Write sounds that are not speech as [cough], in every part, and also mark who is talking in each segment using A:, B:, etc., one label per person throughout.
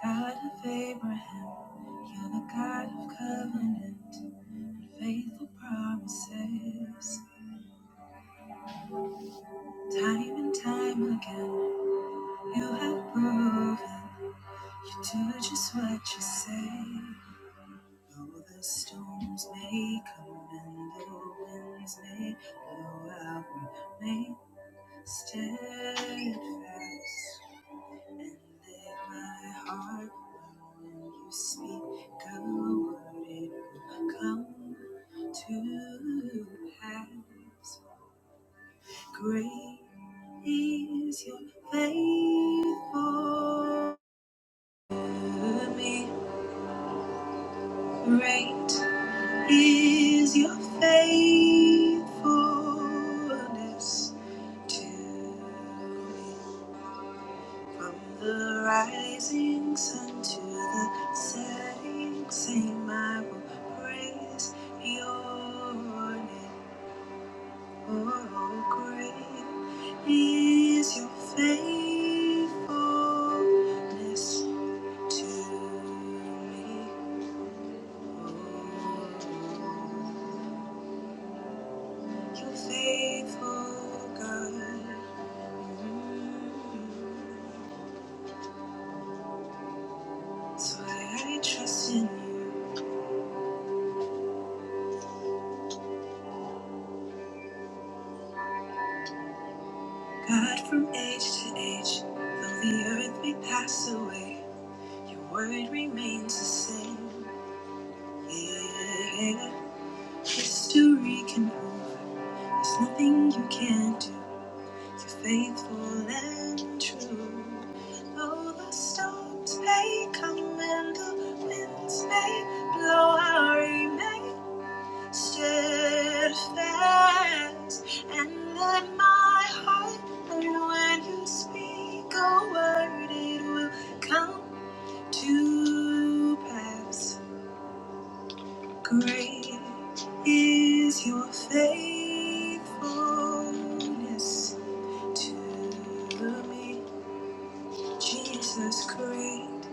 A: God of Abraham, you're the God of covenant and faithful promises. Time and time again, you have proven you do just what you say. Though the storms may come and the winds may blow, I will remain steadfast. And let My heart, know when you speak a word, it will come to pass. Great is your faithfulness to me. Great is your faithfulness to me. From the rising sun to the setting sun, I will praise your name. Oh, great is your faithfulness to me. Oh, your faithful God. Mm. That's why I trust in you. God, from age to age, though the earth may pass away, your word remains the same. Yeah, yeah, yeah. History can prove there's nothing you can't do. You're faithful and true. Though the storms may come and the winds may blow, I remain steadfast and let my heart learn when you speak a word it will come to pass great is your faithfulness to me jesus great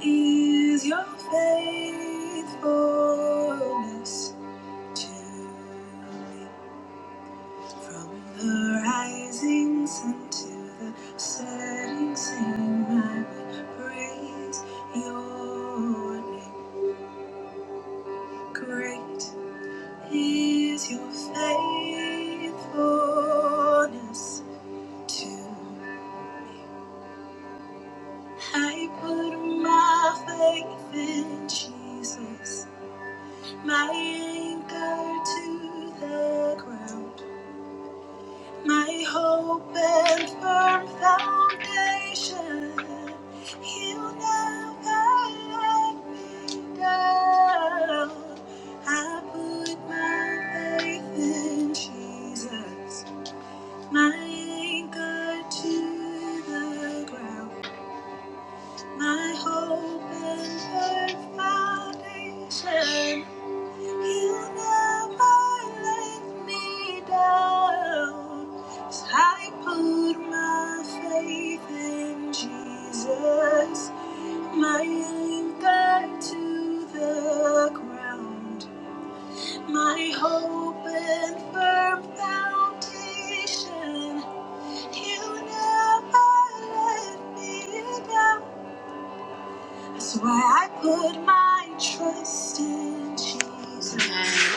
A: is your faithfulness to me From the rising sun to the setting sun, I will praise your name. Great is your faithfulness to me. I put my faith in Jesus, my anchor to the ground. My hope and firm foundation, He'll never let me down. I put my faith in Jesus, my anchor to the ground, my hope and firm foundation. You never let me down. I put my faith in Jesus, my anchor to the ground, my hope and firm foundation. You never let me down. That's why I put my trust in Jesus.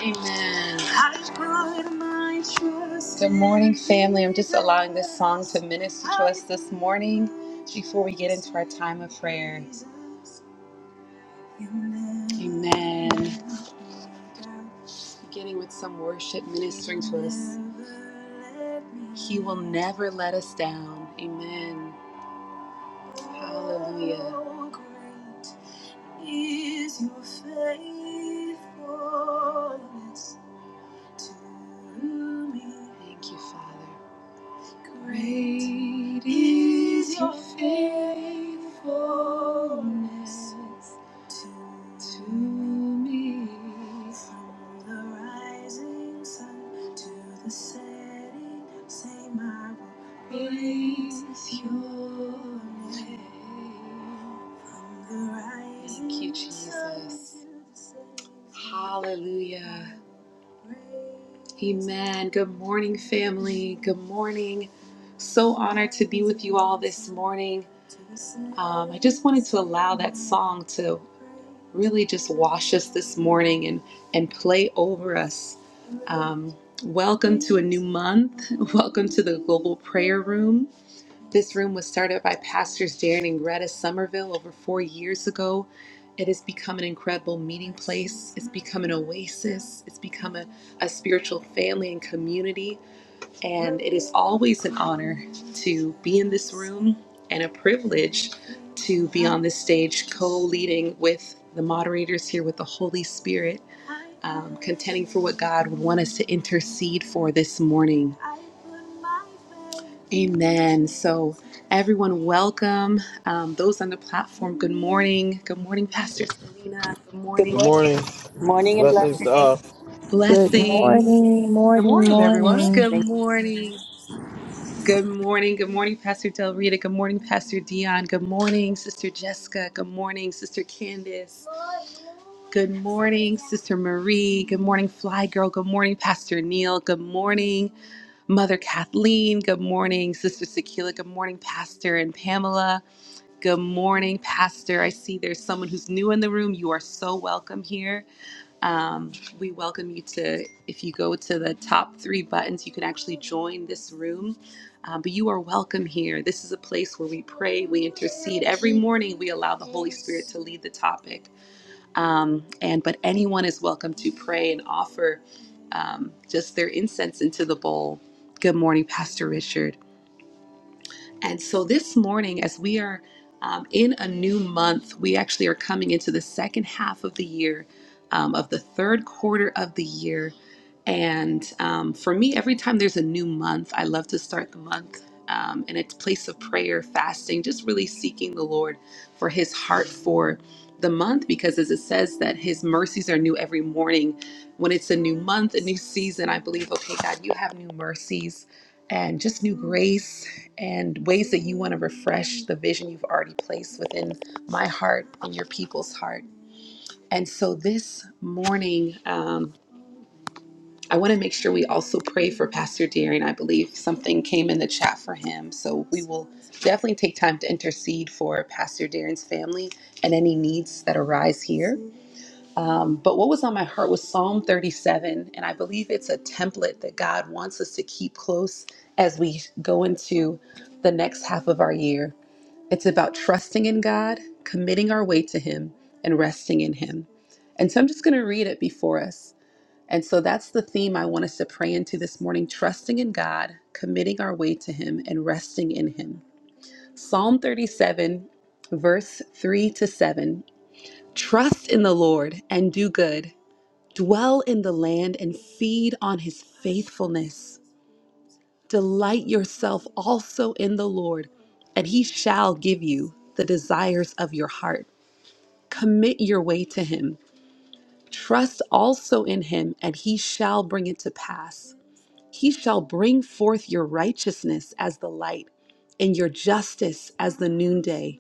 A: Amen. Amen. I put my trust Good morning, family. I'm just allowing this song to minister to us this morning before we get into our time of prayer. Amen. Beginning with some worship ministering to us. He will never let us down. Amen. Hallelujah. is your faithfulness to me. Thank you, Father. Great is your faithfulness to me. From the rising sun to the setting, same I will praise your name. Thank you, Jesus. Hallelujah. Amen. Good morning, family. Good morning. So honored to be with you all this morning. Um, I just wanted to allow that song to really just wash us this morning and, and play over us. Um, welcome to a new month. [laughs] Welcome to the Global Prayer Room. This room was started by Pastors Darren and Greta Somerville over four years ago. It has become an incredible meeting place. It's become an oasis. It's become a, a spiritual family and community. And it is always an honor to be in this room and a privilege to be on this stage co leading with the moderators here with the Holy Spirit, um, contending for what God would want us to intercede for this morning. Amen. So, everyone, welcome. Um, those on the platform, good morning. Good morning, Pastor Selena. Good
B: Good
A: morning.
C: Good
B: morning.
C: morning.
B: Morning and
C: Blessings
B: blessing.
C: to all.
D: Good
A: Blessings.
D: morning,
E: Good
D: morning,
E: morning, everyone.
D: morning.
A: Good
B: Thank
A: morning. Good morning. Good morning, Pastor Del Rita. Good morning, Pastor Dion. Good morning, Sister Jessica. Good morning, Sister Candace. Good morning, Sister Marie. Good morning, Fly Girl. Good morning, Pastor Neil. Good morning, Mother Kathleen. Good morning, Sister Sakila. Good morning, Pastor and Pamela. Good morning, Pastor. I see there's someone who's new in the room. You are so welcome here. Um, we welcome you to, if you go to the top three buttons, you can actually join this room. Um, but you are welcome here. This is a place where we pray, we intercede. Every morning, we allow the Holy Spirit to lead the topic. Um, and but anyone is welcome to pray and offer um, just their incense into the bowl. Good morning, Pastor Richard. And so this morning, as we are um, in a new month, we actually are coming into the second half of the year, um, of the third quarter of the year. And um, for me, every time there's a new month, I love to start the month um, in a place of prayer, fasting, just really seeking the Lord for his heart for the month. Because as it says that his mercies are new every morning, when it's a new month, a new season, I believe, okay, God, you have new mercies and just new grace and ways that you want to refresh the vision you've already placed within my heart and your people's heart. And so this morning, um, I want to make sure we also pray for Pastor Deering. I believe something came in the chat for him. So we will definitely take time to intercede for Pastor Deering's family and any needs that arise here. Um, but what was on my heart was Psalm 37. And I believe it's a template that God wants us to keep close as we go into the next half of our year. It's about trusting in God, committing our way to Him, and resting in Him. And so I'm just going to read it before us. And so that's the theme I want us to pray into this morning trusting in God, committing our way to Him, and resting in Him. Psalm 37, verse 3 to 7. Trust in the Lord and do good, dwell in the land and feed on His faithfulness. Delight yourself also in the Lord, and he shall give you the desires of your heart. Commit your way to him. Trust also in him, and he shall bring it to pass. He shall bring forth your righteousness as the light, and your justice as the noonday.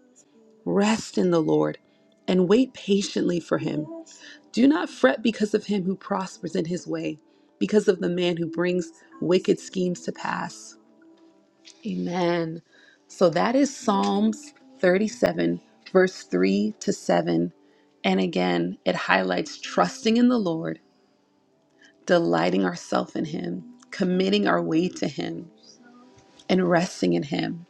A: Rest in the Lord and wait patiently for him. Do not fret because of him who prospers in his way, because of the man who brings wicked schemes to pass. Amen. So that is Psalms 37, verse 3 to 7. And again, it highlights trusting in the Lord, delighting ourselves in Him, committing our way to Him, and resting in Him.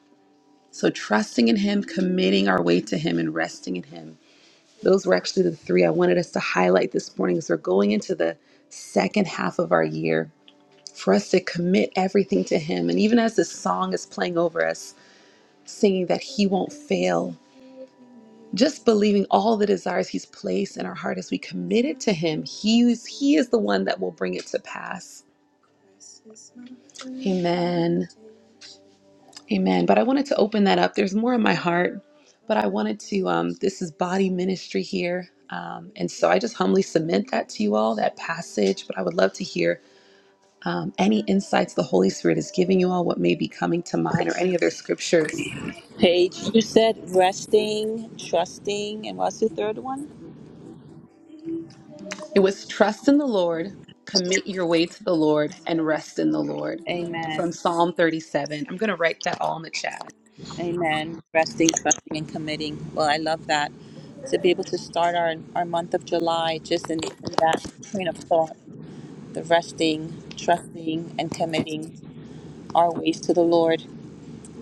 A: So, trusting in Him, committing our way to Him, and resting in Him. Those were actually the three I wanted us to highlight this morning as we're going into the second half of our year for us to commit everything to Him. And even as this song is playing over us, singing that He won't fail, just believing all the desires He's placed in our heart as we commit it to Him. He's, he is the one that will bring it to pass. Amen. Amen. But I wanted to open that up. There's more in my heart, but I wanted to, um, this is body ministry here. Um, and so I just humbly submit that to you all, that passage. But I would love to hear um, any insights the Holy Spirit is giving you all, what may be coming to mind, or any other scriptures
B: you, Paige. You said resting, trusting, and what's the third one?
A: It was trust in the Lord, commit your way to the Lord, and rest in the Lord.
B: Amen.
A: From Psalm 37. I'm going to write that all in the chat.
B: Amen. Resting, trusting, and committing. Well, I love that. To be able to start our, our month of July just in, in that train of thought, the resting, trusting, and committing our ways to the Lord.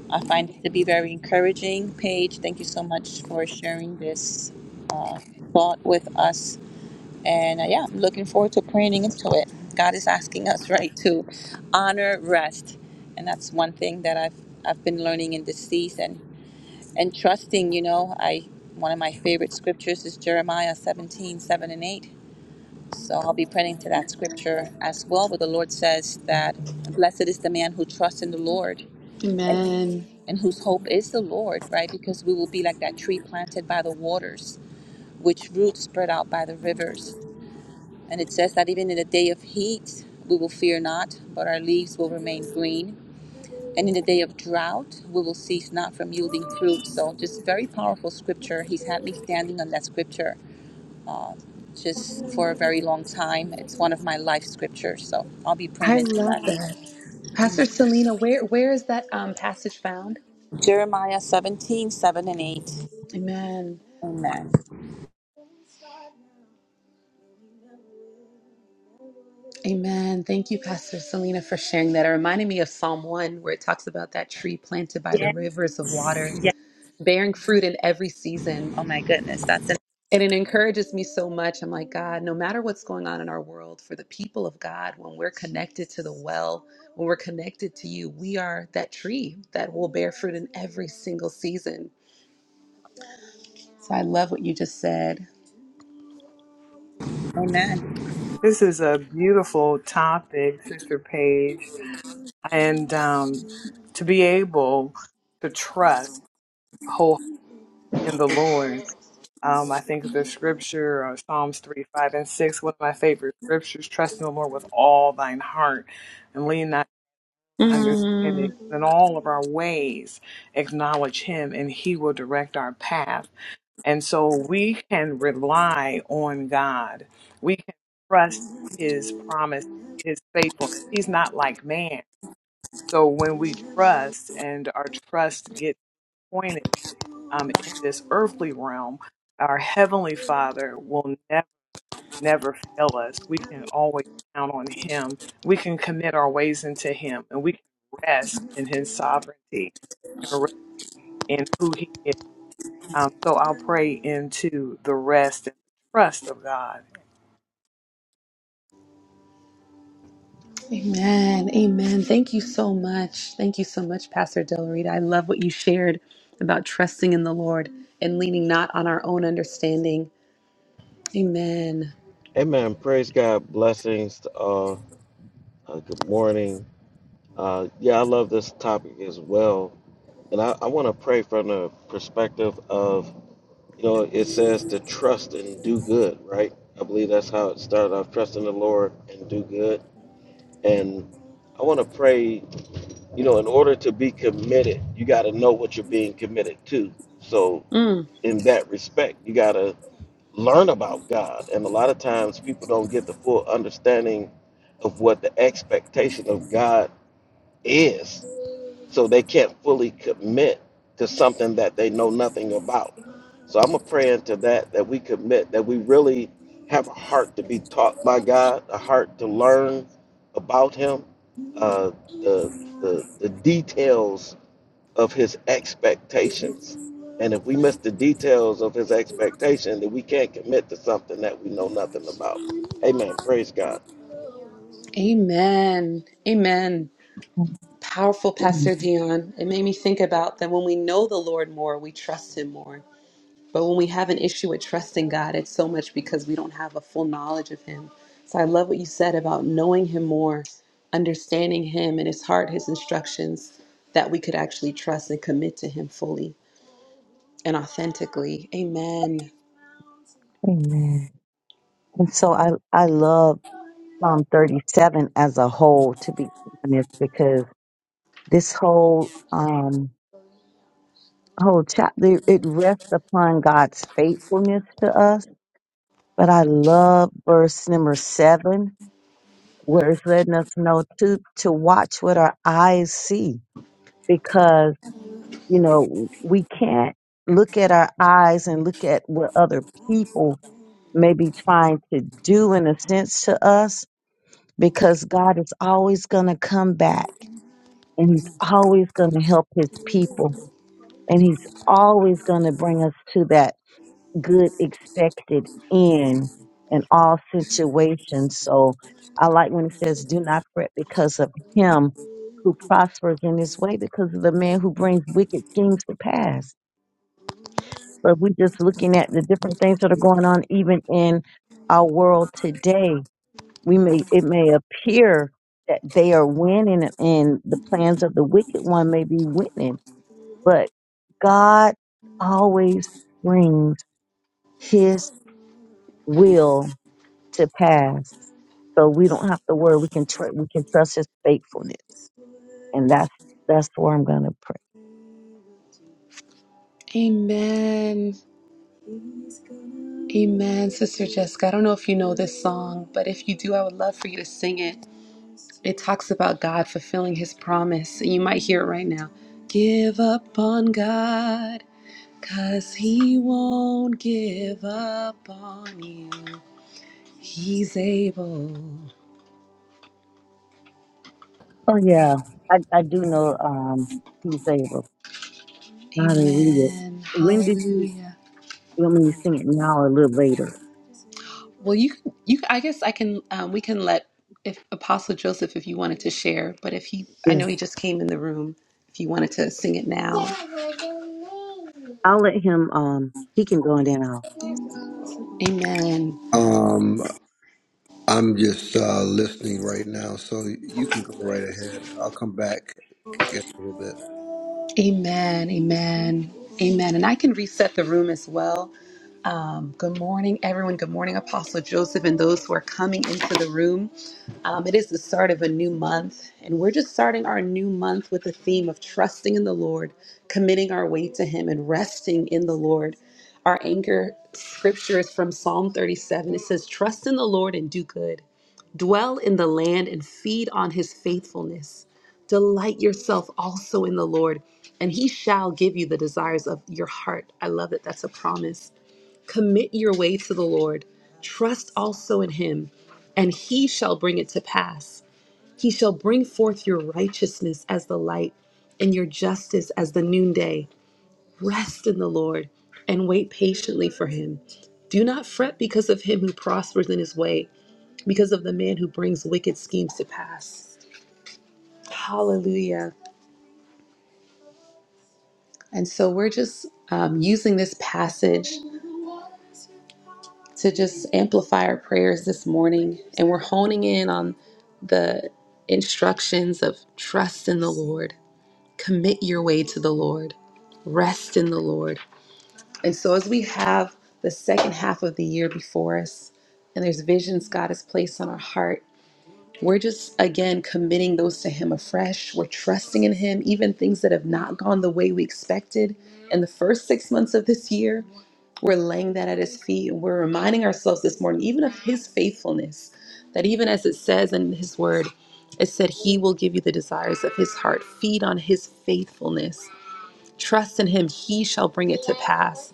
B: I find it to be very encouraging. Paige, thank you so much for sharing this uh, thought with us And uh, yeah, I'm looking forward to praying into it. God is asking us, right, to honor rest. And that's one thing that I've, I've been learning in this season and trusting, you know, I, one of my favorite scriptures is Jeremiah 17:7 and 8. So I'll be praying to that scripture as well, where the Lord says that blessed is the man who trusts in the Lord and
A: Amen.
B: and whose hope is the Lord, right? Because we will be like that tree planted by the waters, which roots spread out by the rivers. And it says that even in the day of heat, we will fear not, but our leaves will remain green. And in the day of drought, we will cease not from yielding fruit. So, just very powerful scripture. He's had me standing on that scripture um, just for a very long time. It's one of my life scriptures. So, I'll be praying
A: I
B: into that.
A: love that.
B: Amen.
A: Pastor Selena, where, where is that um, passage found?
B: Jeremiah seventeen seven and 8.
A: Amen.
B: Amen.
A: Amen. Thank you, Pastor Selena, for sharing that. It reminded me of Psalm 1, where it talks about that tree planted by the
B: Yes,
A: rivers of water,
B: yes.
A: bearing fruit in every season.
B: Oh, my goodness. That's it.
A: And it encourages me so much. I'm like, God, no matter what's going on in our world, for the people of God, when we're connected to the well, when we're connected to you, we are that tree that will bear fruit in every single season. So I love what you just said.
B: Amen.
E: This is a beautiful topic, Sister Paige, and um, to be able to trust whole in the Lord. Um, I think of the scripture, uh, Psalms 3, 5, and 6, one of my favorite scriptures trust in the Lord with all thine heart and lean not to understanding.
A: Mm,
E: In all of our ways, acknowledge Him, and He will direct our path. And so we can rely on God. We can trust his promise, his faithfulness. He's not like man. So when we trust and our trust gets pointed um, in this earthly realm, our heavenly father will never, never fail us. We can always count on him. We can commit our ways into him and we can rest in his sovereignty. We can rest in who he is um, so I'll pray into the rest and trust of God.
A: amen. Amen. Thank you so much. Thank you so much, Pastor Del Rita. I love what you shared about trusting in the Lord and leaning not on our own understanding. Amen.
C: Amen. Praise God. Blessings to all. Uh, good morning. Uh, yeah, I love this topic as well. And I, I want to pray from the perspective of, you know, it says to trust and do good, right? I believe that's how it started off trust in the Lord and do good. And I want to pray, you know, in order to be committed, you got to know what you're being committed to. So,
A: Mm,
C: in that respect, you got to learn about God. And a lot of times people don't get the full understanding of what the expectation of God is. So they can't fully commit to something that they know nothing about. So I'm a praying to that, that we commit, that we really have a heart to be taught by God, a heart to learn about Him, uh, the, the, the details of his expectations. And if we miss the details of his expectation, then we can't commit to something that we know nothing about. Amen. Praise God.
A: amen. Amen. Powerful, Pastor Dion. It made me think about that when we know the Lord more, we trust Him more. But when we have an issue with trusting God, it's so much because we don't have a full knowledge of Him. So I love what you said about knowing Him more, understanding Him and His heart, His instructions, that we could actually trust and commit to Him fully and authentically. Amen.
D: Amen. And so I, I love Psalm 37 as a whole, to be honest, because this whole, um, whole chapter, it rests upon God's faithfulness to us. But I love verse number seven, where it's letting us know to, to watch what our eyes see, because, you know, we can't look at our eyes and look at what other people may be trying to do in a sense to us because God is always going to come back and he's always going to help his people and he's always going to bring us to that good expected end in all situations. So I like when it says, do not fret because of him who prospers in his way because of the man who brings wicked schemes to pass. But we're just looking at the different things that are going on even in our world today we may it may appear that they are winning and the plans of the wicked one may be winning but god always brings his will to pass so we don't have to worry we can tr- we can trust his faithfulness and that's that's where i'm going to pray
A: Amen. Amen, Sister Jessica. I don't know if you know this song, but if you do, I would love for you to sing it. It talks about God fulfilling his promise. You might hear it right now. Give up on God, cause he won't give up on you. He's able.
D: oh yeah i i do know um he's able now to read it
A: Amen.
D: when did you
A: Hallelujah.
D: you want me to sing it now or a little later
A: Well, you can, you I guess I can um, we can let if Apostle Joseph if you wanted to share, but if he I
D: yeah
A: know he just came in the room. If you wanted to sing it now.
D: i'll let him um he can go and then i'll
A: Amen.
F: Um, I'm just uh, listening right now, so you can go right ahead. I'll come back in a little bit. [laughs]
A: Amen. Amen. Amen. And I can reset the room as well. Um, good morning, everyone. Good morning, Apostle Joseph, and those who are coming into the room. Um, it is the start of a new month, and we're just starting our new month with the theme of trusting in the Lord, committing our way to Him, and resting in the Lord. Our anchor scripture is from Psalm 37. It says, Trust in the Lord and do good, dwell in the land and feed on His faithfulness. Delight yourself also in the Lord, and he shall give you the desires of your heart. I love it. That's a promise. Commit your way to the Lord. Trust also in him, and he shall bring it to pass. He shall bring forth your righteousness as the light and your justice as the noonday. Rest in the Lord and wait patiently for him. Do not fret because of him who prospers in his way, because of the man who brings wicked schemes to pass. Hallelujah. And so we're just um, using this passage to just amplify our prayers this morning. And we're honing in on the instructions of trust in the Lord, commit your way to the Lord, rest in the Lord. And so as we have the second half of the year before us, and there's visions God has placed on our heart we're just, again, committing those to Him afresh. We're trusting in Him, even things that have not gone the way we expected in the first six months of this year. We're laying that at His feet and we're reminding ourselves this morning, even of His faithfulness, that even as it says in His Word, it said, He will give you the desires of His heart. Feed on His faithfulness. Trust in Him, He shall bring it to pass.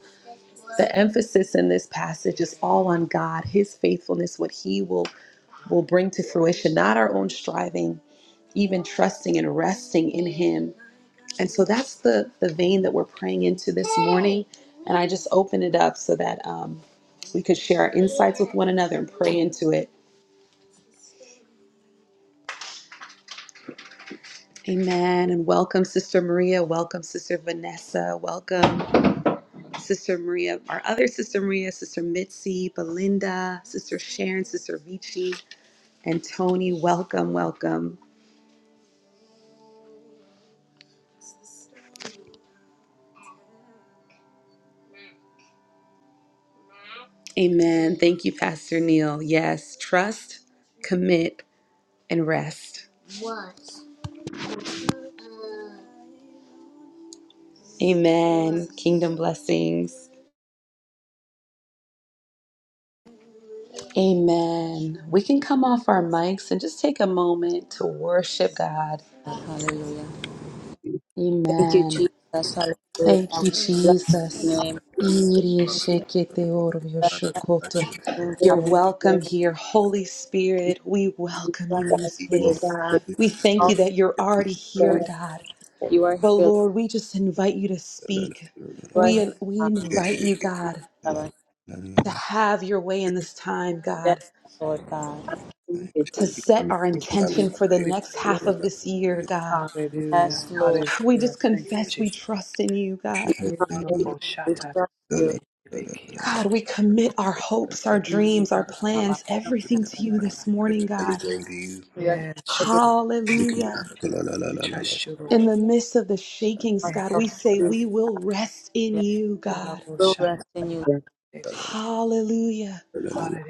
A: The emphasis in this passage is all on God, His faithfulness, what He will will bring to fruition, not our own striving, even trusting and resting in Him. And so that's the, the vein that we're praying into this morning. And I just open it up so that um, we could share our insights with one another and pray into it. Amen. And welcome, Sister Maria. Welcome, Sister Vanessa. Welcome, Sister Maria, our other Sister Maria, Sister Mitzi, Belinda, Sister Sharon, Sister Vici, and Tony. Welcome, welcome. Amen. Thank you, Pastor Neil. Yes, trust, commit, and rest. Amen. Kingdom blessings. Amen. We can come off our mics and just take a moment to worship God.
B: God, hallelujah. Thank you, Jesus.
A: Amen.
B: Hallelujah.
A: Thank you,
B: Bless your
A: Jesus.
B: name.
F: And,
A: Iri
F: um,
A: shekete oro
B: Bless
F: I
A: yoshokoto.
F: should- or
B: Lord
A: You're
B: God, we
A: welcome here, Holy Spirit. We welcome you
B: bless
A: in this
F: he will-
B: you.
A: place.
B: We
A: We thank you
B: exalt
A: that you're already
B: you.
A: here,
B: and
A: God.
B: You are
A: But
B: here.
A: Lord, we just invite you to speak.
B: You are here,
A: We, we
B: God.
F: Yes,
A: invite
F: you
A: you, God,
B: Father.
A: to
F: can.
A: have your way in this time,
B: Yes,
A: God,
B: Lord God.
A: to set our
E: Thank you,
A: intention
E: Jesus.
A: for the
E: We
A: next
E: praise
A: half
E: you.
A: of this year, God.
E: Hallelujah.
B: Yes, Lord.
A: We
E: Hallelujah.
A: just
E: Thank you,
A: confess we
E: Jesus.
A: trust in you, God.
B: We trust you. We trust you.
A: God, we commit our hopes, our dreams, our plans, everything to you this morning, God.
F: Everything to you.
B: We are
E: Yes,
B: committing
E: Jesus. Thank
F: Lord,
E: you.
A: Hallelujah.
E: We trust you, Lord.
A: In the midst of the shakings,
E: Thank
A: God, we
E: you,
B: ourselves
A: say
B: to you.
E: Jesus.
A: we will rest in
B: Lord.
A: you, God.
B: We'll rest in you.
A: Hallelujah.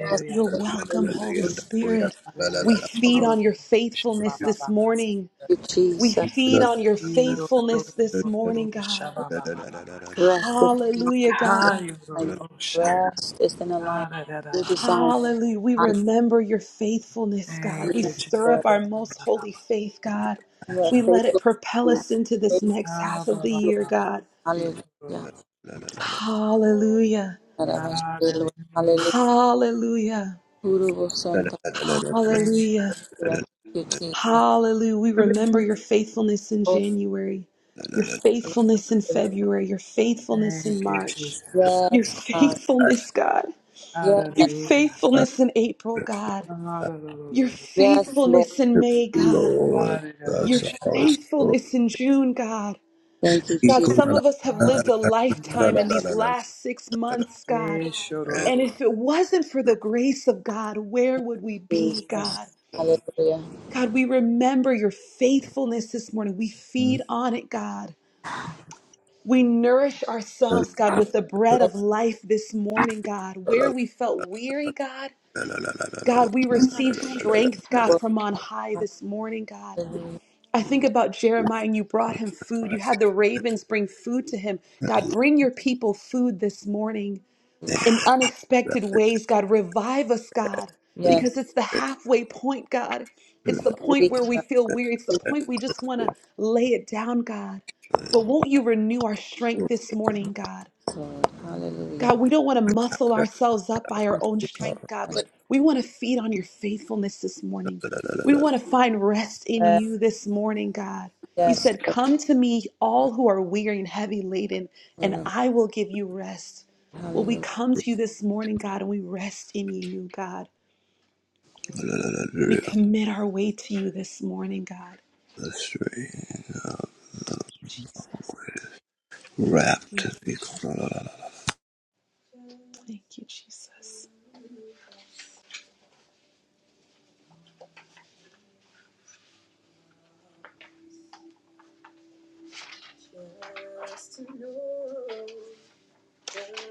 B: Rest
A: You're welcome, Holy Spirit. We feed on
E: Hallelujah.
A: your faithfulness this morning.
B: you,
A: We
B: Jesus.
A: feed on your
E: Thank you,
A: faithfulness this morning, God.
E: Jesus.
B: Rest is in
A: Hallelujah, God.
B: alignment. Rest is in alignment. You
E: Hallelujah.
B: desire. it.
A: Hallelujah. We remember your faithfulness,
E: Thank,
A: God.
E: thank
A: We
B: Hallelujah,
A: stir up
B: Lord.
A: our most holy faith, God.
B: You are
A: We let it
B: faithful.
A: propel
B: Lord.
A: us into this
B: Thank
A: next half of the
B: you.
A: year, God.
B: Hallelujah.
A: Hallelujah.
B: Hallelujah. Hallelujah.
A: Hallelujah.
B: Hallelujah.
A: Hallelujah.
B: Thank you, Jesus.
A: Hallelujah. We remember your faithfulness in
B: Oh,
A: January, your faithfulness in February, your faithfulness in
E: you,
A: March,
E: Jesus.
A: your
B: Yes, God.
A: faithfulness, God,
B: Yes,
A: your
E: Hallelujah.
A: faithfulness in April, God, your
E: Hallelujah.
B: yes, Lord.
A: faithfulness in May, God, your
F: us
E: Hallelujah.
F: also.
A: faithfulness in June, God.
B: Thank you,
A: God, some of us have lived a lifetime in
E: Hallelujah!
A: these last six months, God.
E: Yes,
A: And if it wasn't for the grace of God, where would we be,
B: Jesus.
A: God?
B: Hallelujah.
A: God, we remember your faithfulness this morning. We feed on it, God. We nourish ourselves, God, with the bread
B: Lord,
A: of life this morning, God. Where we felt weary, God, God, we receive strength, God,
B: Lord,
A: from on high this morning, God.
B: Hallelujah.
A: I think about Jeremiah and you brought him food. You had the ravens bring food to him. God, bring your people food this morning in unexpected ways, God. Revive us, God,
B: Yes,
A: because it's the halfway point, God. It's the point where
B: awaken
A: we
B: us,
A: feel weary. It's the
B: awaken
A: point we just want to lay it down, God. But won't you renew our strength this morning, God?
B: Lord. Hallelujah.
A: God, we don't want to muscle ourselves up by our own strength, God, but we want to feed on your faithfulness this morning. We want to find rest in
B: Yes,
A: you this morning, God. You
B: yes,
A: said, Come to me, all who are weary and heavy laden, and
B: Lord.
A: I will give you rest. Well, we
B: Hallelujah.
A: come to you this morning, God, and we rest in you, God. We commit our way to you this morning, God. Thank you, Jesus.
F: Wrapped.
A: Thank you, Jesus.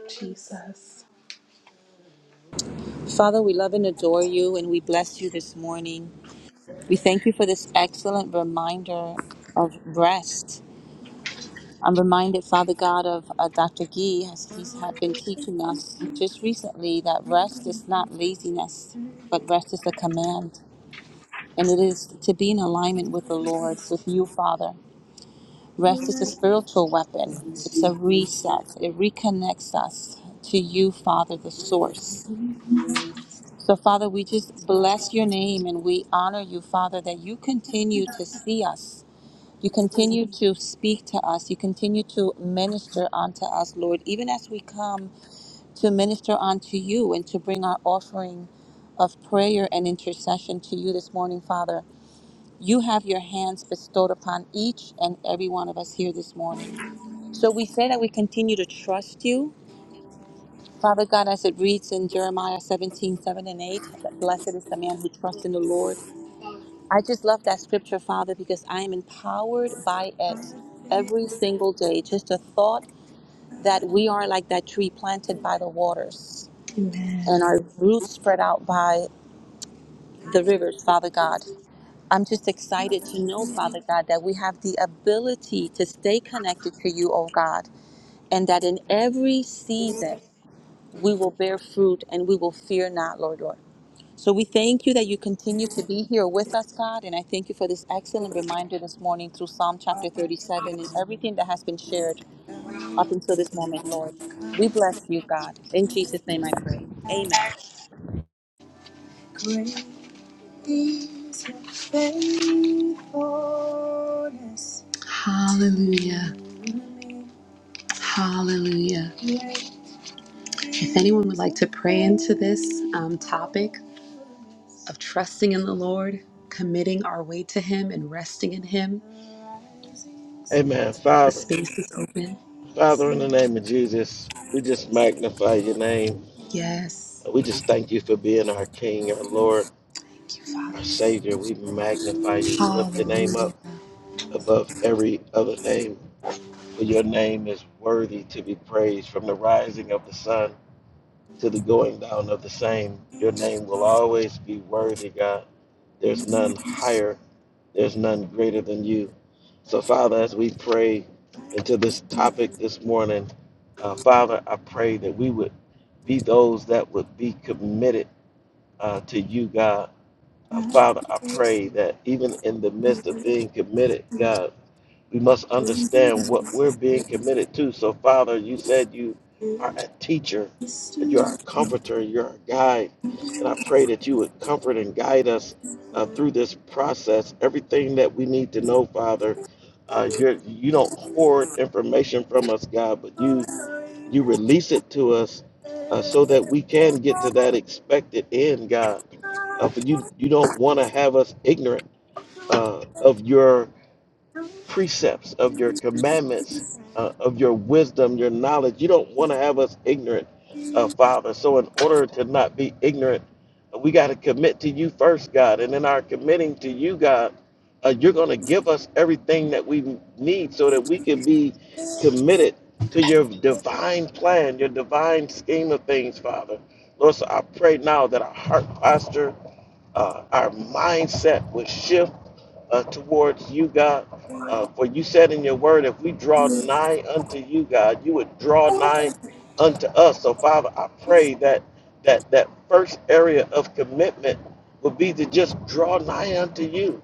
A: Jesus.
B: Father, we love and adore you and we bless you this morning. We thank you for this excellent reminder of rest. I'm reminded, Father God, of uh, Dr. Gee, as he's had been teaching us just recently that rest is not laziness, but rest is a command. And it is to be in alignment with the Lord, with you, Father. Rest is a spiritual weapon, it's a reset, it reconnects us to you, Father, the source. So, Father, we just bless your name and we honor you, Father, that you continue to see us you continue to speak to us. You continue to minister unto us, Lord, even as we come to minister unto you and to bring our offering of prayer and intercession to you this morning, Father. You have your hands bestowed upon each and every one of us here this morning. So we say that we continue to trust you. Father God, as it reads in Jeremiah 17, 7 and 8, that blessed is the man who trusts in the Lord I just love that scripture, Father, because I am empowered by it every single day. Just a thought that we are like that tree planted by the waters and
A: Amen.
B: our roots spread out by the rivers, Father God. I'm just excited to know, Father God, that we have the ability to stay connected to you, oh God, and that in every season we will bear fruit and we will fear not, Lord, Lord. So we thank you that you continue to be here with us, God. And I thank you for this excellent reminder this morning through Psalm chapter 37 and everything that has been shared up until this moment, Lord. We bless you, God. In Jesus' name I pray. Amen.
A: Great is your faithfulness. Hallelujah. Hallelujah. If anyone would like to pray into this um, topic of trusting in the Lord, committing our way to Him, and resting in Him,
C: Amen.
A: the
C: Father,
A: space is open.
C: Father, in the name of Jesus, we just magnify your name.
A: Yes.
C: We just thank you for being our King, our Lord,
A: Thank
C: our
A: you,
C: Savior. We magnify
A: Father.
C: you. We lift your name
A: Hallelujah.
C: up above every other name, for your name is worthy to be praised from the rising of the sun to the going down of the same. Your name will always be worthy, God. There's none higher, there's none greater than you. So, Father, as we pray into this topic this morning, uh, Father, I pray that we would be those that would be committed uh, to you, God. Uh, Father, I pray that even in the midst of being committed, God, we must understand what we're being committed to. So, Father, you said you are a teacher, you're a comforter, you're a guide. And I pray that you would comfort and guide us uh, through this process. Everything that we need to know, Father, uh, you're, you don't hoard information from us, God, but you, you release it to us uh, so that we can get to that expected end, God. Uh, for you, you don't want to have us ignorant uh, of your precepts, of your commandments, uh, of your wisdom, your knowledge. You don't want to have us ignorant, uh, Father. So, in order to not be ignorant, uh, we got to commit to you first, God. And in our committing to you, God, uh, you're going to give us everything that we need so that we can be committed to your divine plan, your divine scheme of things, Father. Lord, so I pray now that our heart posture, uh, our mindset would shift uh, towards you, God. Uh, for you said in your word, if we draw nigh unto you, God, you would draw nigh unto us. So, Father, I pray that that that first area of commitment would be to just draw nigh unto you.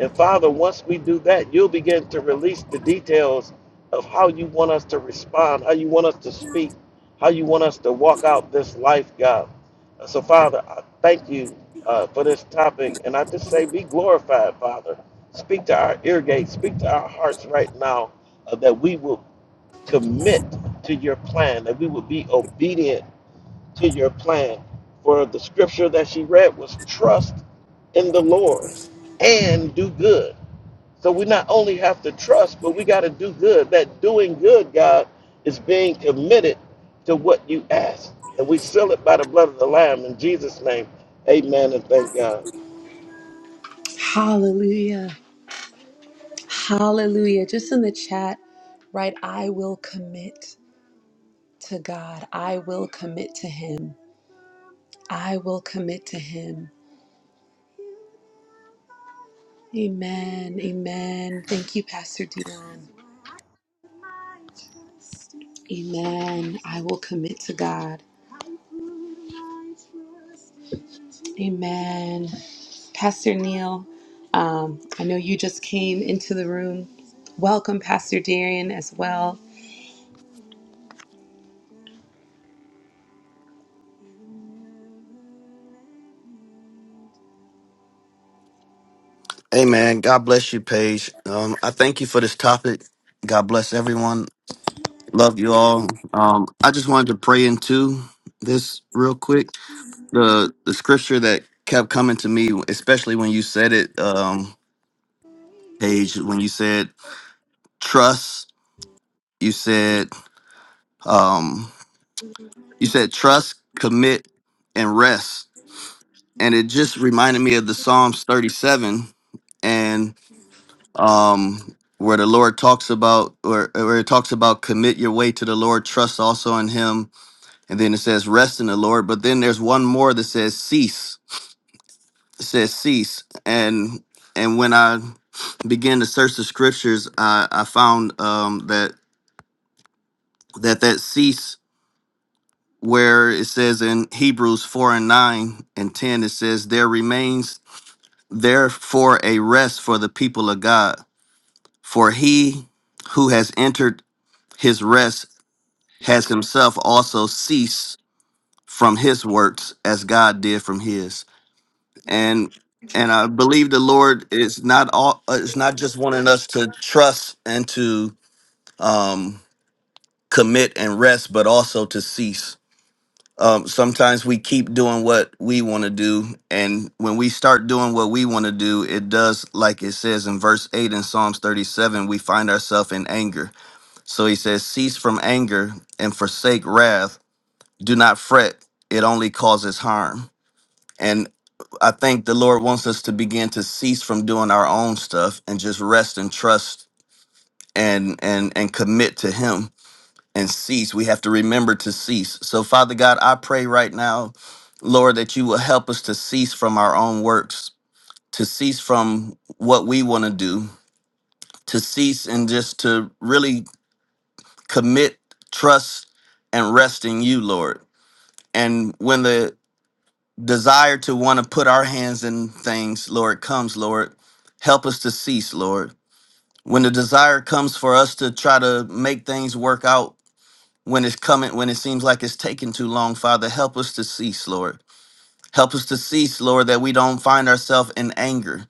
C: And Father, once we do that, you'll begin to release the details of how you want us to respond, how you want us to speak, how you want us to walk out this life, God. Uh, So, Father, I thank you uh, for this topic. And I just say, be glorified, Father. Speak to our ear gates, speak to our hearts right now uh, that we will commit to your plan, that we will be obedient to your plan. For the scripture that she read was trust in the Lord and do good so we not only have to trust, but we got to do good. That doing good, God, is being committed to what you ask. And we seal it by the blood of the Lamb in Jesus' name. Amen and thank God.
A: Hallelujah. Hallelujah. Just in the chat, right? I will commit. to God. I will commit to Him. I will commit to Him. Amen. Amen. Thank you, Pastor Dion. Amen. I will commit to God. Amen. Pastor Neil, um, I know you just came into the room. Welcome, Pastor Darian, as well.
G: Hey man, God bless you, Paige. Um, I thank you for this topic. God bless everyone. Love you all. Um, I just wanted to pray into this real quick. The the scripture that kept coming to me, especially when you said it, um, Paige, when you said trust, you said um, you said trust, commit, and rest, and it just reminded me of the Psalms thirty seven um, where the Lord talks about, or where where it talks about, commit your way to the Lord, trust also in Him, and then it says, rest in the Lord. But then there's one more that says, cease. It says, cease. And and when I began to search the scriptures, I, I found um, that that that cease where it says in Hebrews four and nine and ten, it says, there remains therefore a rest for the people of God, for he who has entered his rest has himself also ceased from his works as God did from his. And and I believe the Lord is not all uh, is not just wanting us to trust and to um commit and rest, but also to cease. Um, sometimes we keep doing what we want to do, and when we start doing what we want to do, it does, like it says in verse 8 in Psalms 37, we find ourselves in anger. So he says, Cease from anger and forsake wrath do not fret it only causes harm and i think the lord wants us to begin to cease from doing our own stuff and just rest and trust and and and commit to him and cease we have to remember to cease so father god i pray right now lord that you will help us to cease from our own works to cease from what we want to do to cease and just to really commit trust and rest in you lord and when the desire to want to put our hands in things, Lord, comes, Lord. Help us to cease, Lord. When the desire comes for us to try to make things work out when it's coming, when it seems like it's taking too long, Father, help us to cease, Lord. Help us to cease, Lord, that we don't find ourselves in anger.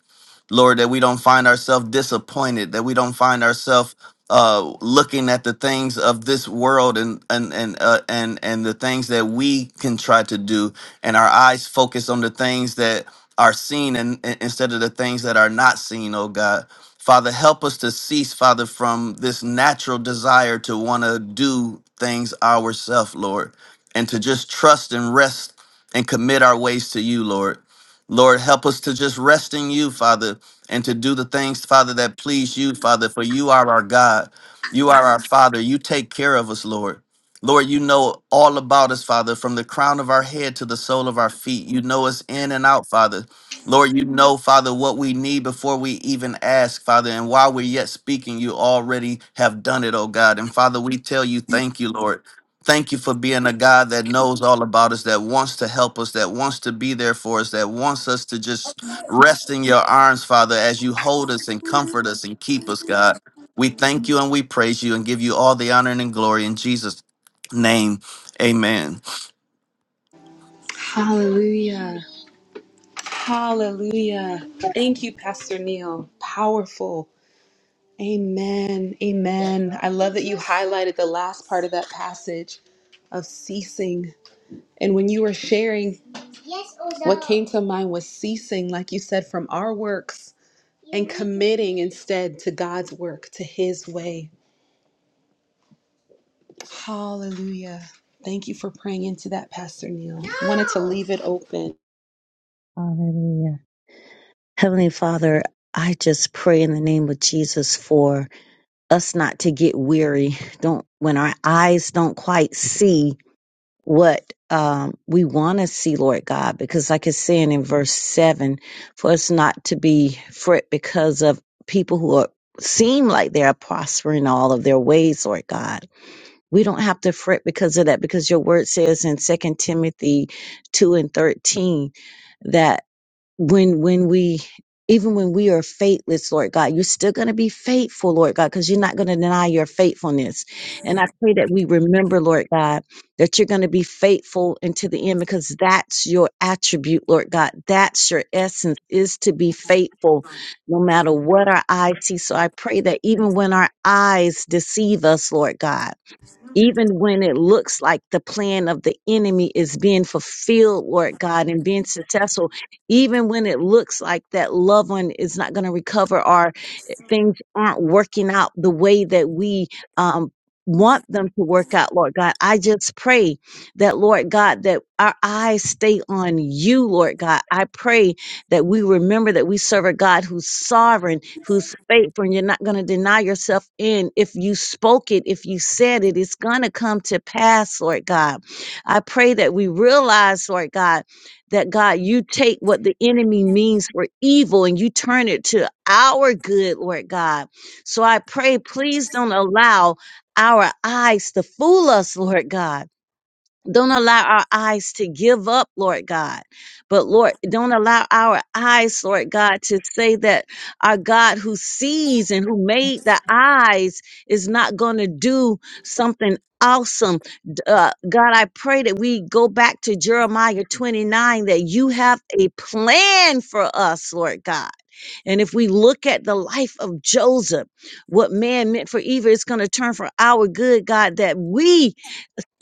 G: Lord, that we don't find ourselves disappointed, that we don't find ourselves uh, looking at the things of this world and and and uh, and and the things that we can try to do, and our eyes focus on the things that are seen and, and instead of the things that are not seen. Oh God, Father, help us to cease, Father, from this natural desire to want to do things ourselves, Lord, and to just trust and rest and commit our ways to you, Lord. Lord, help us to just rest in you, Father and to do the things, Father, that please you, Father, for you are our God. You are our Father. You take care of us, Lord. Lord, you know all about us, Father, from the crown of our head to the sole of our feet. You know us in and out, Father. Lord, you know, Father, what we need before we even ask, Father. And while we're yet speaking, you already have done it, oh God. And Father, we tell you, thank you, Lord. Thank you for being a God that knows all about us, that wants to help us, that wants to be there for us, that wants us to just Rest in your arms, Father, as you hold us and comfort us and keep us, God. We thank you and we praise you and give you all the honor and glory in Jesus' name. Amen.
A: Hallelujah. Hallelujah. Thank you, Pastor Neil. Powerful. Amen. Amen. I love that you highlighted the last part of that passage of ceasing. And when you were sharing, what came to mind was ceasing, like you said, from our works and committing instead to God's work, to His way. Hallelujah. Thank you for praying into that, Pastor Neil. Wanted to leave it open.
D: Hallelujah. Heavenly Father, I just pray in the name of Jesus for us not to get weary. Don't when our eyes don't quite see what um, we want to see, Lord God, because like it's saying in verse seven, for us not to be fret because of people who are seem like they are prospering all of their ways, Lord God. we don't have to fret because of that because your word says in Second timothy 2 and 13 that when when we even when we are faithless lord god you're still going to be faithful lord god because you're not going to deny your faithfulness and i pray that we remember lord god that you're going to be faithful until the end because that's your attribute lord god that's your essence is to be faithful no matter what our eyes see so i pray that even when our eyes deceive us lord god even when it looks like the plan of the enemy is being fulfilled, Lord God, and being successful, even when it looks like that loved one is not going to recover or things aren't working out the way that we um, want them to work out, Lord God. I just pray that, Lord God, that our eyes stay on you, Lord God. I pray that we remember that we serve a God who's sovereign, who's faithful, and you're not going to deny yourself in. If you spoke it, if you said it, it's going to come to pass, Lord God. I pray that we realize, Lord God, that God, you take what the enemy means for evil and you turn it to our good, Lord God. So I pray, please don't allow our eyes to fool us, Lord God don't allow our eyes to give up, Lord God. But Lord, don't allow our eyes, Lord God, to say that our God who sees and who made the eyes is not going to do something awesome. D- Uh, God, I pray that we go back to Jeremiah 29, that you have a plan for us, Lord God. And if we look at the life of Joseph, what man meant for evil is going to turn for our good, God, that we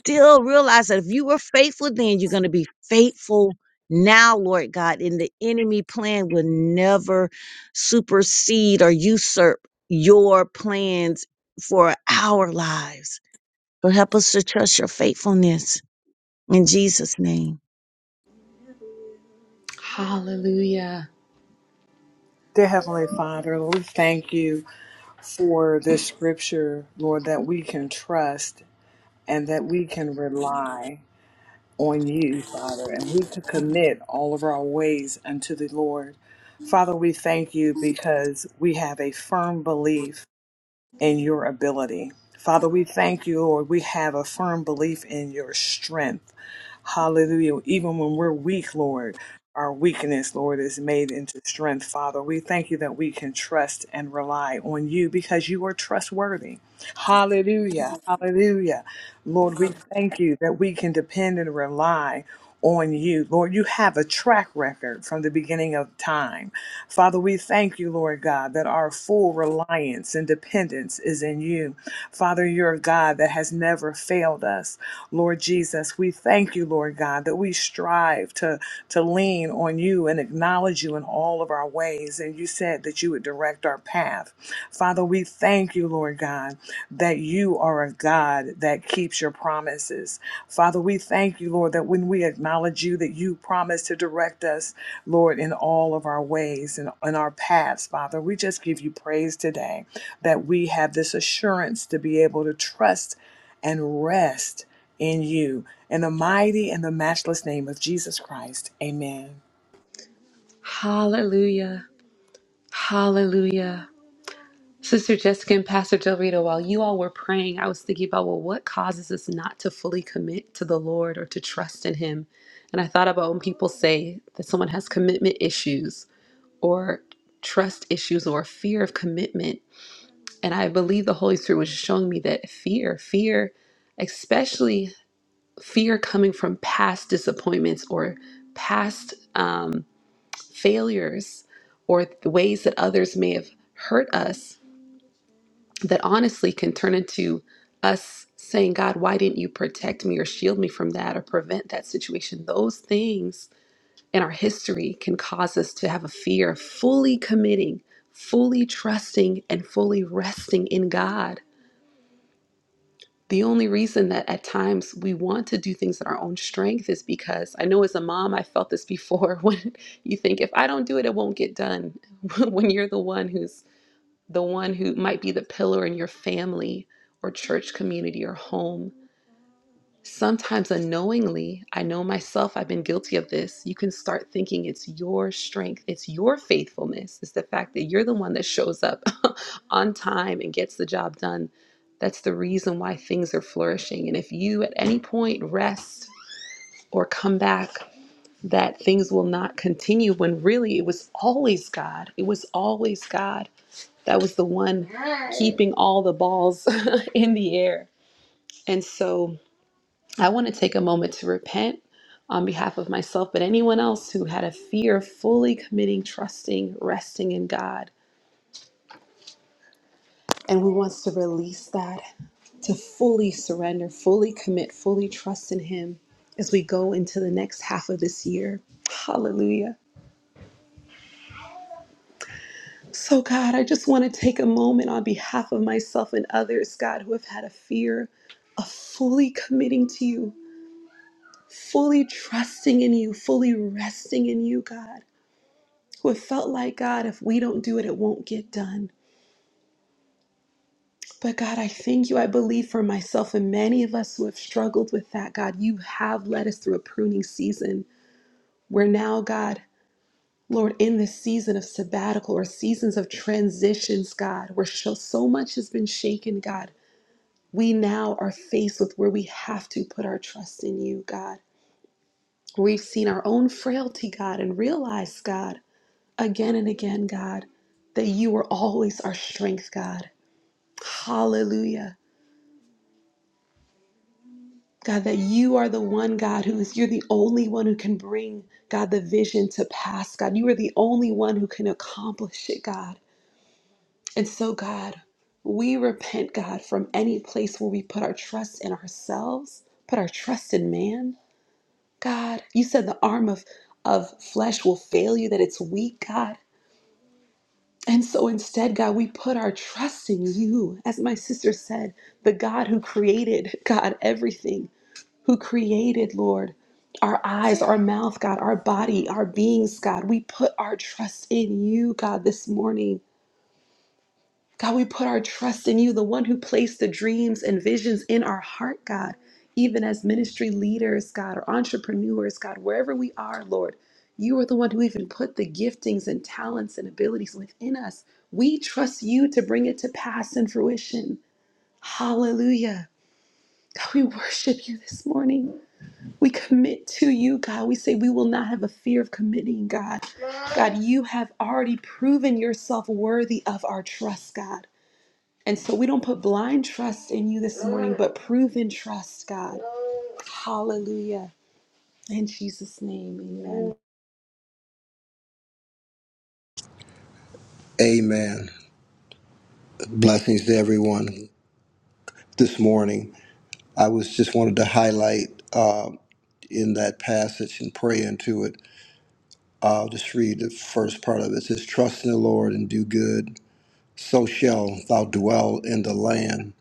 D: still realize that if you were faithful then, you're going to be faithful now, Lord God. And the enemy plan will never supersede or usurp your plans for our lives. So help us to trust your faithfulness in Jesus' name.
A: Hallelujah.
E: Dear Heavenly Father, we thank you. for this scripture, Lord, that we can trust and that we can rely on you, Father, and we could commit all of our ways unto the Lord. Father, we thank you because we have a firm belief in your ability. Father, we thank you, Lord. We have a firm belief in your strength. Hallelujah. Even when we're weak, Lord, our weakness, Lord, is made into strength. Father, we thank you that we can trust and rely on you because you are trustworthy. Hallelujah. Hallelujah. Lord, we thank you that we can depend and rely on you. Lord, you have a track record from the beginning of time. Father, we thank you, Lord God, that our full reliance and dependence is in you. Father, you're a God that has never failed us. Lord Jesus, we thank you, Lord God, that we strive to, to lean on you and acknowledge you in all of our ways. And you said that you would direct our path. Father, we thank you, Lord God, that you are a God that keeps your promises. Father, we thank you, Lord, that when we acknowledge you, that you promise to direct us, Lord, in all of our ways and in our paths, Father. We just give you praise today that we have this assurance to be able to trust and rest in you. In the mighty and the matchless name of Jesus Christ, amen.
A: Hallelujah. Hallelujah. Sister Jessica and Pastor Del Rito, while you all were praying, I was thinking about, well, what causes us not to fully commit to the Lord or to trust in Him? And I thought about when people say that someone has commitment issues or trust issues or fear of commitment. And I believe the Holy Spirit was showing me that fear, fear, especially fear coming from past disappointments or past um, failures or ways that others may have hurt us that honestly can turn into us saying, God, why didn't you protect me or shield me from that or prevent that situation? Those things in our history can cause us to have a fear of fully committing, fully trusting, and fully resting in God. The only reason that at times we want to do things in our own strength is because I know as a mom, I felt this before [laughs] when you think, if I don't do it, it won't get done. [laughs] when you're the one who's the one who might be the pillar in your family or church community or home. Sometimes unknowingly, I know myself, I've been guilty of this. You can start thinking it's your strength, it's your faithfulness, it's the fact that you're the one that shows up [laughs] on time and gets the job done. That's the reason why things are flourishing. And if you at any point rest or come back, that things will not continue when really it was always God. It was always God that was the one keeping all the balls [laughs] in the air. And so I want to take a moment to repent on behalf of myself, but anyone else who had a fear of fully committing, trusting, resting in God, and who wants to release that, to fully surrender, fully commit, fully trust in Him as we go into the next half of this year. Hallelujah. So, God, I just want to take a moment on behalf of myself and others, God, who have had a fear of fully committing to you, fully trusting in you, fully resting in you, God, who have felt like, God, if we don't do it, it won't get done. But, God, I thank you. I believe for myself and many of us who have struggled with that, God, you have led us through a pruning season where now, God, Lord, in this season of sabbatical or seasons of transitions, God, where so so much has been shaken, God. we now are faced with where we have to put our trust in you, God. We've seen our own frailty, God, and realized, God, again and again, God, that you are always our strength, God. Hallelujah. God, that you are the one, God, who is, you're the only one who can bring, God, the vision to pass, God. You are the only one who can accomplish it, God. And so, God, we repent, God, from any place where we put our trust in ourselves, put our trust in man God. You said the arm of, of flesh will fail you, that it's weak, God. And so instead, God, we put our trust in you. As my sister said, the God who created, God, everything, who created, Lord, our eyes, our mouth, God, our body, our beings, God. We put our trust in you, God, this morning. God, we put our trust in you, the one who placed the dreams and visions in our heart, God, even as ministry leaders, God, or entrepreneurs, God, wherever we are, Lord. You are the one who even put the giftings and talents and abilities within us. We trust you to bring it to pass and fruition. Hallelujah. God, we worship you this morning. We commit to you, God. We say we will not have a fear of committing, God. God, you have already proven yourself worthy of our trust, God. And so we don't put blind trust in you this morning, but proven trust, God. Hallelujah. In Jesus' name, amen.
F: Amen. Blessings to everyone this morning. I was just wanted to highlight uh, in that passage and pray into it. I'll just read the first part of it. It says, Trust in the Lord and do good, so shall thou dwell in the land,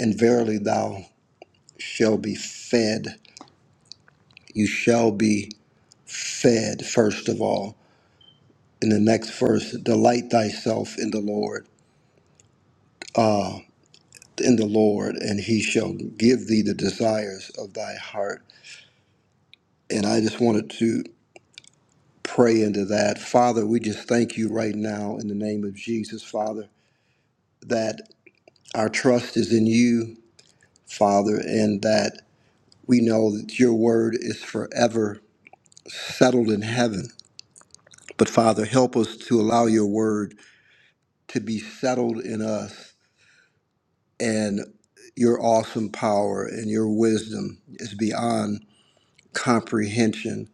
F: and verily thou shalt be fed. you shall be fed first of all in the next verse delight thyself in the lord uh in the lord and he shall give thee the desires of thy heart and i just wanted to pray into that father we just thank you right now in the name of jesus father that our trust is in you father and that we know that your word is forever settled in heaven but father help us to allow your word to be settled in us and your awesome power and your wisdom is beyond comprehension.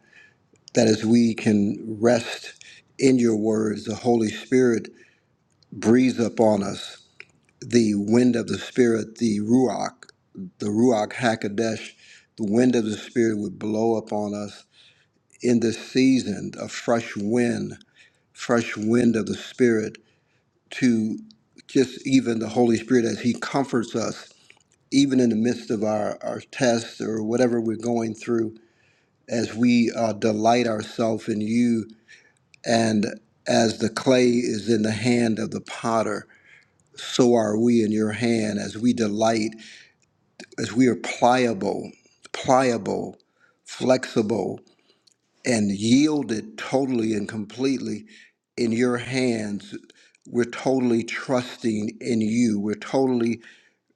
F: That as we can rest in your words, the Holy Spirit breathes upon us the wind of the Spirit, the Ruach, the Ruach Hakodesh, the wind of the Spirit would blow upon us in this season, a fresh wind, fresh wind of the Spirit to just even the Holy Spirit as He comforts us even in the midst of our, our tests or whatever we're going through, as we uh, delight ourselves in you, and as the clay is in the hand of the potter, so are we in your hand as we delight, as we are pliable, pliable, flexible, and yielded totally and completely in your hands. We're totally trusting in you. We're totally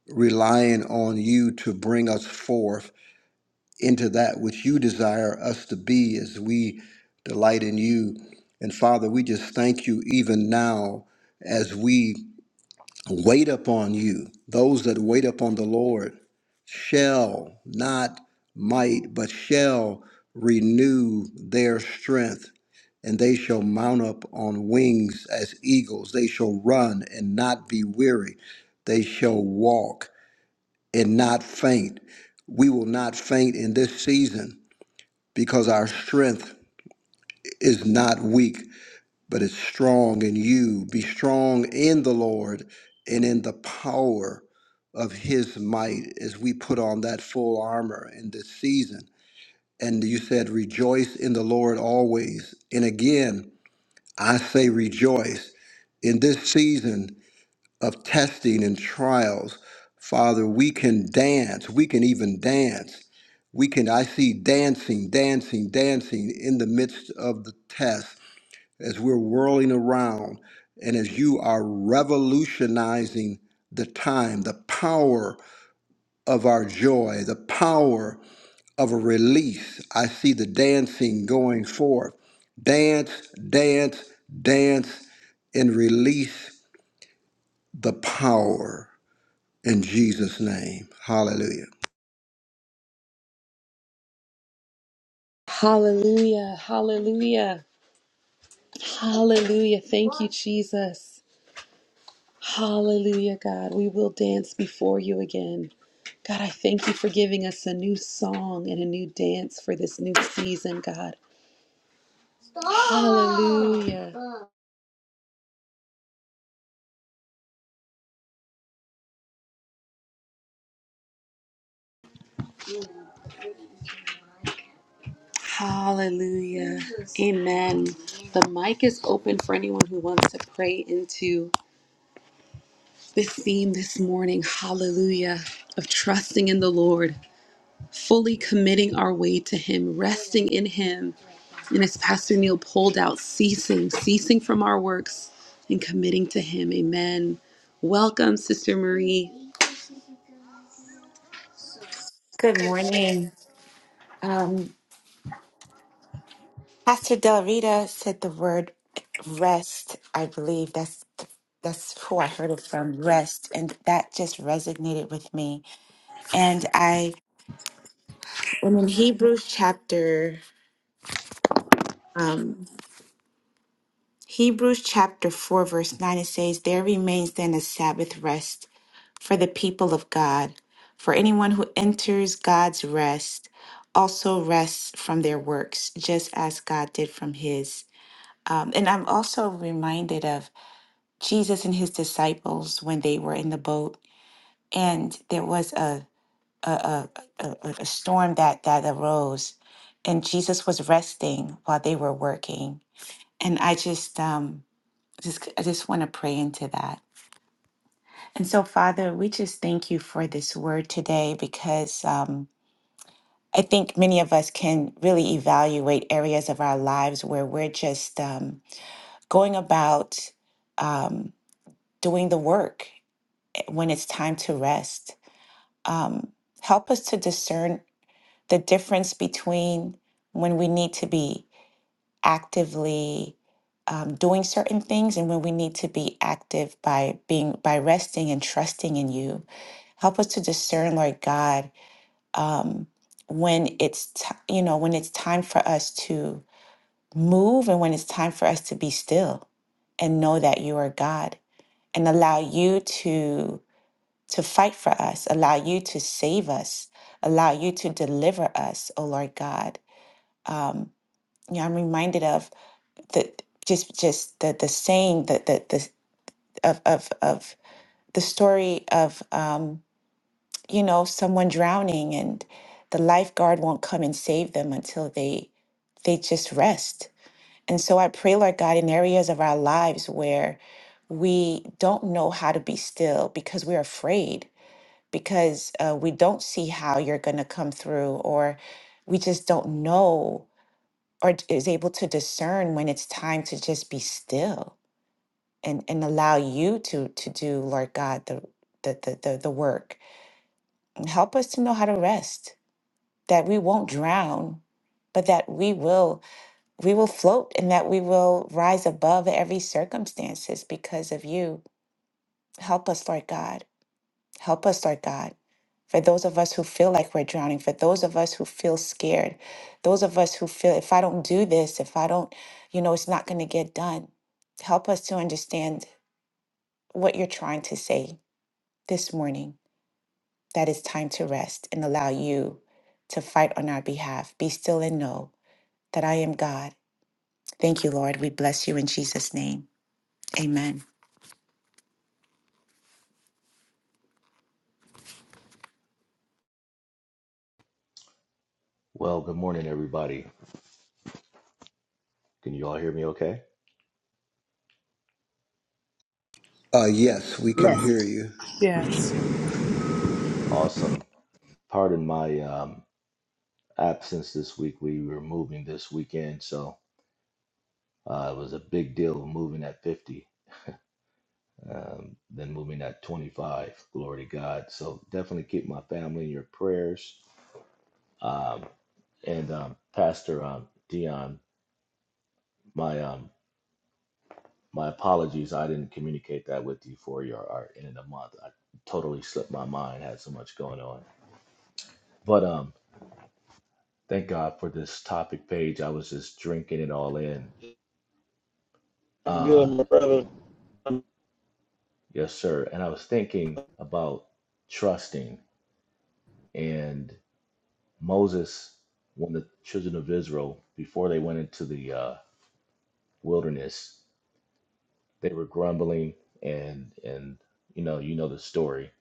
F: relying on you to bring us forth into that which you desire us to be as we delight in you. And Father, we just thank you even now as we wait upon you. Those that wait upon the Lord shall, not might, but shall renew their strength. And they shall mount up on wings as eagles. They shall run and not be weary. They shall walk and not faint. We will not faint in this season because our strength is not weak, but it's strong in you. Be strong in the Lord and in the power of his might as we put on that full armor in this season. And you said, Rejoice in the Lord always. And again, I say, Rejoice. In this season, of testing and trials. Father, we can dance. We can even dance. We can, I see dancing, dancing, dancing in the midst of the test as we're whirling around and as you are revolutionizing the time, the power of our joy, the power of a release. I see the dancing going forth. Dance, dance, dance, and release the power. In Jesus' name. Hallelujah.
A: Hallelujah. Hallelujah. Hallelujah. Thank you, Jesus. Hallelujah, God. We will dance before you again. God, I thank you for giving us a new song and a new dance for this new season, God. Hallelujah. Hallelujah. Amen. The mic is open for anyone who wants to pray into This theme this morning, hallelujah, of trusting in the Lord, fully committing our way to Him, resting in Him. And as Pastor Neil pulled out, ceasing, ceasing from our works and committing to Him. Amen. Welcome, Sister Marie.
H: Good morning. Um, Pastor Del Rita said the word rest. I believe that's that's who I heard it from. Rest, and that just resonated with me. And I, and in Hebrews chapter, um, Hebrews chapter four, verse nine, it says, "There remains then a Sabbath rest for the people of God. For anyone who enters God's rest." Also rests from their works, just as God did from his. Um, and I'm also reminded of Jesus and his disciples when they were in the boat, and there was a a, a, a, a a storm that that arose, and Jesus was resting while they were working. And I just um, just I just want to pray into that. And so, Father, we just thank you for this word today because um, I think many of us can really evaluate areas of our lives where we're just um, going about. Um, doing the work eh, when it's time to rest. Um, help us to discern the difference between when we need to be actively um, doing certain things and when we need to be active by being by resting and trusting in you. Help us to discern, Lord God, um, when it's ti you know when it's time for us to move and when it's time for us to be still and know that you are God and allow you to to fight for us. Allow you to save us. Allow you to deliver us, oh Lord God. Um, you know, I'm reminded of the just just the the saying that the, the of of of the story of um, you know someone drowning and the lifeguard won't come and save them until they they just rest. And so I pray, Lord God, in areas of our lives where we don't know how to be still because we're afraid because uh, we don't see how you're going to come through, or we just don't know or d- is able to discern when it's time to just be still and, and allow you to to do, Lord God, the the, the, the the work. And help us to know how to rest, that we won't drown, but that we will we will float and that we will rise above every circumstances because of you. Help us, Lord God. Help us, Lord God. For those of us who feel like we're drowning, for those of us who feel scared, those of us who feel if I don't do this, if I don't, you know, it's not going to get done. Help us to understand what you're trying to say this morning that it's time to rest and allow you to fight on our behalf. Be still and know that I am God. Thank you, Lord. We bless you in Jesus' name. Amen.
I: Well, good morning, everybody. Can you all hear me okay?
F: Uh, yes, we can hear you.
E: Yes,
I: Awesome. Pardon my um, absence this week. We were moving this weekend, so uh, it was a big deal moving at 50, um, then moving at 25. Glory to God. So definitely keep my family in your prayers. Um, and um, Pastor um, Dion, my um, my apologies. I didn't communicate that with you for your our end of the month. I totally slipped my mind. Had so much going on, but um. Thank God for this topic page. I was just drinking it all in.
C: I'm
I: Uh,
C: Good, my brother.
I: yes, sir. And I was thinking about trusting. And Moses, when the children of Israel, before they went into the uh, wilderness, they were grumbling and and you know you know the story.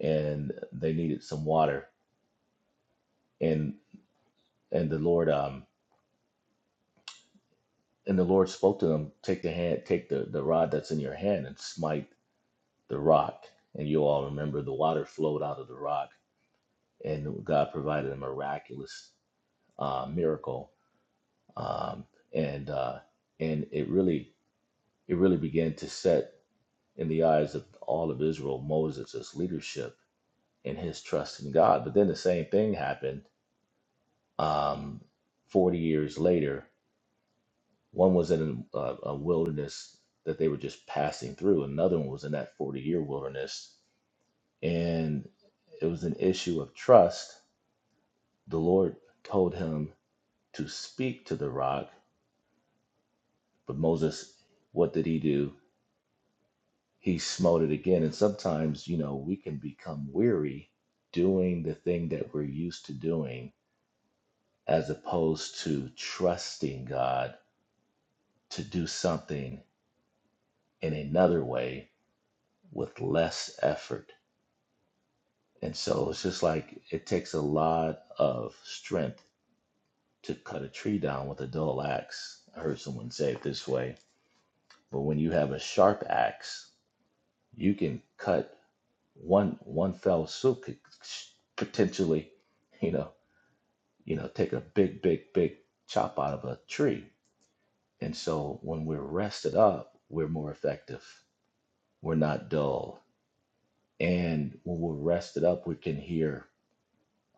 I: And they needed some water. And and the Lord um and the Lord spoke to them, take the hand, take the the rod that's in your hand and smite the rock, and you all remember the water flowed out of the rock, and God provided a miraculous uh, miracle, um, and uh, and it really it really began to set in the eyes of all of Israel Moses' leadership and his trust in God. But then the same thing happened um, forty years later. One was in a, a wilderness that they were just passing through. Another one was in that forty-year wilderness, and it was an issue of trust The Lord told him to speak to the rock, but Moses, what did he do? He smote it again. And sometimes, you know, we can become weary doing the thing that we're used to doing as opposed to trusting God to do something in another way with less effort. And so it's just like it takes a lot of strength to cut a tree down with a dull axe. I heard someone say it this way. But when you have a sharp axe, you can cut one one fell swoop could potentially you know you know take a big big big chop out of a tree and so when we're rested up we're more effective we're not dull and when we're rested up we can hear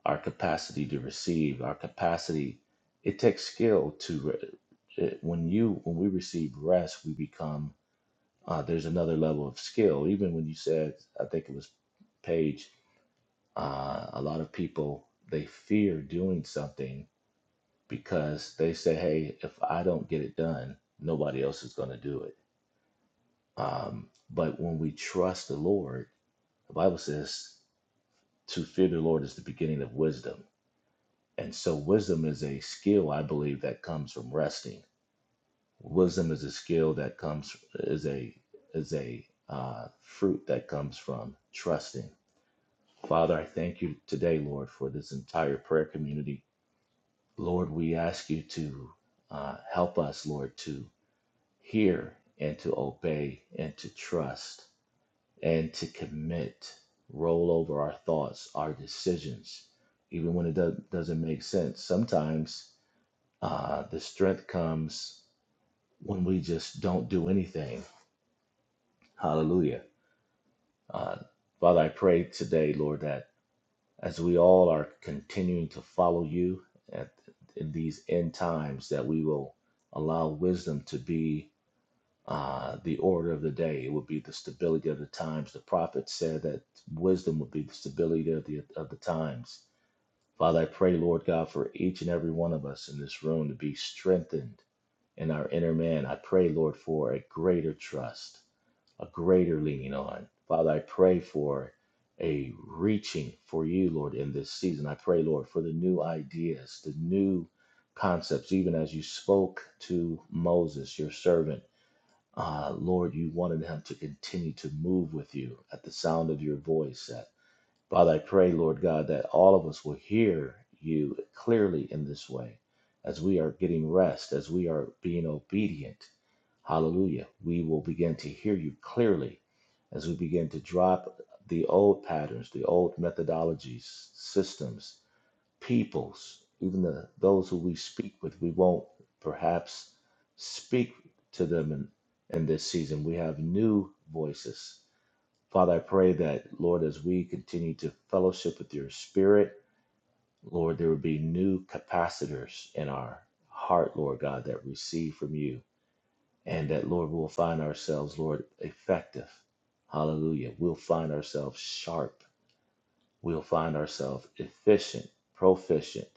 I: our capacity to receive our capacity it takes skill to when you when we receive rest we become uh, there's another level of skill even when you said i think it was page. Uh, a lot of people they fear doing something because they say, "Hey, if I don't get it done, nobody else is going to do it." Um, but when we trust the Lord, the Bible says to fear the Lord is the beginning of wisdom. And so, wisdom is a skill I believe that comes from resting. Wisdom is a skill that comes is a is a uh, fruit that comes from trusting. Father, I thank you today, Lord, for this entire prayer community Lord, we ask you to uh, help us, Lord, to hear and to obey and to trust and to commit, roll over our thoughts, our decisions, even when it do- doesn't make sense. Sometimes uh, the strength comes when we just don't do anything. Hallelujah. Uh, Father, I pray today, Lord, that as we all are continuing to follow you at, in these end times, that we will allow wisdom to be uh, the order of the day. It would be the stability of the times. The prophet said that wisdom would be the stability of the of the times. Father, I pray, Lord God, for each and every one of us in this room to be strengthened in our inner man. I pray, Lord, for a greater trust a greater leaning on. Father, I pray for a reaching for you, Lord, in this season. I pray, Lord, for the new ideas, the new concepts, even as you spoke to Moses, your servant. Uh, Lord, you wanted him to continue to move with you at the sound of your voice. Uh, Father, I pray, Lord God, that all of us will hear you clearly in this way as we are getting rest, as we are being obedient Hallelujah. We will begin to hear you clearly as we begin to drop the old patterns, the old methodologies, systems, peoples, even the, those who we speak with. We won't perhaps speak to them in, in this season. We have new voices. Father, I pray that, Lord, as we continue to fellowship with your spirit, Lord, there would be new capacitors in our heart, Lord God, that receive from you and that, Lord, we'll find ourselves, Lord, effective. Hallelujah. We'll find ourselves sharp. We'll find ourselves efficient, proficient.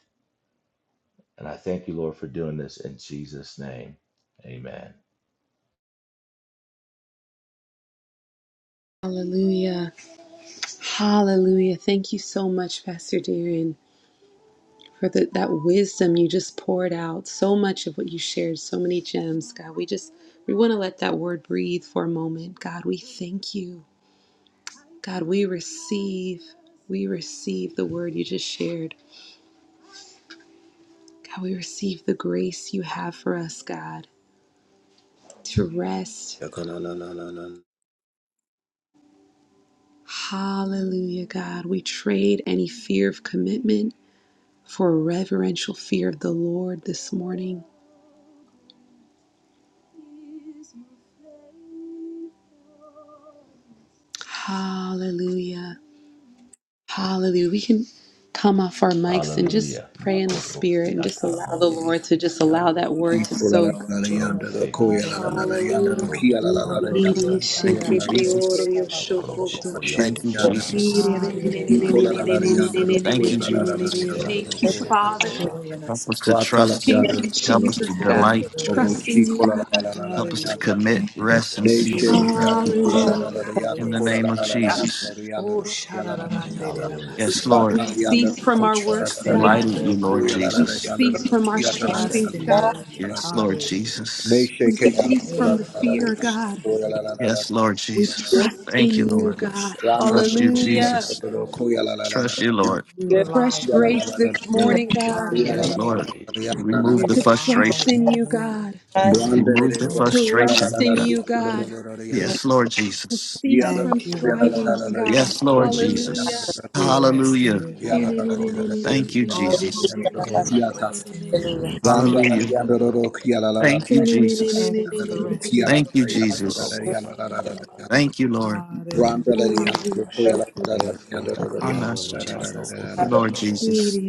I: And I thank you, Lord, for doing this in Jesus' name. Amen.
A: Hallelujah. Hallelujah. Thank you so much, Pastor Darren, for the, that wisdom you just poured out. So much of what you shared, so many gems, God. We just, we want to let that word breathe for a moment. God, we thank you. God, we receive, we receive the word you just shared. God, we receive the grace you have for us, God, to rest. Hallelujah, God. We trade any fear of commitment for a reverential fear of the Lord this morning. Hallelujah. Hallelujah. We can come off our mics and just
I: Hallelujah.
A: pray in the spirit and
I: Makorosia
A: just allow the
I: talamondiri
A: Lord to just allow that
I: kisiando.
A: word to soak.
E: Jesus.
I: Bronste kishidi
E: Hallelujah.
A: Hallelujah.
I: saborobo orobo
E: Birororo
I: sianda.
G: Thank
E: shanda
G: you,
E: rarere se
G: Jesus.
E: baba bobo
I: Orobo boko
E: shanda.
G: Thank you,
I: shada
A: Thank
G: Jesus.
I: lebeke
E: Hariroro
I: terebekisi.
E: shama basi.
G: Thank you, Jesus.
I: Arobo shata
E: Birororo
A: you,
E: sha.
I: lebeke
E: Have
A: Father.
E: your way
I: sadorobo.
E: in
G: Help
E: us, O
G: us to
E: God.
G: trust.
A: Thank you,
G: Help us to
A: Jesus, God.
E: Have
G: delight.
E: your
A: We
E: way in
A: trust
E: us,
A: in
E: O
A: you,
E: God.
A: God.
G: Help us to
E: Hallelujah.
F: [laughs]
G: commit, rest, and
F: They
G: cease, oh
I: Ekadorobo
F: shake it
G: God.
F: out, the
E: Birororo
I: sondoloko
F: kula la
A: Hallelujah,
F: la
E: shama
F: la la
A: God.
F: ya, the
G: In
E: derere
G: the
F: kula
E: se
G: name
F: la
G: of
F: la la la
E: keya.
F: la la
G: Jesus.
F: la ya,
E: Oh,
F: the kula la la la ya
E: sharararande
F: ta.
E: rera
I: Hallelujah.
G: Yes,
E: basi.
G: Lord.
F: Baka
A: We
F: ya, the
A: cease from
F: kula
E: We
A: our
F: la la
E: trust
I: [laughs]
A: works,
F: la
E: in
F: la
E: your
F: ya,
A: God.
G: Delight
E: will,
G: in
F: the
E: O
G: you,
C: Thank you,
G: Lord
E: God.
F: kula
C: Father.
F: la la
A: We
F: la
G: Jesus.
F: ya, the
A: cease from our
E: We
F: la la ya ta la la
E: trust
A: strivings,
I: Thank
E: in
I: you,
E: your
B: Oh,
I: Lord.
A: God.
F: la la ya, la
E: way.
F: la la
G: Yes,
F: ya
G: Lord
F: ta.
E: Hallelujah.
F: They
G: Jesus.
A: We
F: shake it out, the
A: cease
I: Diabo
F: kula
A: from the
F: la la
I: shata
F: la ya,
E: Erorabo
A: fear,
I: boko
F: the
A: God.
E: shama
I: sande.
F: kula la la la
E: derere
F: la ya,
E: keya.
G: Yes, Lord.
F: the
A: We
F: kula la la
B: you're
A: trust
F: la ya.
A: in you, God.
E: Bless you, Lord.
F: Randa,
I: Ambondo robo
F: the
A: Hallelujah.
E: Bless
I: shanda
E: you,
F: kula la
E: Lord.
F: kula
I: lebeke
F: la la la la
I: sidididi.
F: ya, the
E: We
B: good.
E: rely
A: Fresh
F: kula
E: on
F: la la
E: you.
A: grace
F: la la ya,
A: this
E: Mm.
A: morning,
F: the
A: God,
E: Ah,
F: kula la la la la
E: naneneke.
F: ya, la
I: Ekididididididi
F: la la
G: Remove
E: We
F: ya.
A: to
G: the
I: shitidi.
E: rely
A: trust in
E: on
A: you,
E: you.
A: God,
B: Yes, we
F: Branda, the kula la la la la
G: remove
I: Odo
F: ya, the
G: the
E: Thank
I: robo
E: you,
A: to
F: la la
I: boko
G: frustration,
A: rest
E: Jesus.
G: oh
A: in
G: God.
I: sondo
A: you,
I: loboko.
A: God.
F: la la ya,
B: do need
G: Yes,
F: the
G: Lord
A: to
G: Jesus.
F: Yanda
A: cease from
E: Thank you, Lord God.
A: strivings, God.
G: Yes,
I: Hallelujah.
G: Jesus.
A: Hallelujah.
E: We
G: Hallelujah.
E: rest in you, Lord.
I: Keka dorodo
A: Hallelujah.
G: Thank you.
I: sidididi.
E: All who are
G: Jesus.
E: weary, we
C: Thank you,
E: can rest
C: Father.
E: in
B: to
E: you.
B: believe.
G: Hall-
E: Thank you, Lord.
I: Ikando robo.
G: Thanks.
E: Thank you for the rest you've
G: Thank you,
E: provided
I: Ando
E: for
G: Jesus.
I: robo
E: us.
I: sanda labakai.
G: Thank you, Lord.
E: Hallelujah.
I: [laughs]
E: Hallelujah.
I: Aha.
C: Yes, God.
E: Thank you,
G: Anash-
I: Shiki
C: Hallelujah.
G: Thank
E: Jesus.
C: Thank
I: patoko
E: We
C: you,
G: you,
E: give you
I: sondo
G: Lord
I: lobo.
E: praise.
G: Jesus.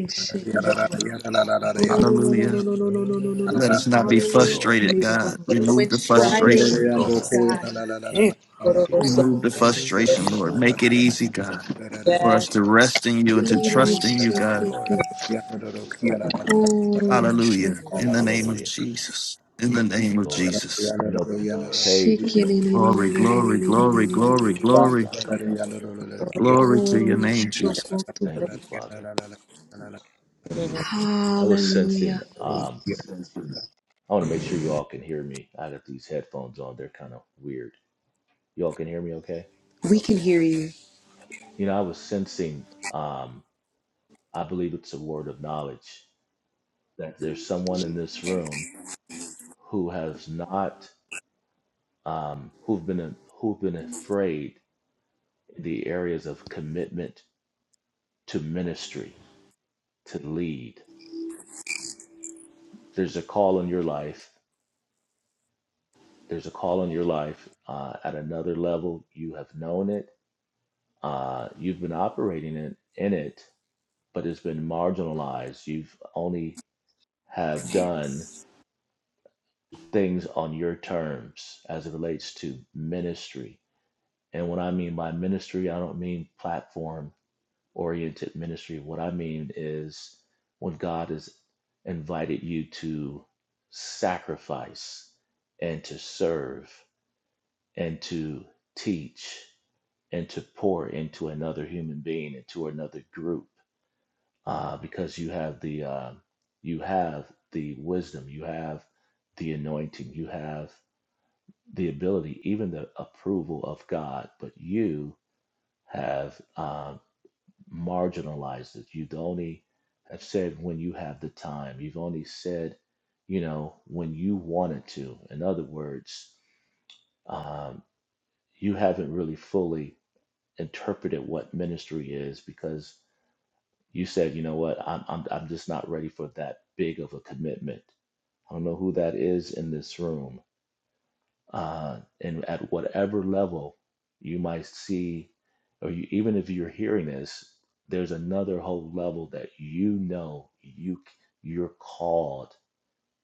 G: Hallelujah.
C: Father.
G: Let us not be
I: Thank you, Lord. [laughs]
G: frustrated, God. Remove
A: When
G: the
A: striving
G: frustration, Lord.
A: cease, God.
E: Hallelujah.
I: Teke
E: Uma,
G: Remove
I: kapo
C: Rabbi,
G: the
E: that
I: popo
E: is
C: see
G: frustration, Lord.
E: Sama
I: sabakatapa
G: Make it easy,
I: katapa
G: God,
I: tepeke.
G: for
B: yes,
G: us to rest in you
F: Yes.
G: and to trust
E: Thank
G: in
E: you,
G: you,
I: Thank you,
E: God.
G: God.
I: Lord.
F: Yes.
E: Thank you,
G: Hallelujah. In the name
E: Jesus.
G: of
I: Hallelujah.
G: Jesus. In the
I: Thank you,
G: name of
I: Lord.
G: Jesus.
I: You know, P-
A: Shake
I: Paige.
G: Glory, glory, glory, glory,
A: it.
G: glory,
I: Andorosakayabodelebe.
G: glory.
A: Glory to
G: Name Jesus.
A: Shokoto.
I: Thank you, Father.
B: korobo.
I: I was sensing,
A: Hallelujah.
I: um, I want to make sure y'all can hear me. I got these headphones on. They're kind of weird. Y'all can hear me okay?
A: We can
I: Okay.
A: hear you.
I: You know, I was sensing, um, I believe it's a word of knowledge that there's someone in this room who has not, um, who've been, who've been afraid in the areas of commitment to ministry, to lead There's a call on your life. There's a call on your life uh, at another level. You have known it. Uh, you've been operating in, in it, but it's been marginalized. You've only have done things on your terms as it relates to ministry. And what I mean by ministry, I don't mean platform oriented ministry. What I mean is when God has invited you to sacrifice and to serve. and to teach and to pour into another human being into another group uh, because you have the uh, you have the wisdom you have the anointing you have the ability even the approval of god but you have uh, marginalized it you've only have said when you have the time you've only said you know when you wanted to in other words um, you haven't really fully interpreted what ministry is because you said, you know what, I'm, I'm, I'm just not ready for that big of a commitment. I don't know who that is in this room. Uh, and at whatever level you might see, or you, even if you're hearing this, there's another whole level that you know you you're called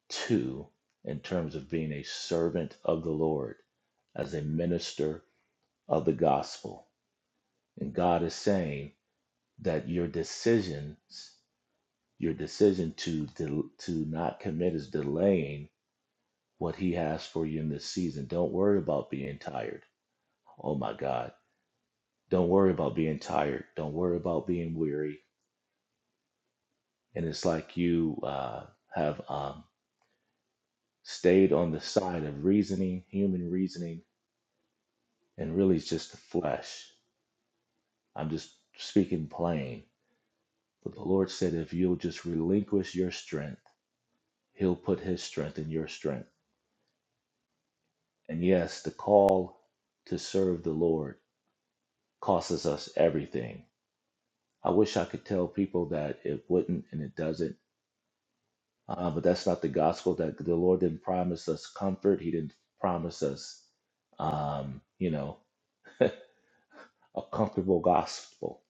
I: to in terms of being a servant of the Lord as a minister of the gospel. And God is saying, that your decisions, your decision to del- to not commit is delaying what he has for you in this season. Don't worry about being tired. Oh my God. Don't worry about being tired. Don't worry about being weary. And it's like you uh, have um, stayed on the side of reasoning, human reasoning, and really it's just the flesh. I'm just speaking plain. But the Lord said, if you'll just relinquish your strength, He'll put His strength in your strength And yes, the call to serve the Lord costs us everything. I wish I could tell people that it wouldn't and it doesn't, uh, but that's not the gospel. That the Lord didn't promise us comfort. He didn't promise us, um, you know, a comfortable gospel.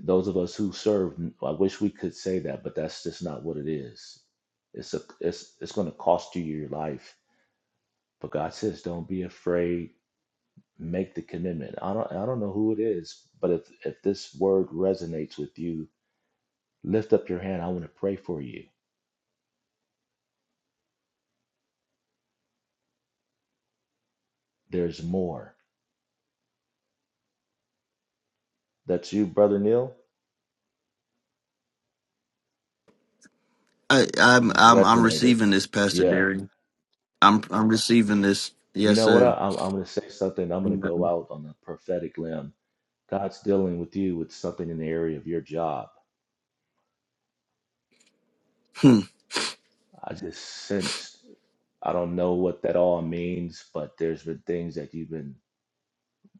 I: Those of us who serve, I wish we could say that, but that's just not what it is. It's a, it's, it's going to cost you your life. But God says, don't be afraid make the commitment. I don't I don't know who it is, but if if this word resonates with you, lift up your hand. I want to pray for you. There's more. That's you, brother Neil.
G: I,
I: You
G: I'm
I: just
G: I'm I'm
I: resonated.
G: receiving this, Pastor
I: Yeah.
G: Derry. I'm I'm receiving this.
I: You
G: Yes,
I: know what? I,
G: sir.
I: I'm I'm going to say something. I'm going to go
G: Amen.
I: out on a prophetic limb. God's dealing with you with something in the area of your job.
G: Hmm. Thank
I: I just sensed I don't know what that all means, but there's been things that you've been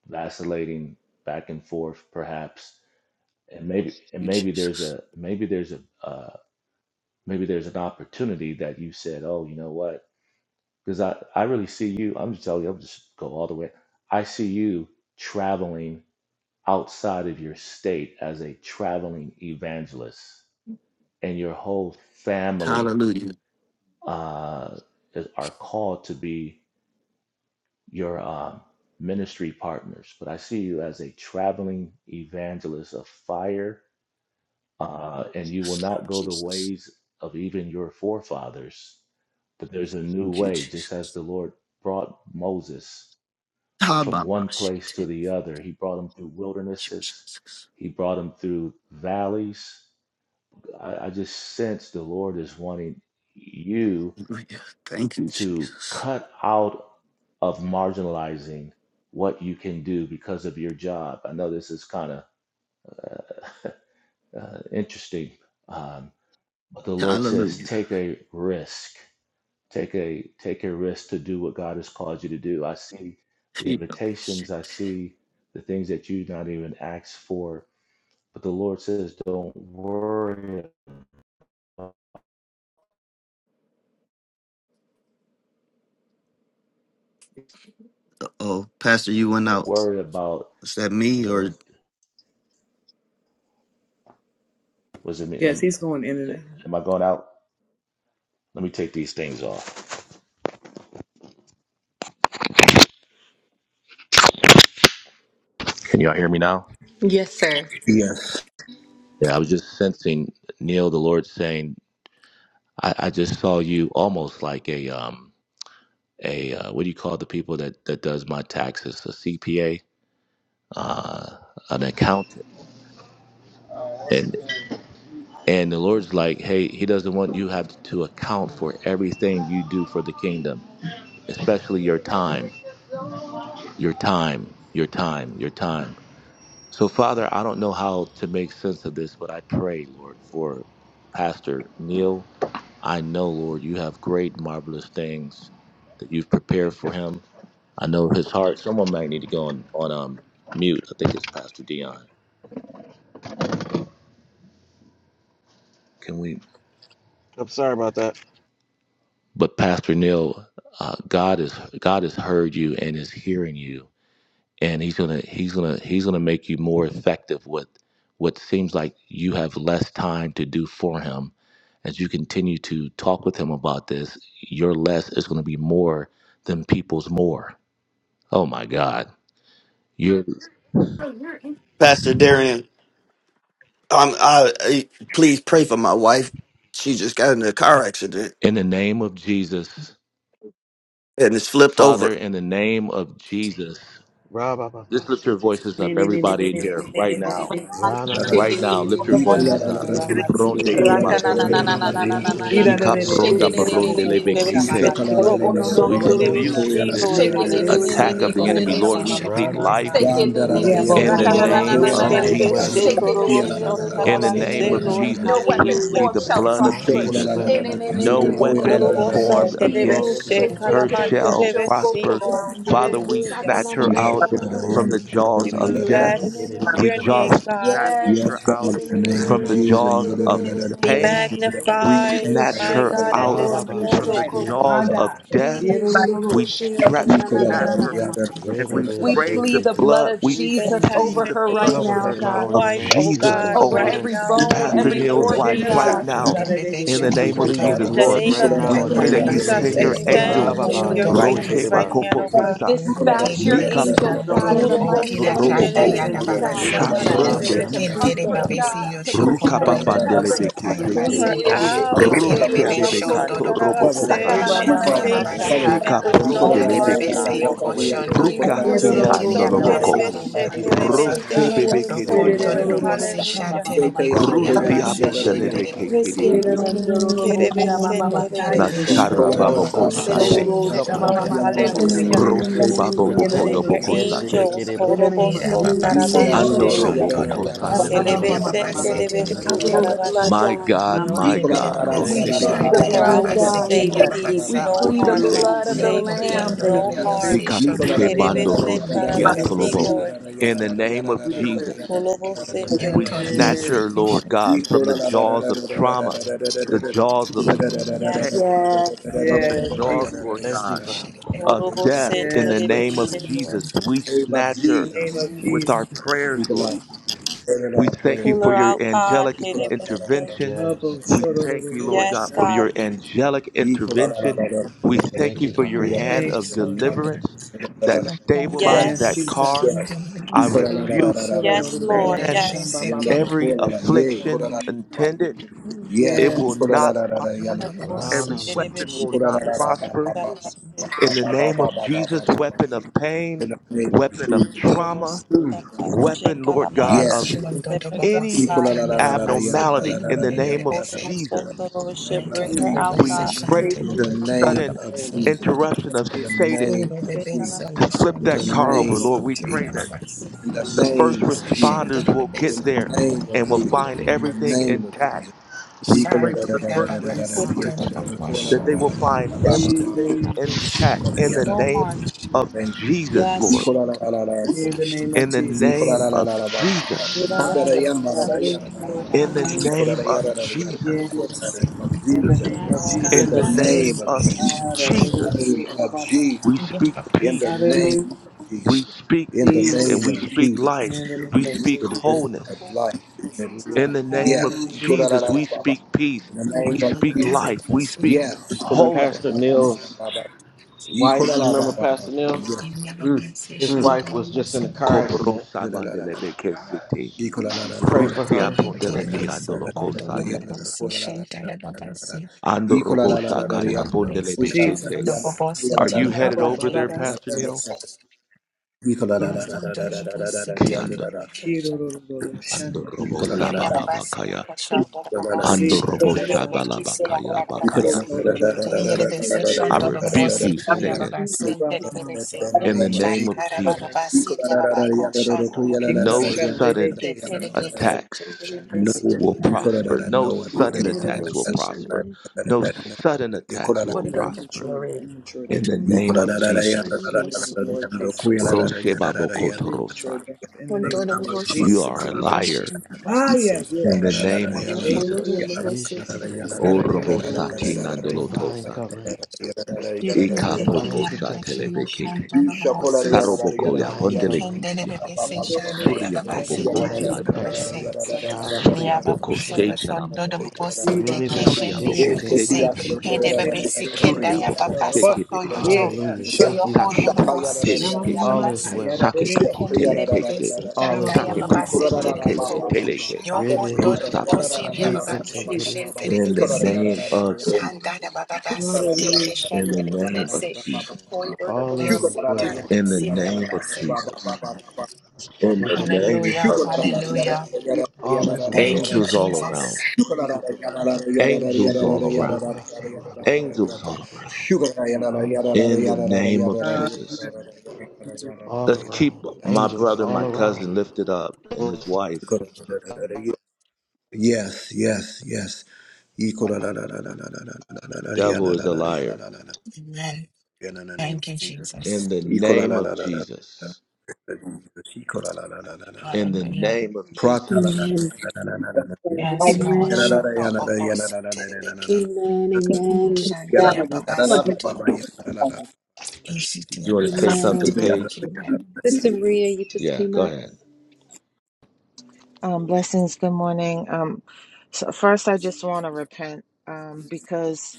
I: vacillating back and forth, perhaps. and maybe and
G: you,
I: maybe there's
G: Jesus.
I: a maybe there's a uh, maybe there's an opportunity that you said oh you know what because i i really see you i'm just telling you i'm just go all the way i see you traveling outside of your state as a traveling evangelist and your whole family
G: Hallelujah.
I: uh is- are called to be your um ministry partners but i see you as a traveling evangelist of fire uh, and you will not go the
G: Jesus.
I: ways of even your forefathers. But there's a new
G: Thank you,
I: way,
G: Jesus.
I: just as the Lord brought Moses
G: Ah,
I: from
G: bah, bah,
I: one
G: shit.
I: place to
G: Thank
I: the other. He brought him through
G: you,
I: wildernesses,
G: Jesus.
I: he brought him through valleys. I, I just sense the Lord is wanting you
G: Hallelujah. Thank you,
I: to
G: Jesus.
I: cut out of marginalizing what you can do because of your job. I know this is kind of uh, uh, interesting, um, But the Lord says,
G: Hallelujah.
I: take a risk. Take a take a risk to do what God has called you to do. I see the invitations. I see the things that you not even asked for. But the Lord says, don't worry. About,
G: Oh, Pastor, you went
I: don't
G: out.
I: worry about
G: Is that me or
I: those. Was it me?
E: Yes,
I: Am,
E: he's going in and out.
I: am I going out? Let me take these things off. Can y'all hear me now?
A: Yes, sir.
I: Yeah, I was just sensing Neil, the Lord saying, I, I just saw you almost like a um a uh, what do you call the people that that does my taxes a cpa uh an accountant and
C: the
I: and the lord's like hey he doesn't want you have to account for everything you do for the kingdom especially your time your time your time your time so father i don't know how to make sense of this but i pray lord for pastor neil i know lord you have great marvelous things that you've prepared for him I know his heart. Someone might need to go on on um, mute. I think it's Pastor Dion. Can we?
C: I'm sorry about that.
I: But Pastor Neil, uh, God is God has heard you and is hearing you, and he's gonna he's gonna he's gonna make you more effective with what seems like you have less time to do for him. As you continue to talk with him about this, your less is going to be more than people's more. Oh my God! You're
G: Pastor Darian? Um, I, I please pray for my wife. She just got in a car accident
I: in the name of Jesus,
G: and it's flipped over.
I: Father. In the name of Jesus.
C: Ra ba ba
I: Just
C: ba,
I: lift
C: she
I: your
C: take it,
I: voices
C: she take
I: up,
A: Raka
C: it.
I: everybody in here, right now.
C: Ra na na ba
I: Right
C: ba
I: now,
C: ba
I: lift
C: ba,
I: your
C: she
I: voices
C: take
I: up.
C: it ba.
I: Bronde ke
A: na na na
C: Re
I: basonde.
A: na
C: be
A: na
C: be
A: na na na na
C: she
A: na.
C: take
I: Shika
C: it ba.
A: Shake it,
I: pronda
A: ne ne ne
I: baronde
A: ne ne
I: lebe
A: ne
I: ke
A: ne
B: Korobo
A: ne ne
I: se.
B: son,
A: ne. Roko no no
I: We
A: no no
C: She
A: no
C: take
A: no.
I: rebuke
C: it
I: this
B: Lord,
A: Shake it, ne ne ne
B: hallelujah.
A: ne
I: attack
A: ne
I: of
A: ne
J: Baba
I: the enemy.
A: ne ne ne
I: Lord,
J: Bosi
I: we
A: ne.
C: Ra
I: speak
C: na
J: Shetelibet
C: ma ma
I: life
A: Shake
C: ma
A: it, ne, ne,
E: Yeah,
A: ne,
C: ma.
A: ne,
J: Besi.
I: in the
A: raka, na, na,
B: Kiraba
A: na,
I: name
A: na,
B: sen,
A: na,
I: of
J: Yoshan
C: All
A: na.
C: is
B: terebe
C: well.
B: se,
J: Dababasi
I: Jesus.
A: Shake it, ne, ne,
J: Koyashan and Baba
A: ne, ne,
I: In
C: All
A: ne,
I: the
A: ne,
J: Bosi
C: is
I: name
A: ne, ne,
E: Yeah,
I: of
C: well.
A: ne,
J: Tilibet.
B: Lord,
A: ne, ne.
I: Jesus,
A: No
I: we
A: weapon
J: And
B: hallelujah.
I: plead
J: Baba
A: formed
I: the
A: shall
I: blood
J: Besi
I: of
C: All
A: prosper.
C: is
F: Ishokola la
J: Koyashan
I: Jesus.
F: la
J: de
A: Ne,
F: la
C: well.
F: la
A: ne, ne, ne,
F: yanda
J: Ababasi
I: No
A: ne,
F: da
A: ne,
F: koya
A: ne,
J: Tilibet.
F: la
A: ne,
F: la
I: weapon
A: ne,
F: la la
A: ne.
C: Yes,
F: la
C: we
B: Kurubosan
I: formed
F: yanda
J: And
F: da
C: speak
J: we
A: Irio,
J: get
C: all
I: against
C: is
J: the
B: terebeshe
C: well.
A: shake it,
I: her
J: question the
B: kalaman
A: trevio,
I: shall
J: Bobiness.
B: terebesi,
A: shokoto.
I: prosper.
B: Lord.
J: And
I: Father, we
B: Hallelujah.
A: Saka, na,
I: snatch
J: Babasi
A: na,
I: her
A: na,
J: Shan.
A: na,
I: out
C: Yes,
A: na, na,
F: Ishokola
C: God,
A: na.
F: la
I: from
C: all
F: yanda
I: the
C: is
F: da
C: well.
B: We
I: jaws
F: koya la
I: of
F: la
A: Ike,
F: la
C: She
F: la.
A: ne,
I: death.
C: take
A: ne,
B: bless
C: it
A: ne, ne,
I: We
B: your
A: ne, ne,
I: jaw
B: name,
A: ne.
B: God.
E: Lord,
I: snatch her
F: Yes,
A: Yes. Ne,
I: out
F: Father,
A: ne, ne,
F: in the
A: ne,
F: name
C: Ra
F: of
A: ne,
I: from
A: ne,
C: na
I: the
A: ne,
C: na ma
F: Jesus.
A: ne,
C: ma
A: ne,
C: ma
I: jaws
F: you, la
A: ne,
C: ma.
F: la
I: of
A: ne,
F: la la
A: ne,
F: la
A: ne.
B: Be
I: pain.
E: we
I: We
E: thank you
B: magnified,
E: that
A: Irio,
F: la
E: your
I: snatch
F: la la
B: my
A: shake
I: her
E: angels are
A: it,
B: God, at
E: round
I: out
C: Ra
E: about
B: this
C: ba ba
A: trevio,
F: la.
E: even
C: ba,
I: from the
B: moment
E: right
C: she
E: now.
A: shokoto.
C: take
I: jaws
C: it.
I: of death.
A: Irio, shake
I: We
A: it,
E: Yerorororosha.
A: trevio, na,
I: stra-
A: na, na,
F: Ikola
A: na,
F: la
A: na,
I: snap
F: la
A: na.
I: her
F: yanda da koya
I: and
C: Re be
I: we
C: be,
F: la
A: We
C: she
I: break the
A: plead
E: Yekerobomamasisherororosha.
C: take
A: the
C: it.
A: blood
I: blood.
A: of
E: Lord,
I: We
E: we
B: when
A: Jesus
E: thank you,
A: over
E: Lord.
I: plead
B: Pastor
I: the
A: her
I: blood
A: right
C: Cover
B: Neil's
F: la la
A: now,
C: her
F: la
A: God.
C: now in the
I: of
B: wife,
C: name of
B: oh
F: la.
I: Jesus
B: God,
C: Jesus.
A: over
E: Hallelujah.
I: over
B: right
A: every
C: Yes.
B: now in
A: bone,
B: the
I: Pastor
B: name
A: every
B: of
I: Neil's
A: organ,
I: wife right
A: God.
E: Yerorororosha,
B: Jesus.
I: now
E: da,
C: Rob.
E: da, da, da,
J: Rebebe
E: da,
I: in
E: da.
J: show
E: Her
I: the
J: your
C: We
I: name of
C: plead
J: koto
C: the
J: de
B: In
E: body
I: Jesus,
B: the
E: right now,
J: bosi
I: Lord.
C: blood
B: name
E: in the
C: right
B: of
E: name of
I: We
J: shanda
C: now
E: the
C: in the
J: ya
I: pray
E: Lord
I: that
C: name
J: baba
I: you
C: of
B: Jesus,
E: Jesus.
I: send
J: sente
I: your
C: Jesus.
J: rebe koyo
B: extend
I: angels.
C: Rababa,
B: your
J: shoto de
E: Hasarorosha, da,
C: siti,
E: da,
I: Roshe
B: righteous
J: bosi.
E: da,
B: right
C: kiriba,
E: da, da,
B: hand,
E: da.
B: oh God.
I: bakopotesa,
J: Yeho
E: We
A: Dispatch
J: the
A: your
E: thank
I: Mika
J: besi
A: angels,
J: ya to
A: God,
J: de
A: in the
I: prutikisia
A: mighty
J: boki da
A: name
B: Kurobosan
A: of
J: shanda
I: toroboko,
B: terebeshe
J: ya
A: Jesus,
J: da
E: you
J: baba
E: that
A: God,
E: we
A: to
J: say
B: kalaman
E: dispatch
J: Yo
E: our
I: Shapronde
A: minister,
C: ramana.
A: to
E: angels
J: sheken
E: round
B: terebesi,
J: tere
A: comfort,
E: about,
B: Lord.
J: bebe
I: misikiti,
E: oh
J: si
E: God,
A: God,
J: yo
A: to
E: to
J: shokondo
A: protect,
J: yo
A: to
E: protect her
A: cover.
E: right
J: bobosi
E: now.
J: ta
I: Rukababandelebeke
E: In
J: ya
E: the name
B: Pull
E: of the
I: sete,
B: her
J: base.
C: Yes,
E: Lord
C: all
E: Jesus.
C: is
B: out,
J: Ye
E: Ah,
C: well.
E: ah,
J: kere
E: ah,
F: Cover
I: Rose
F: her.
J: bebe
E: oh, do, do, do, do,
J: shondo de
I: bebekato
E: ah.
F: Cover
I: roboko
J: bobosi
F: her.
E: Eh,
B: Hirabasandarabaste,
J: ta
I: sande,
E: ba,
B: in
F: You
E: ba,
J: shenta
E: ma,
F: cover
J: ya
E: ma,
F: her.
J: baba
E: sha,
F: Cover
J: se.
B: safety
E: ka,
C: Yes,
F: her.
E: da,
B: and
I: Sheka
E: da,
B: with
C: no
E: da,
F: You
E: da,
F: put
B: no
E: da,
C: scars.
J: Iya
E: bo,
B: harm,
E: sha,
J: rebebe
I: prondelebeke
E: da,
J: se
E: da,
B: God.
I: se,
J: yo
E: da,
C: Walk
E: da,
C: away.
E: dee.
J: koshondo yo
E: Eh, da
J: bobose
E: da da.
I: Rukasita
J: tiri
E: do,
C: Yes,
J: ya
E: sha, ma,
J: baba
E: ma,
J: se
I: noloboko,
E: ma, ma,
C: hallelujah.
E: sha,
C: Thank
J: kendere
C: you,
E: ya, da,
J: bebe
E: da,
C: Father.
E: da,
J: se.
E: sha.
I: Rose bebeke
B: Hurobosanterebeshekerementeroboso,
E: Be, da da
J: Prokonto
B: Lord,
E: da.
J: de
E: do, do, do,
J: Robosi
I: de
E: sha, ma,
B: hallelujah.
E: ma,
J: Shante
E: ma,
J: de
E: ma, sha,
J: Bekiria
E: ya, da,
I: Rusti
E: da,
C: Ribi,
E: da,
J: Babase
E: da,
I: apo
C: shiti,
E: da.
J: Shende de
C: kiriba.
I: delebeke
J: Bebese.
I: kididi.
E: Yeranandorobo Shama Mama
J: Bokere
E: Kaya
J: be
E: Rerese.
I: Nasara
J: Shonto de
C: Lord,
I: babo ko
C: Saba,
J: Bobosi
I: shate.
C: oath,
E: Dororo
J: Shoyo
B: Kerebesenterebeshetolobosanterebeshe,
C: cover,
E: Shama
B: Lord,
J: Kondo de
E: Mama Kaya
J: Bobosi
B: hallelujah.
E: Rerese.
I: Rose
J: Tarabase.
I: babo
E: In the
F: her.
I: boko
E: name
B: Send
C: protect.
E: of
B: your
I: yoboko
C: Yes,
E: Jesus.
C: shiti,
I: shate.
B: angels.
E: In
C: kiriba,
E: the
F: You
C: sa.
E: name of
J: Ira
B: Horoboson
E: Jesus.
J: Babase
F: Nicola.
E: Hey,
F: name
J: Yoko
I: Ando
B: tarabashe.
E: Kororo
I: robo
J: Shonto
E: Shama.
J: de
I: boko
J: Bobosi
C: ramana,
E: Asaba
J: Kiria
I: sandelebeke.
E: Mama
C: mama,
B: Kelebesen
E: Mama
J: Babase
E: Mama
C: siti, kiribu, sa.
J: Terebeke.
E: Dororo.
I: My God,
J: Yo
E: Mama
I: my
E: Rerese.
J: Hete de
I: God,
A: We
C: Thank
J: Bese
C: you,
B: to
A: plead the
J: Shanta
C: Father.
B: pull
I: Rosebekete,
B: her out
A: blood,
B: with
E: Jesus,
J: Yababase Kiria
E: Jesus,
I: Rush
B: safety,
E: Jesus,
A: We
J: Babase.
B: no
E: Abba.
A: plead the
B: harm,
I: Otese,
E: Dororo
B: God.
A: blood of
E: Shama.
A: the
J: Yo
B: Safety,
A: Lamb.
J: Hokondo de
B: no
E: Safety,
B: harm.
J: Bobosi
E: safety,
I: Likapo
E: safety.
J: Shonto de
I: Shebando
B: Terebesen
J: Bobosi
I: Rosiki
E: In the name of
B: tarabasi,
I: Atolobo.
J: Terebese.
E: Jesus,
B: Lord.
I: In the name of
E: we declare safety.
I: Jesus,
C: In
B: Holobosen
C: the
J: Yo
C: name
I: we
C: of
J: Toro
B: terebesen.
I: snatch
E: Yes,
J: Bosi
I: her,
C: Jesus.
E: Lord.
I: Lord
J: Kishan.
I: God, from the jaws of trauma,
C: Yes.
I: the jaws of pain,
B: Yes.
A: Yes.
I: from the
E: yes,
I: jaws, Lord
E: Jesus.
C: Thank you,
I: God
C: Father.
I: of death
B: Holobosen
I: in the
E: Yes, Lord
I: name of
E: God.
B: terebeshe, Lord.
I: Jesus. We
F: of
I: snatch
E: In
I: her
E: the name
F: Jesus.
E: of
I: with our
E: Jesus.
I: prayers,
F: Speak a
I: Lord.
F: life.
I: We
F: Prayer,
I: thank you
B: Pull
F: prayer.
I: for
B: her
I: your
B: out, God.
I: angelic
B: Terebesen.
I: intervention.
E: Abba,
C: Yes.
I: We thank you,
E: shodorororo,
I: Lord
B: Yes,
I: God, for
B: God.
I: your
E: shanda.
I: angelic intervention. We thank
C: Thank
I: you
C: you,
I: for
C: Father.
I: your hand
E: Thank
I: of
E: you, Lord.
I: deliverance that
F: Yeah,
I: stabilized
E: Yes,
I: that
B: Yes.
F: yes.
I: car.
E: Jesus.
F: Yes.
I: I
F: In
C: Ba, ba, ba,
E: Abba,
C: ba,
I: rebuke and
C: ba.
B: Yes, Lord.
E: shodorororo,
I: command
E: shamba,
B: Yes.
E: ba, ba, ba,
I: every
E: ba, sa, ta, da, da, da,
I: affliction
E: da.
I: intended. It
C: Yeah.
I: will
E: Yes, yes.
I: not prosper.
C: Ra,
B: Holobosen
I: Every
C: na, na, na.
I: weapon will
B: terebeshe,
I: not
B: kerebesen
I: prosper
B: tarabasi.
I: in the name
B: Hallelujah.
I: of Jesus, weapon of pain,
F: the name of
I: weapon of
F: Jesus.
I: trauma,
B: Holobosen tarabashe,
I: weapon, Lord God,
B: kalamante
J: Yes,
I: of
F: Yes.
J: Shimon
E: Hallelujah.
J: Dodo
B: terebesen.
J: Bobo
B: Ground,
I: any
F: Equal,
B: God.
F: la,
J: Sitan,
F: la, la, la, la, ya,
J: Yababase,
F: la, la,
I: abnormality,
F: la,
I: in
F: la,
J: Kayun,
I: the
F: la,
J: Dede
F: ya,
I: name of
B: Holy
F: la, la, la,
J: Bese,
B: Ghost
F: la, la.
B: and the
I: Jesus,
B: Lord
F: In the
B: should
J: Yon
F: name
E: We're
F: of
B: bring
J: Todo
E: in
B: her
J: Bobo
B: out,
F: Jesus.
I: we
B: God.
E: agreement with
J: Sishan,
E: God.
B: Safety
I: break
F: In
J: Tebe
I: the
B: in
F: the
B: the home.
F: name
I: sudden
E: We're
F: of
E: in
J: Biki,
E: agreement with God. In the
F: Jesus.
E: name
I: interruption
E: of
I: of
F: In
E: Jesus.
F: the
I: Satan
B: Holy
F: name
J: Todo
B: Ghost
J: de
B: and
F: of Jesus.
J: beso,
B: the
I: to
J: yo
I: flip
J: son
F: In
B: Lord
J: todo
F: the
I: that
B: should
J: de
I: car
B: bring
I: over.
F: name
I: Lord,
E: Jesus.
J: paso,
F: of
I: we
J: que me
B: her out,
I: pray
F: Jesus.
B: God.
I: that
J: amas.
F: In the
I: the
B: Safety in
I: first
B: the
F: name of
J: Se
F: Jesus.
J: siente
B: home.
I: responders
J: de
I: will
F: In
I: get
J: beso,
F: the
J: que
I: there
J: me
F: name
J: pone
F: of
I: and
J: la
I: will
F: Jesus.
I: find
J: libre.
F: In the
I: everything
F: name of
I: intact.
F: Jesus.
I: We
F: Equal, la,
I: pray
F: la,
I: for
J: Santa
F: la,
J: de
I: the
F: la, la,
I: first
F: la,
J: gabata,
F: la, la,
B: Holy
E: Yes,
J: si
F: la, ya,
E: God.
J: todo
F: la,
B: Ghost
I: responders
J: de
B: and the
F: la,
J: paso.
F: la,
I: that they
F: la,
I: will
F: la, la, la, la,
I: find
F: la,
B: Lord
F: ba, ba,
B: should
F: ba, ba,
B: bring her
I: everything
B: out, God. safety
E: Jesus,
I: intact
F: ba, la,
I: in
B: in
F: ya,
B: the home.
I: the
E: Jesus.
F: la,
B: No
I: name
B: harm.
I: of
F: la, la.
I: Jesus,
B: Yes, God.
I: Lord.
F: Equal, la, la, la, la, la.
E: In the name of
I: In the
F: Ikora
I: name
F: la
E: Jesus.
F: la
I: of
F: la la ba ba ba.
B: Whatever
I: Jesus.
F: Sambara
B: God,
E: Ado,
F: ya mara la ya
E: shodorororo,
F: la la
B: whatever,
F: la
B: Lord.
E: shamba,
F: ba
E: ba,
F: ba
I: In
E: ba,
F: ba.
I: the
E: ba,
B: Hallelujah.
E: sa.
F: Ikora la
I: name
F: ya
I: of
F: la la la ya la ba ba
E: Yes.
I: Jesus.
F: ba. Of
E: In the
F: Jesus.
E: name of
B: Yes,
J: Yo,
B: God.
F: In
I: In
F: the
I: the
J: todo
E: Jesus.
B: Yes.
I: name
F: name of
I: of
F: Jesus.
E: Hallelujah.
F: Name
I: Jesus.
F: of Jesus.
I: We speak
F: In the
I: peace.
E: Hallelujah.
F: name of Jesus.
I: We speak
F: In the
I: peace and
F: name
E: Peace.
I: we
F: of
I: speak
F: Jesus.
E: In
I: life.
E: the
I: We
E: name of
I: speak
F: for the
E: Jesus.
F: benefit Of
I: wholeness.
F: life. In
I: In
F: life.
I: the name
F: Yes.
I: of
E: Hallelujah.
F: ikora la
I: Jesus,
F: la la
I: we
F: ba ba.
I: speak peace.
F: In the
E: In
F: name
E: the
I: We
F: of
I: speak
E: name of
F: Jesus.
I: life. We
E: Jesus.
I: speak
J: de
F: Yes. ikora la la
C: Pastor
I: wholeness.
F: la
J: paso,
C: Neil's
F: ba ba ba. Ikora
C: wife, you
F: la ba
C: remember
F: ba ba.
C: Pastor Neil?
F: Yes.
J: In
C: His
J: Yababasation, the
C: wife was just in a
J: Lomosin,
C: car
I: Kopro
C: accident.
F: Mm.
I: sabandele beke
F: In
C: Pray
F: the
C: for
J: a
I: Rustia
C: her.
I: pondele
C: Pray.
I: mi
J: hated so
I: andolo
J: Pondo, the
I: kosande.
J: Bobosi, Shanta Yababasi,
I: Andorobo
J: and to the
I: shakaya
J: little base,
I: pondele beke
J: Shon, the
E: Jesus.
J: Bobosi,
I: Are you headed
E: Abo
I: over
J: Tiliabaki,
E: baba
I: there, Pastor
E: basara.
I: Neil?
J: Besses,
E: Oro.
J: Yastan, the Bobosi,
I: Kianda.
J: Telegram,
E: Kiro ro ro ro shanda ra ra
I: Andorobo
E: ki.
J: Yariyababasi
I: sabababakaya.
D: keep
J: koshandorobobosi
E: Jesus.
I: Andorobo
E: Sasa baba.
J: shitenebebekisi
I: shabalabakaya
E: Baba
I: bakaya
J: yakarababasi
E: koto ro ro
I: bulebe.
E: ro ro kira
J: teyerebese
E: re re re
I: I
E: re re se.
I: rebuke
J: shondorobobosi
I: you, Satan,
J: kiriyababasi
E: Iba mama
J: nterebese
E: baba
I: in
E: baba
I: the
F: name of
I: name
F: Jesus.
E: kosha
I: of
E: ra ra ra.
J: shakarababasi
I: Jesus.
J: yababako
E: Kiku
J: shondoyobose
I: No
E: shara re re
I: sudden
E: te sa.
J: heterebeke
I: attacks
F: No
J: chenderebese
I: will
F: weapon.
I: prosper.
J: shibabase
F: Ikorarara,
I: No
F: No weapon.
I: sudden
F: Ikorarara,
I: attacks will
J: yerebese
I: prosper. No
J: shondorobobosi
I: sudden attacks
F: Ikorarara,
I: will
E: no
J: The
I: prosper.
E: immature,
J: glory
E: immature
I: In the
E: death.
I: name of
J: utunobobobobo
F: Ikorarara,
E: In
I: Jesus.
E: the name
J: shondorobobosi
E: of the Lord Jesus.
J: yerebese
E: No premature
I: Roshebabokotorosa.
E: death. In the name
J: Ontoro
E: of the Lord
J: bosi
I: You are
E: Jesus.
I: a
J: sikiribeshe
I: liar.
E: Ah, yeah. yeah,
I: In
E: oh,
I: the name
E: ah,
I: of
J: Yohondo
I: Jesus.
C: You
J: Yobobosi
C: should think it is
J: Kedese
E: In the
J: Kindo
E: name of the Lord
I: Orobosaki
J: Yobobosi
E: Jesus.
C: divine
I: nandolotosande.
C: covering,
J: Yeterebe Kiri
C: divine
J: Yababasi
C: protection,
I: Ikapoposatelebekete.
J: Yoshonto Yobobosi
I: Sarobokoya
C: divine covering,
J: Yekende
I: pondelekisia.
J: Yababasi Shanda
I: Surya
J: Yababasi Tiki
I: popokoshi
C: divine protection.
J: Yababasi
I: atarayande.
C: Ra, na, na, ma,
I: Surya
C: ma,
J: Yaba
C: ma,
J: so
C: si.
I: bokoshe
J: your shon dodo
I: telamokoto.
J: bosi
C: Ribi,
J: take
C: bibi,
J: shen
I: Surya
C: shi,
J: de
C: te,
I: Boko
C: ki, ri,
I: Sheke
J: yebebese he de
I: Teribiki.
J: bebesi kenda
I: Surya
J: ya
I: Boko
J: baba so
I: Sheke
J: to your
E: Yeah,
J: show
I: Bedekese.
E: ah,
C: Hallelujah.
J: so
C: Thank
J: your
C: you,
J: whole
I: Sake
C: Father.
J: dodo
I: Puka
J: bosi
I: Tele
J: shili ya
I: Keshe.
C: All
J: baba
C: is
J: se
C: well.
I: Sake
J: she
I: Puko
J: kende
I: Tele
J: de
I: Keshe.
J: bebesi
C: All
J: shanta
C: is
J: ya
I: Sake
J: baba
C: well.
I: Puko
J: se
I: Tolo Keshe Teleke.
J: Yo voy
C: Ribi,
J: todo
I: Rusa
J: bobo
I: Poka
J: sivia
C: shi,
E: Jesus,
C: te,
J: baba
I: Nanda.
J: que ye
C: ki,
E: Jesus,
C: ri,
J: shente de
E: Jesus,
I: In the
E: Jesus.
J: bebese.
I: name of
F: Yeah.
I: Jesus.
J: Shanda da baba basi te
E: Hallelujah.
J: que
E: Thank
I: In
J: shente
I: the
J: de
E: you,
I: name of
J: bebese.
I: Jesus.
J: Hoy todo
C: All
J: bobo
C: is
E: God.
J: si
E: We
J: tada
C: well.
E: thank
I: In the
E: you, Lord.
J: basivia
I: name
J: baba
I: of
J: se.
I: Jesus. In the
C: Shete kere
I: name
J: Hallelujah,
I: of
C: basa.
I: Jesus.
J: hallelujah.
C: All is
J: Thank you,
C: well.
I: Angels all around.
J: Jesus.
I: Angels
C: Shindele
I: all
C: kere
I: around.
C: basa. Rama mama
I: Angels
C: mama
I: all
C: say.
I: around.
C: All is well.
I: In the name of Jesus.
E: Hallelujah.
C: All
I: Let's
C: around.
I: keep my
C: Angels
I: brother,
C: all
I: my
C: around.
I: cousin lifted up and his wife.
F: Yes, yes, yes. Equal in
I: Devil is a liar.
F: the
J: Amen.
F: name of
J: Thank you,
F: Jesus.
J: Jesus.
I: In the
F: Ikola
I: name
F: la
I: of
F: la la la.
I: Jesus.
F: Ikola
J: Yes,
F: la la la
J: Lord.
F: la la la.
I: In the
J: Hallelujah.
I: name of
F: Prata la la
I: Jesus.
A: Amen.
F: la la la
D: people
F: la
D: in
F: la.
D: the light
J: Yes, Lord.
F: Yala la
A: Amen.
F: la
J: Shoto
F: yala la
J: bobo
F: yala
J: si
F: la la
J: te de
F: la la la la
J: beke.
F: la.
A: Amen. Amen.
D: and keep
J: Shanda
F: Yala
J: ya
D: family.
F: la
J: baba
F: la
D: Lord,
J: so
F: ba ba
J: todo
F: ba yala
J: bobo.
F: la la
D: are
F: la.
I: Did
J: Ishiti ya
I: you want to
J: baba
I: say
J: se te
I: something,
A: Amen.
F: Ikola
J: de
F: yala
I: Paige?
J: beke.
F: la
D: the
F: yala.
A: Sister
D: King.
A: Maria, you just
I: Yeah,
A: came
I: go
A: up.
I: ahead.
K: Um, blessings. Good morning. Um, so first, I just want to repent um, because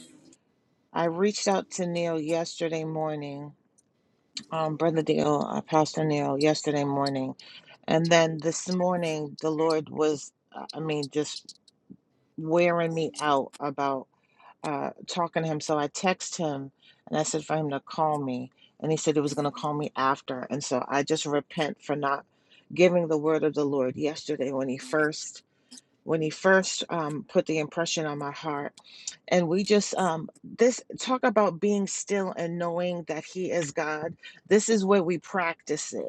K: I reached out to Neil yesterday morning, um, Brother Neil, uh, Pastor Neil, yesterday morning, and then this morning the Lord was, uh, I mean, just wearing me out about uh, talking to him. So I texted him and I said for him to call me, and he said he was going to call me after, and so I just repent for not giving the word of the Lord yesterday when he first when he first um, put the impression on my heart. And we just, um, this talk about being still and knowing that he is God. This is where we practice it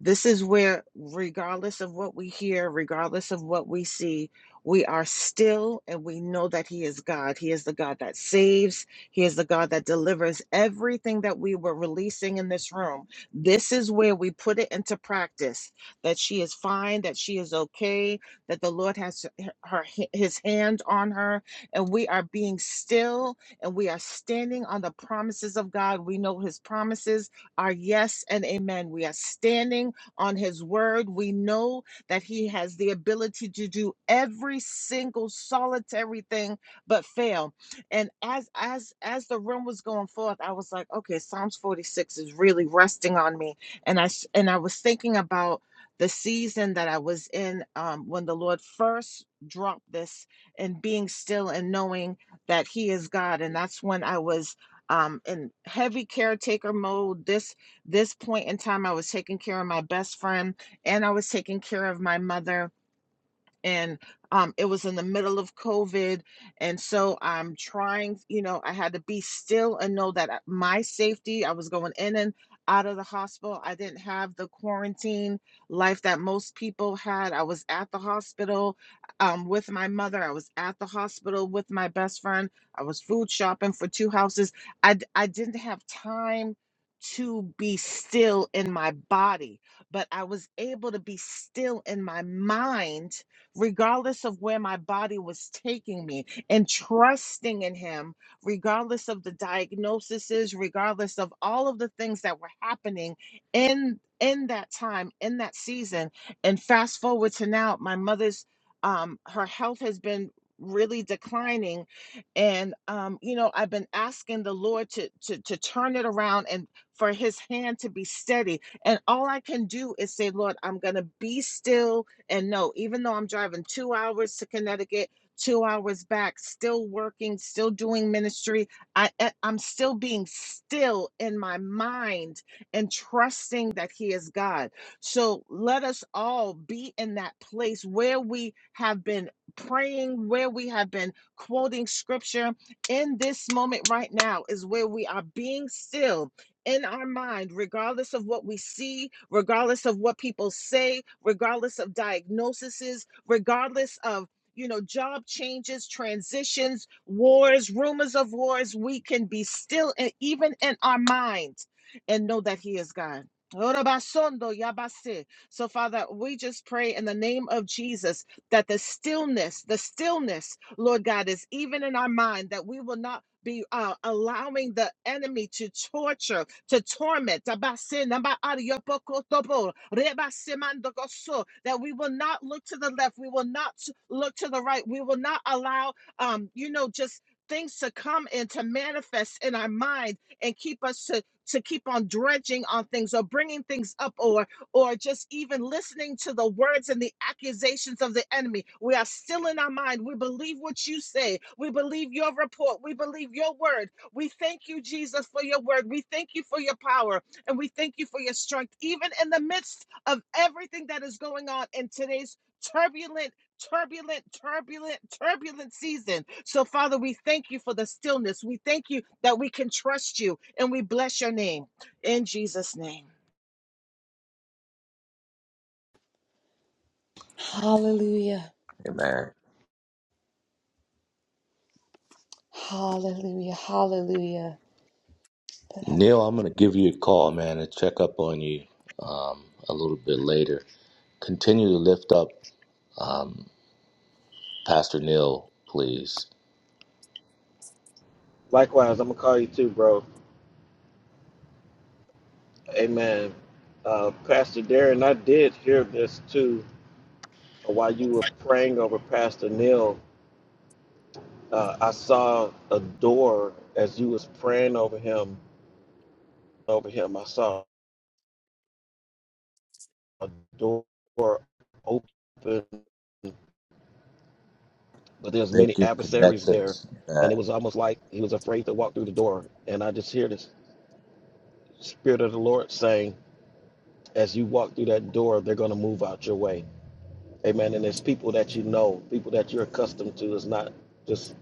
K: this is where, regardless of what we hear, regardless of what we see, we are still and we know that He is God. He is the God that saves, He is the God that delivers everything that we were releasing in this room. This is where we put it into practice that she is fine, that she is okay, that the Lord has her, His hand on her, and we are being still and we are standing on the promises of God. We know His promises are yes and amen. We are standing on his word. We know that he has the ability to do every single solitary thing but fail. And as as as the room was going forth, I was like, okay, Psalms 46 is really resting on me. And I s- and I was thinking about the season that I was in um, when the Lord first dropped this and being still and knowing that he is God. And that's when I was um in heavy caretaker mode this this point in time i was taking care of my best friend and i was taking care of my mother and um, it was in the middle of COVID. And so I'm trying, you know, I had to be still and know that I- my safety, I was going in and out of the hospital. I didn't have the quarantine life that most people had. I was at the hospital um, with my mother. I was at the hospital with my best friend. I was food shopping for two houses. I, d- I didn't have time to be still in my body, but I was able to be still in my mind regardless of where my body was taking me, and trusting in Him, regardless of the diagnoses, regardless of all of the things that were happening in in that time, in that season. And fast forward to now, my mother's um, her health has been really declining, and um, you know I've been asking the Lord to to to turn it around and for His hand to be steady. And all I can do is say, Lord, I'm gonna be still and no, even though I'm driving two hours to Connecticut, two hours back, still working, still doing ministry, I, I- am still being still in my mind and trusting that He is God. So let us all be in that place where we have been praying, where we have been quoting scripture. In this moment right now is where we are being still in our mind, regardless of what we see, regardless of what people say, regardless of diagnoses, regardless of you know job changes transitions wars rumors of wars we can be still and even in our mind, and know that he is god Orobasondo yabase. so father we just pray in the name of jesus that the stillness the stillness lord god is even in our mind that we will not be uh, allowing the enemy to torture, to torment. Abase, namba, ariopokotobo, rebasimandogoso, That we will not look to the left, we will not look to the right, we will not allow, um, you know, just things to come and to manifest in our mind and keep us to to keep on dredging on things or bringing things up or just even listening to the words and the accusations of the enemy. We are still in our mind. We believe what you say. We believe your report. We believe your word. We thank you, Jesus, for your word. We thank you for your power and we thank you for your strength, even in the midst of everything that is going on in today's turbulent. Turbulent, turbulent, turbulent season. So, Father, we thank you for the stillness. We thank you that we can trust you and we bless your name in Jesus' name.
A: Hallelujah.
I: Amen.
A: Hallelujah. Hallelujah.
I: Neil, I'm going to give you a call, man, and check up on you um, a little bit later. Continue to lift up Pastor Neil, please.
C: Likewise, I'm gonna call you too, bro. Amen. Uh, Pastor Darren, I did hear this too uh, while you were praying over Pastor Neil. Uh, I saw a door as you was praying over him. Over him, I saw a door open but there's many
I: Thank your
C: adversaries
I: connection
C: there
I: is
C: and
I: bad.
C: it was almost like he was afraid to walk through the door and i just hear the spirit of the lord saying as you walk through that door they're going to move out your way amen and there's people that you know people that you're accustomed to it's not just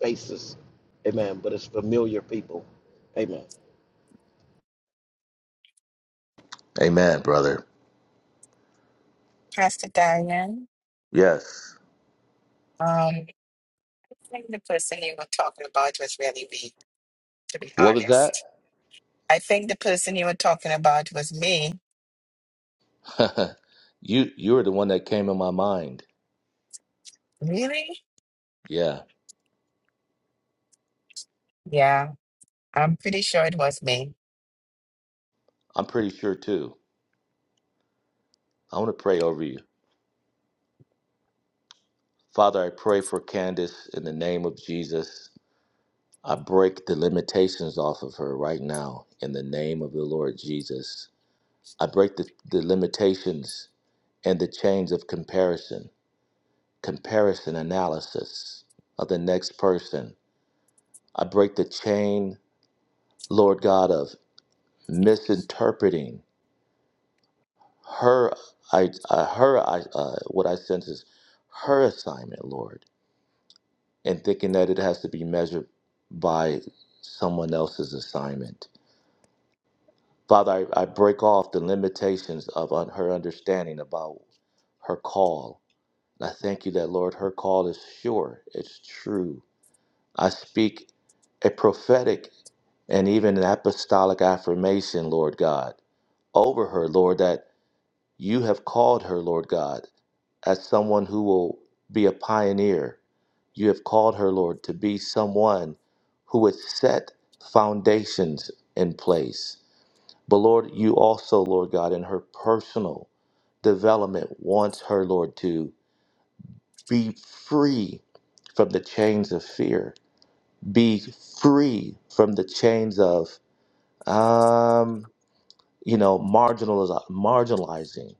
C: faces amen but it's familiar people amen
I: Amen, brother.
J: Pastor Diane.
I: Yes.
J: Um. I think the person you were talking about was really me, to be
I: What was that?
J: honest. I think the person you were talking about was me.
I: [laughs] you you're the one that came in my mind.
J: Really?
I: Yeah,
J: Yeah, I'm pretty sure it was me.
I: I'm pretty sure too. I want to pray over you. Father, I pray for Candace in the name of Jesus. I break the limitations off of her right now in the name of the Lord Jesus. I break the, the limitations and the chains of comparison, comparison analysis of the next person. I break the chain, Lord God, of misinterpreting her I uh, her I uh, what I sense is her assignment, Lord, and thinking that it has to be measured by someone else's assignment. Father, I, I break off the limitations of un- her understanding about her call. And I thank you that, Lord, her call is sure, it's true. I speak a prophetic and even an apostolic affirmation, Lord God, over her, Lord, that you have called her, Lord God as someone who will be a pioneer. You have called her, Lord, to be someone who would set foundations in place. But Lord, you also, Lord God, in her personal development, wants her, Lord, to be free from the chains of fear, be free from the chains of, um, you know, marginaliz- marginalizing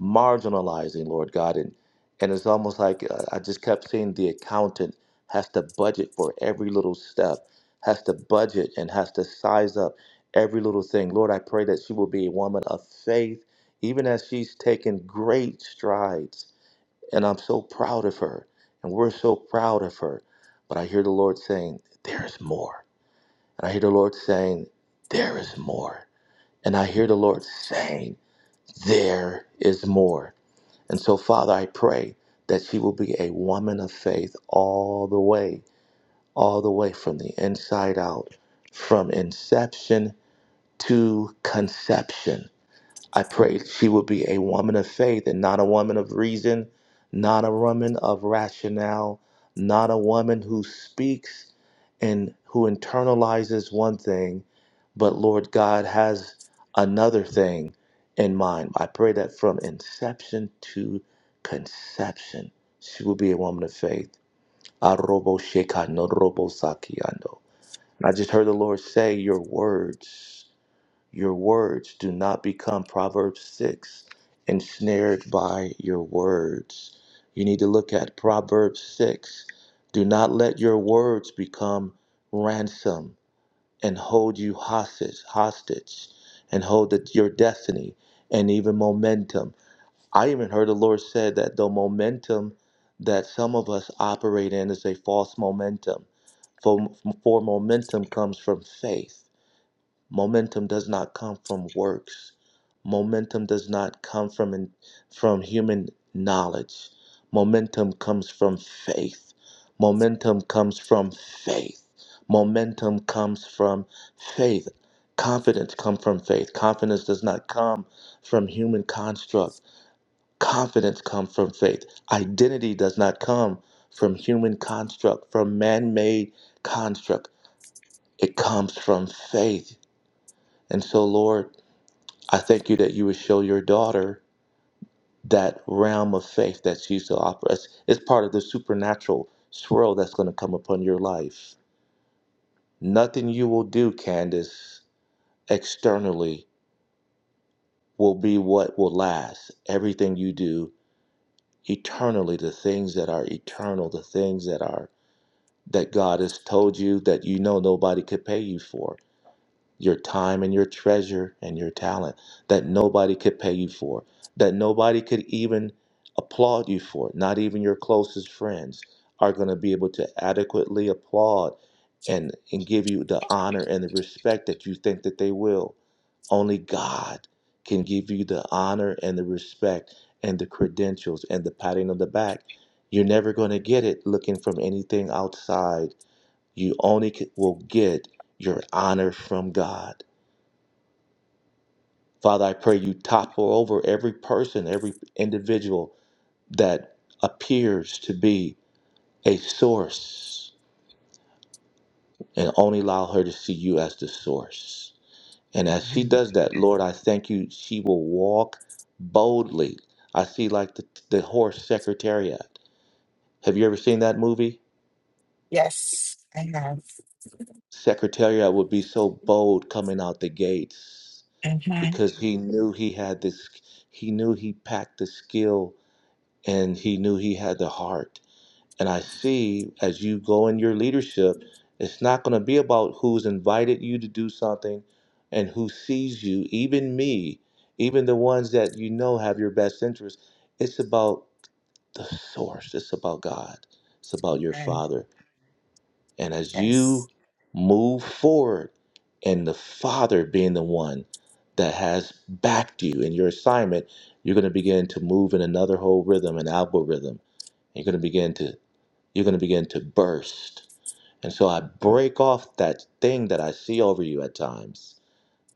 I: marginalizing, Lord God. And, and it's almost like uh, I just kept seeing the accountant has to budget for every little step, has to budget and has to size up every little thing. Lord, I pray that she will be a woman of faith, even as she's taken great strides. And I'm so proud of her, and we're so proud of her. But I hear the Lord saying, There is more. And I hear the Lord saying, There is more. And I hear the Lord saying, There is more. And so, Father, I pray that she will be a woman of faith all the way, all the way from the inside out, from inception to conception. I prayed she would be a woman of faith and not a woman of reason, not a woman of rationale, not a woman who speaks and who internalizes one thing, but Lord God has another thing in mind. I pray that from inception to conception, she will be a woman of faith. Arobo sheka no robo sakiando. And I just heard the Lord say, Your words. Your words do not become, Proverbs 6, ensnared by your words. You need to look at Proverbs 6. Do not let your words become ransom and hold you hostage, hostage and hold the, your destiny and even momentum. I even heard the Lord said that the momentum that some of us operate in is a false momentum. For, for momentum comes from faith Momentum does not come from works. Momentum does not come from from human knowledge. Momentum comes from faith. Momentum comes from faith. Momentum comes from faith. Confidence comes from faith. Confidence does not come from human construct. Confidence comes from faith. Identity does not come from human construct, from man-made construct. It comes from faith. And so, Lord, I thank you that you would show your daughter that realm of faith that she used to offer us. it's part of the supernatural swirl that's going to come upon your life. Nothing you will do, Candace, externally will be what will last. Everything you do eternally, the things that are eternal, the things that are that God has told you that you know nobody could pay you for your time and your treasure and your talent that nobody could pay you for, that nobody could even applaud you for. Not even your closest friends are going to be able to adequately applaud and, and give you the honor and the respect that you think that they will. Only God can give you the honor and the respect and the credentials and the patting on the back. You're never going to get it looking from anything outside you only c- will get your honor from God. Father, I pray you topple over every person, every individual that appears to be a source and only allow her to see you as the source. And as she
J: Mhm.
I: does that, Lord, I thank you, she will walk boldly. I see like the, the horse Secretariat. Have you ever seen that movie?
J: Yes, I have.
I: Secretariat would be so bold coming out the gates.
J: Amen.
I: because he knew he had this he knew he packed the skill and he knew he had the heart and i see as you go in your leadership it's not going to be about who's invited you to do something and who sees you even me even the ones that you know have your best interest it's about the source it's about god it's about your
J: Amen.
I: father and as
J: Yes.
I: you move forward, and the Father being the one that has backed you in your assignment, you're going to begin to move in another whole rhythm, an algorithm. You're going to begin to you're going to begin to burst. And so I break off that thing that I see over you at times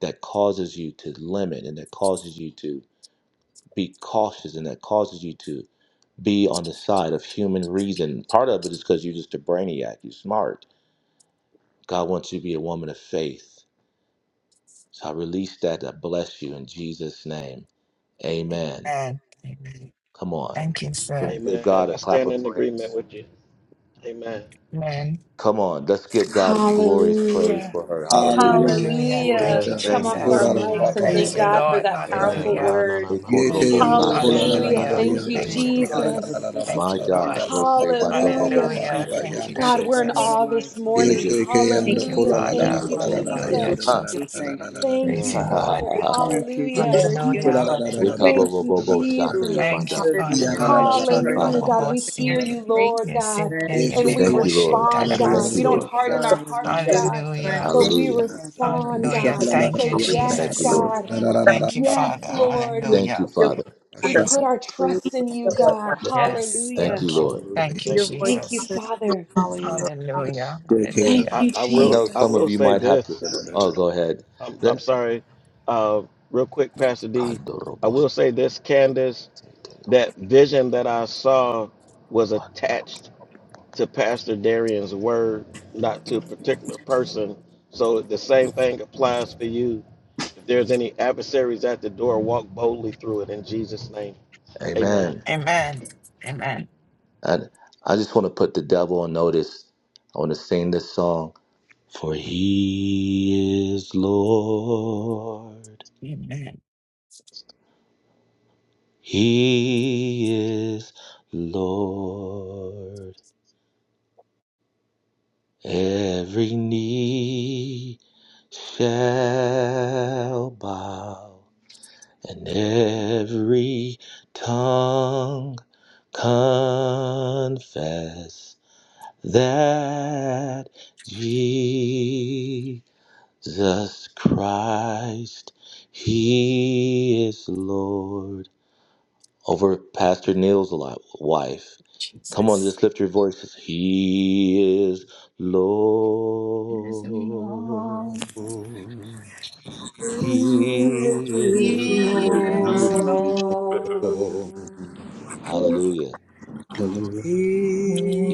I: that causes you to limit and that causes you to be cautious and that causes you to be on the side of human reason. Part of it is because you're just a brainiac, you're smart God wants you to be a woman of faith. So I release that. I bless you in Jesus' name. Amen.
J: Amen. Amen.
I: Come on.
J: Thank you,
I: Can we
J: sir.
I: give
C: amen
I: God a
C: i
I: clap
C: stand
I: of
C: in agreement
I: praise?
C: with you amen
J: Amen.
I: Come on. Let's give God a glorious praise
A: Hallelujah.
I: for her. Hallelujah.
F: Hallelujah.
J: Hallelujah.
F: Glory to
A: Hallelujah.
J: Thank you,
C: yes
A: Let's
F: God.
A: come
C: god
I: Thank
A: off
I: you.
A: our
J: Jesus.
F: Ikola la
C: hallelujah
F: ba
A: mics and
F: ba ba
J: Praise
A: thank
J: you,
F: ba
E: Hallelujah.
F: ba.
A: God for
J: Lord.
A: that
E: We
C: amen
A: powerful
J: Hallelujah.
C: Ra na
A: word.
C: na ma ma
F: Yeke
C: ma
E: Thank
I: Ekorobo
E: you,
C: si.
F: yando
E: Lord God. Thank you, Lord
F: kola la
I: samete
F: la
E: God.
A: Hallelujah.
F: la la
J: Hallelujah.
A: Thank you,
F: yando
I: kashondele
J: Thank
E: Thank
J: you,
E: you
I: mando.
F: Kuya
E: for
F: la
E: the
J: Lord.
F: la la
E: word of
F: la
A: Jesus.
E: our
F: la la
J: Thank
E: sister
I: My
J: you, Lord.
I: God.
F: ba
E: Candace.
F: ba ba
I: Rose
E: God.
F: ba ba ba
I: bado
F: ba
I: robo
F: ba ba
A: Hallelujah.
F: ba
J: Hallelujah.
E: Thank you,
I: sandele
J: Thank
E: Lord.
J: you,
F: yando
E: Have
F: la
A: God,
E: your
I: bekeke.
A: we're
E: way
A: in
E: in
J: Jesus.
E: her
A: awe this
E: life, oh God.
A: morning.
I: Kelebe
F: Yeke
I: kisi
J: Thank
F: yando
J: you,
I: kisi
A: Hallelujah.
F: kola la la la
A: Thank
J: Father.
E: Move
A: you,
E: in
F: la la
E: her
I: andorobo.
F: la la
E: life,
J: Hallelujah,
E: oh
A: Jesus.
F: yando la
E: God.
I: Ha.
F: la
B: Your
E: We
J: Jesus.
B: name,
F: la
E: thank
B: God.
F: la
E: you.
F: la
A: Thank
J: Praise
A: you,
I: Ha
F: la
J: you,
F: la.
I: ha
C: yes
I: ha
J: Lord.
A: Father.
I: ha ha. ha.
E: Thank you,
B: We
A: Hallelujah.
B: bless
E: Jesus.
B: your
E: We
J: Hallelujah,
B: name.
E: bless
B: I
E: you, Lord
B: Thank
J: hallelujah.
E: God.
A: Thank you,
I: Ekabobobobo
B: you,
I: shape
A: Jesus.
B: Lord.
J: Thank you,
I: banda.
J: Father
E: Hallelujah.
B: Hallelujah.
J: God.
E: We
B: If
E: praise
I: Ah,
A: Hallelujah,
E: you.
A: God. We
B: we
J: Shotobobosi,
A: hear
B: can,
A: you,
B: Thank
A: Lord God,
E: Thank you.
A: and we
I: Thank you,
J: yesetelebekoshin
I: Lord.
A: respond, God.
I: Thank you,
A: We
J: tadabasi.
I: Lord.
B: you
A: don't harden our hearts,
E: Hallelujah.
B: for your
A: God,
J: Hallelujah,
B: strength.
A: but
B: Thank
A: we
I: Hallelujah.
E: Thank you, God.
A: respond,
J: hallelujah.
A: God. We
J: Thank you,
A: say, Yes,
I: Thank you,
J: Jesus.
I: Lord.
A: God.
J: Thank you,
A: Yes,
J: Father.
A: Lord.
B: you for
I: Thank you,
J: Hallelujah.
B: your
I: Father.
B: strength.
A: We
D: The
A: put
D: Son
A: our
B: We will
A: trust in
B: hear
A: you, God.
J: Yes,
I: Thank you,
A: Hallelujah.
J: thank you.
I: Lord.
C: hallelujah
J: Thank you,
B: your
C: thank you
B: voice,
C: father
A: Thank you,
J: Jesus.
B: Father, and
A: Father.
I: I, just,
J: Hallelujah,
C: Yes,
A: Thank
J: hallelujah.
C: I,
A: you,
C: I
I: I
C: will.
I: know
C: I
I: some
A: Jesus.
I: of
C: will
I: you
C: say
I: might have to.
C: this.
I: Oh,
F: oh,
I: go ahead.
C: I'm,
I: Let,
C: I'm sorry. Uh, real quick, Pastor D. I will say this, Candace. That vision that I saw was attached to Pastor Darian's word, not to a particular person. So the same thing applies for you. If there's any adversaries at the door, walk boldly through it in Jesus' name. Amen.
I: Amen.
J: Amen, amen,
I: And I just want to put the devil on notice. I want to sing this song. For he is Lord.
J: amen,
I: He is Lord. Every knee shall bow. and every tongue confess that Jesus Christ, He is Lord. Over Pastor Neil's li- wife. Come on,
J: Jesus.
I: just lift your voices. He is
J: Yes,
I: Lord.
J: Lord.
I: He is
J: He is
I: Lord.
J: Lord,
I: Hallelujah.
E: He
J: He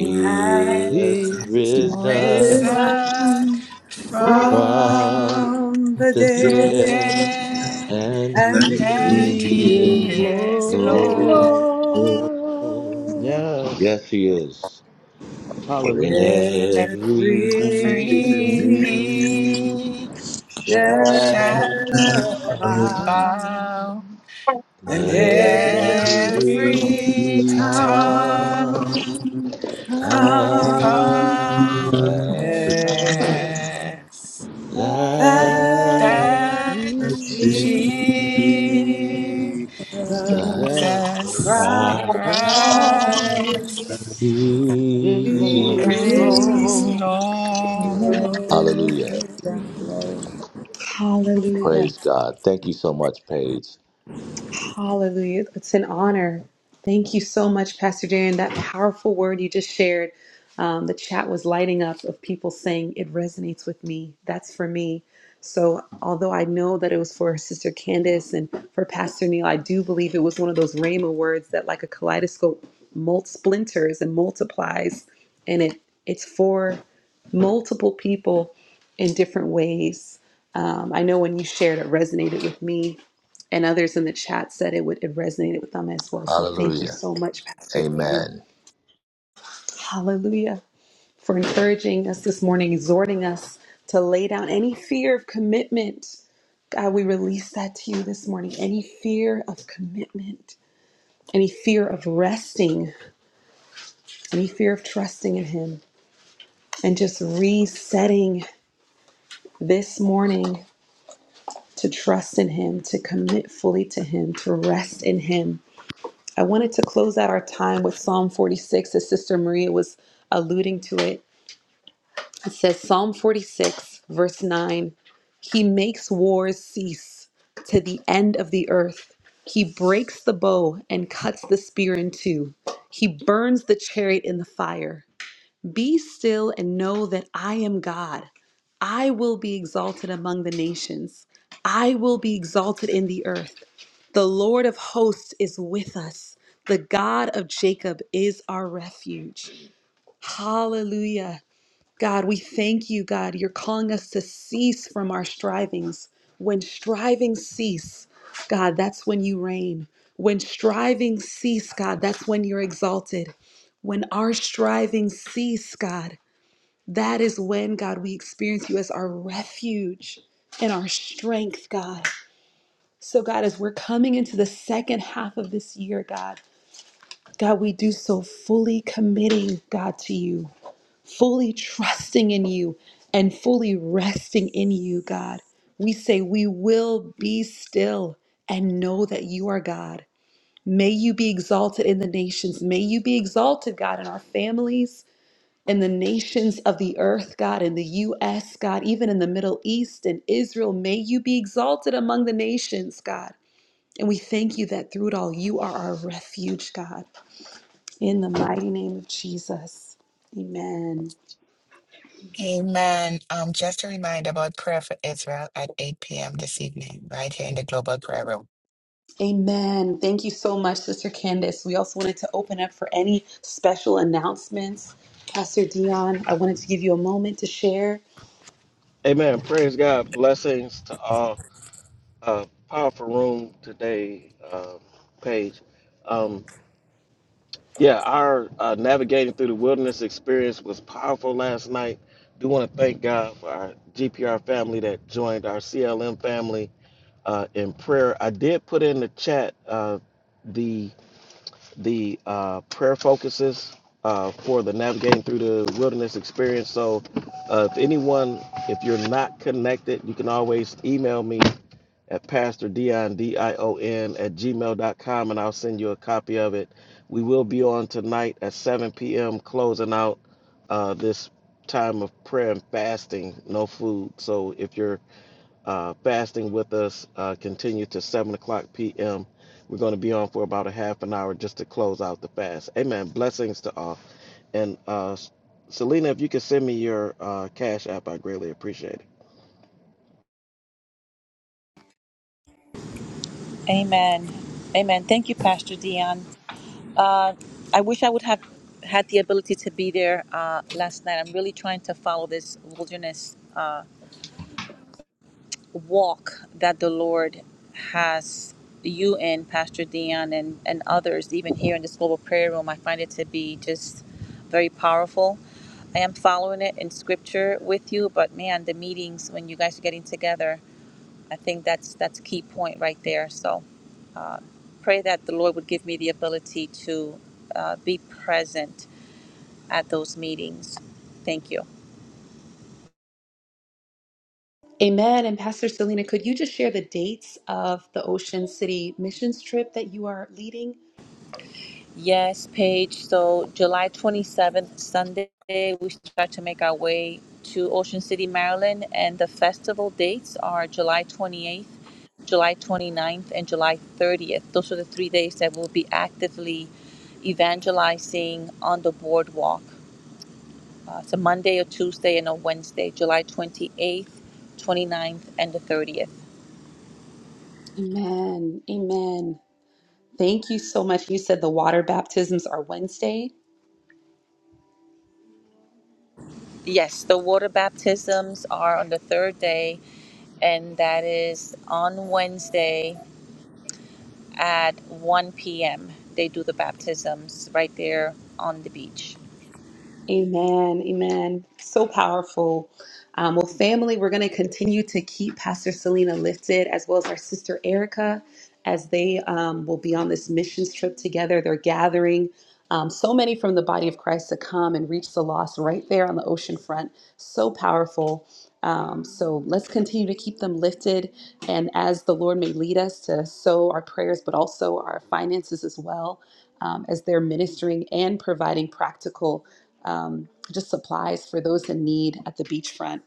J: yes,
E: has
I: is
C: He's
I: risen
C: risen
J: risen
E: risen
C: from
E: from
J: from
I: from
E: the
I: the
C: the
J: the
E: dead,
I: dead,
C: dead.
J: dead,
I: and
E: and he
J: and
C: He
I: He
C: is
J: He
I: is
E: is
J: is Lord.
I: Lord.
C: Lord.
E: Lord.
C: Yes.
I: Yes, He is. For
C: Hallelujah.
J: Every
I: every
E: Every
I: knee
E: knee
C: You
J: knee
E: shall
J: shall
I: shall,
C: shall
E: bow,
J: bow,
C: down
E: And
J: and
I: every
C: every
E: every
J: every tongue
E: time
I: tongue
C: chain
A: Come,
E: comes
C: in
I: confess
J: confess.
A: Lord
I: that
E: that
J: that
F: Amen.
I: Jesus
A: Jesus.
E: Jesus
J: Jesus
C: Yes.
I: Christ.
E: Christ
C: Christ
J: Christ
A: Praise
C: is
I: Yeah.
E: is
J: is
C: Lord.
E: Lord.
A: the
J: Lord.
B: Hallelujah.
I: Hallelujah.
A: Lord. Hallelujah.
I: Praise God. Thank you so much, Paige.
A: Hallelujah. It's an honor. Thank you so much, Pastor Darren. That powerful word you just shared. Um, the chat was lighting up of people saying, It resonates with me. That's for me. So, although I know that it was for Sister Candace and for Pastor Neil, I do believe it was one of those Rhema words that, like a kaleidoscope, mult splinters and multiplies. And it it's for multiple people in different ways. Um, I know when you shared, it resonated with me and others in the chat said it would it resonated with them as well. So thank you
I: Hallelujah.
A: so much, Pastor Darren.
I: Amen.
A: Hallelujah. For encouraging us this morning, exhorting us to lay down any fear of commitment. God, we release that to you this morning. Any fear of commitment, any fear of resting, any fear of trusting in Him, and just resetting this morning to trust in Him, to commit fully to Him, to rest in Him I wanted to close out our time with Psalm 46, as Sister Maria was alluding to it. It says, Psalm 46, verse 9 He makes wars cease to the end of the earth. He breaks the bow and cuts the spear in two. He burns the chariot in the fire. Be still and know that I am God. I will be exalted among the nations. I will be exalted in the earth. The Lord of hosts is with us. The God of Jacob is our refuge. Hallelujah. God, we thank you, God. You're calling us to cease from our strivings. When strivings cease, God, that's when you reign. When strivings cease, God, that's when you're exalted. When our strivings cease, God, that is when, God, we experience you as our refuge and our strength, God. So, God, as we're coming into the second half of this year, God, God, we do so fully committing, God, to you, fully trusting in you, and fully resting in you, God. We say, We will be still and know that you are God. May you be exalted in the nations. May you be exalted, God, in our families in the nations of the earth, God, in the U.S., God, even in the Middle East and Israel. May you be exalted among the nations, God. And we thank you that through it all, you are our refuge, God. In the mighty name of Jesus. Amen.
J: Amen. Um, just a reminder about prayer for Israel at 8 p.m. this evening, right here in the Global Prayer Room.
A: Amen. Thank you so much, Sister Candace. We also wanted to open up for any special announcements. Pastor Dion, I wanted to give you a moment to share.
C: Amen. Praise God. Blessings to all. uh, powerful room today, uh, Paige. Um, yeah, our uh, navigating through the wilderness experience was powerful last night. Do want to thank God for our GPR family that joined our CLM family uh, in prayer. I did put in the chat uh, the the uh, prayer focuses uh, for the navigating through the wilderness experience. So, uh, if anyone, if you're not connected, you can always email me at Pastor Dion, gmail dot com, and I'll send you a copy of it. We will be on tonight at 7 p.m., closing out uh, this time of prayer and fasting, no food. So if you're uh, fasting with us, uh, continue to 7 o'clock p.m. We're going to be on for about a half an hour just to close out the fast. Amen. Blessings to all. And uh, Selena, if you could send me your uh, cash app, I greatly appreciate it.
B: Amen. Amen. Thank you, Pastor Dion. I wish I would have had the ability to be there uh, last night. I'm really trying to follow this wilderness uh, walk that the Lord has you in, Pastor Dion, and, and others, even here in this global prayer room. I find it to be just very powerful. I am following it in scripture with you, but man, the meetings when you guys are getting together I think that's that's a key point right there. So uh, pray that the Lord would give me the ability to uh, be present at those meetings. Thank you.
A: Amen. And Pastor Selena, could you just share the dates of the Ocean City missions trip that you are leading?
B: Yes, Paige. So July 27th, Sunday, we start to make our way to Ocean City, Maryland, and the festival dates are July 28th, July twenty ninth, and July 30th. Those are the three days that we'll be actively evangelizing on the boardwalk. Uh, It's a Monday, a Tuesday, and a Wednesday, July 28th, eighth, twenty ninth, and the 30th.
A: Amen. Amen. Thank you so much. You said the water baptisms are Wednesday.
B: Yes, the water baptisms are on the third day, and that is on Wednesday at 1 p.m. They do the baptisms right there on the beach.
A: Amen. Amen. So powerful. Um, well, family, we're going to continue to keep Pastor Selena lifted as well as our sister Erica as they um, will be on this missions trip together. They're gathering um, so many from the body of Christ to come and reach the lost right there on the ocean front. So powerful. Um, so let's continue to keep them lifted. And as the Lord may lead us to sow our prayers, but also our finances as well, um, as they're ministering and providing practical um, just supplies for those in need at the beachfront.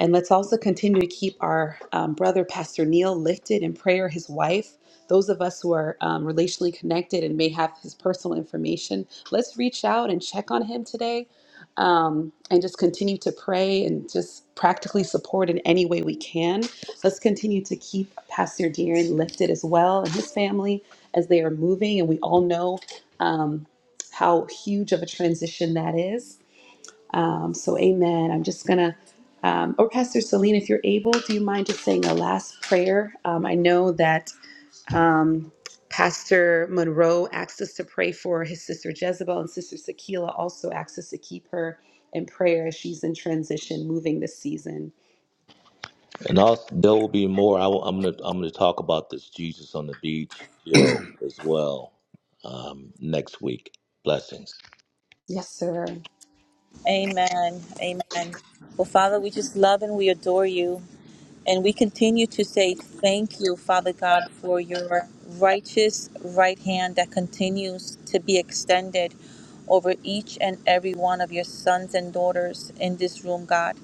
A: And let's also continue to keep our um, brother, Pastor Neil, lifted in prayer, his wife. Those of us who are um, relationally connected and may have his personal information, let's reach out and check on him today um, and just continue to pray and just practically support in any way we can. Let's continue to keep Pastor Deering lifted as well and his family as they are moving. And we all know um, how huge of a transition that is. Um, so, amen. I'm just going to, um, or Pastor Celine, if you're able, do you mind just saying a last prayer? Um, I know that um, Pastor Monroe asked us to pray for his sister Jezebel, and Sister Sakila also asked us to keep her in prayer as she's in transition moving this season.
I: And also, there will be more. I, am gonna I'm gonna talk about this Jesus on the beach deal as well um, next week. Blessings.
A: Yes, sir.
B: Amen. Amen. Well, Father, we just love and we adore you. And we continue to say thank you, Father God, for your righteous right hand that continues to be extended over each and every one of your sons and daughters in this room, God.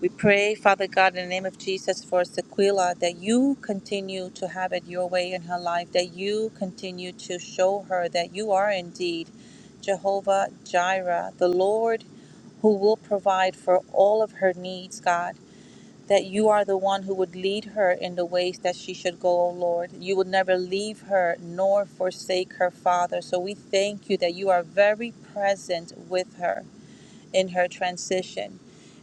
B: We pray, Father God, in the name of Jesus for Sequila, that you continue to have it your way in her life, that you continue to show her that you are indeed Jehovah Jireh, the Lord who will provide for all of her needs, God that you are the one who would lead her in the ways that she should go, O Lord. You would never leave her nor forsake her, Father. So we thank you that you are very present with her in her transition.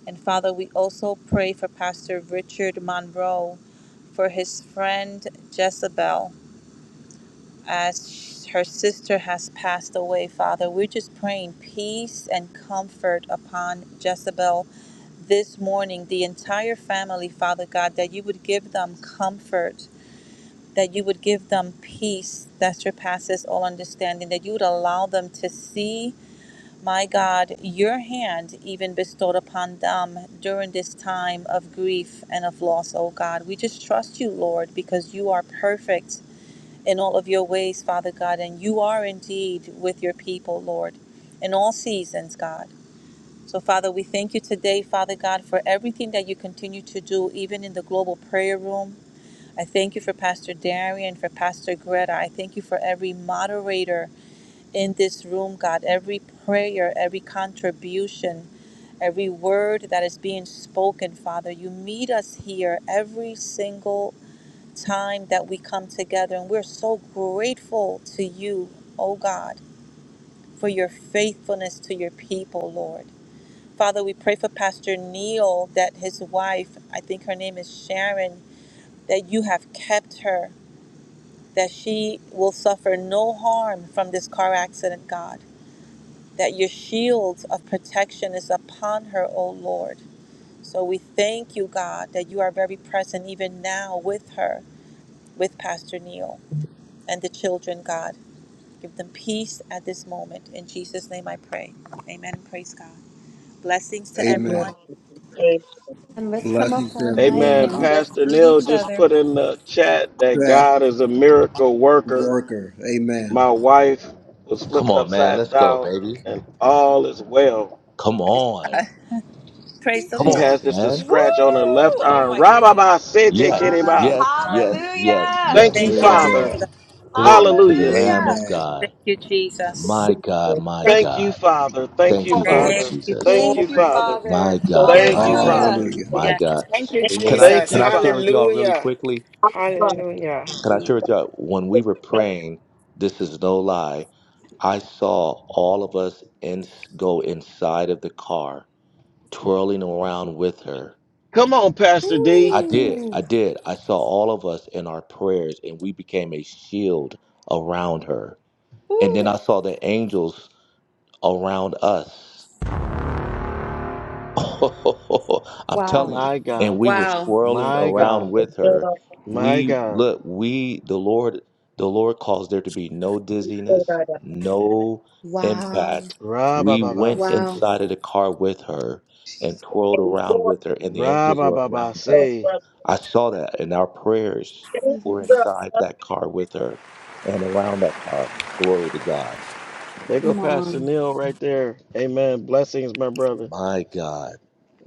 B: And Father, we also pray for Pastor Richard Monroe, for his friend Jezebel, as sh- her sister has passed away, Father. We're just praying peace and comfort upon Jezebel this morning, the entire family, Father God, that you would give them comfort, that you would give them peace that surpasses all understanding, that you would allow them to see, my God, your hand even bestowed upon them during this time of grief and of loss, oh God. We just trust you, Lord, because you are perfect in all of your ways, Father God, and you are indeed with your people, Lord, in all seasons, God. So, Father, we thank you today, Father God, for everything that you continue to do, even in the global prayer room. I thank you for Pastor Darian, for Pastor Greta. I thank you for every moderator in this room, God, every prayer, every contribution, every word that is being spoken, Father. You meet us here every single time that we come together, and we're so grateful to you, oh God, for your faithfulness to your people, Lord. Father, we pray for Pastor Neil that his wife, I think her name is Sharon, that you have kept her, that she will suffer no harm from this car accident, God, that your shield of protection is upon her, O Lord. So we thank you, God, that you are very present even now with her, with Pastor Neil and the children, God. Give them peace at this moment. In Jesus' name I pray. Amen and praise God. Blessings to
D: of God,
B: everyone.
A: And let's come off
F: Blessings
A: our
F: to
A: mic
C: Amen.
A: and
F: everyone.
A: just
C: Pastor
A: greet
C: Neil
A: each
C: just
A: other.
C: put in the chat that
F: That
C: God is a miracle worker.
F: worker. Amen.
C: My wife was
I: Come
C: flipped
I: on, man.
C: upside
I: Let's go,
C: down
I: baby.
C: and all is well.
I: Come on.
B: Praise the
I: Come
C: She
I: on,
B: Lord.
C: has just a
I: man.
A: Woo!
C: scratch on her left
A: Oh,
C: arm.
A: my goodness.
C: Rababa sete
I: Yes,
B: My
C: kereba.
I: yes,
B: God.
I: yes, yes,
A: Hallelujah!
C: Thank you,
B: Thank
I: yes,
F: Glory
B: you,
F: to
I: yes.
C: Father.
A: Yay!
F: God.
B: Jesus.
I: Glory to the
C: Hallelujah.
I: Lamb
A: Hallelujah!
I: of
F: Amen.
B: Thank
I: God.
B: you, Jesus.
I: My God, my
C: Thank you,
I: God.
C: Father. Thank you,
I: Thank you, Lord
C: Father.
B: Thank you,
I: Jesus.
C: Thank
A: Thank
C: you,
A: you,
B: Lord.
C: Father.
I: My
A: Father.
I: God,
B: Yes,
C: Thank
I: my
C: you,
B: God.
I: God,
A: Hallelujah.
C: Father.
F: Hallelujah.
I: my
B: Yes.
I: God.
J: Thank you,
I: Can I
C: Thank
J: Jesus.
I: can
C: you,
I: I share with
C: Father.
I: y'all really
J: Hallelujah.
I: quickly?
J: Hallelujah.
I: Can I share with y'all when we were praying? This is no lie. I saw all of us in, go inside of the car, twirling around with her.
C: Come on, Pastor D.
I: I did. I did. I saw all of us in our prayers, and we became a shield around her.
A: Woo.
I: And then I saw the angels around us. Oh, [laughs] I'm
A: Wow.
I: telling you.
C: My
I: And
C: God.
I: we were
A: Wow.
I: swirling
C: My
I: around
C: God.
I: with her.
C: My
I: We
C: God.
I: look, we the Lord, the Lord caused there to be no dizziness, no
A: Wow.
I: impact. We
C: Rabababa,
I: went
A: Wow.
I: inside of the car with her and twirled
D: and
I: around
D: Lord
I: with her, and the angels were
C: Rabababa,
I: around us.
C: say.
D: of
I: I saw that, and our prayers were
A: Hallelujah.
I: inside that car with her and around that car. Glory to God.
C: they go
A: Come
C: Pastor
A: on.
C: Neil right there. Amen. Blessings, my brother.
I: My God.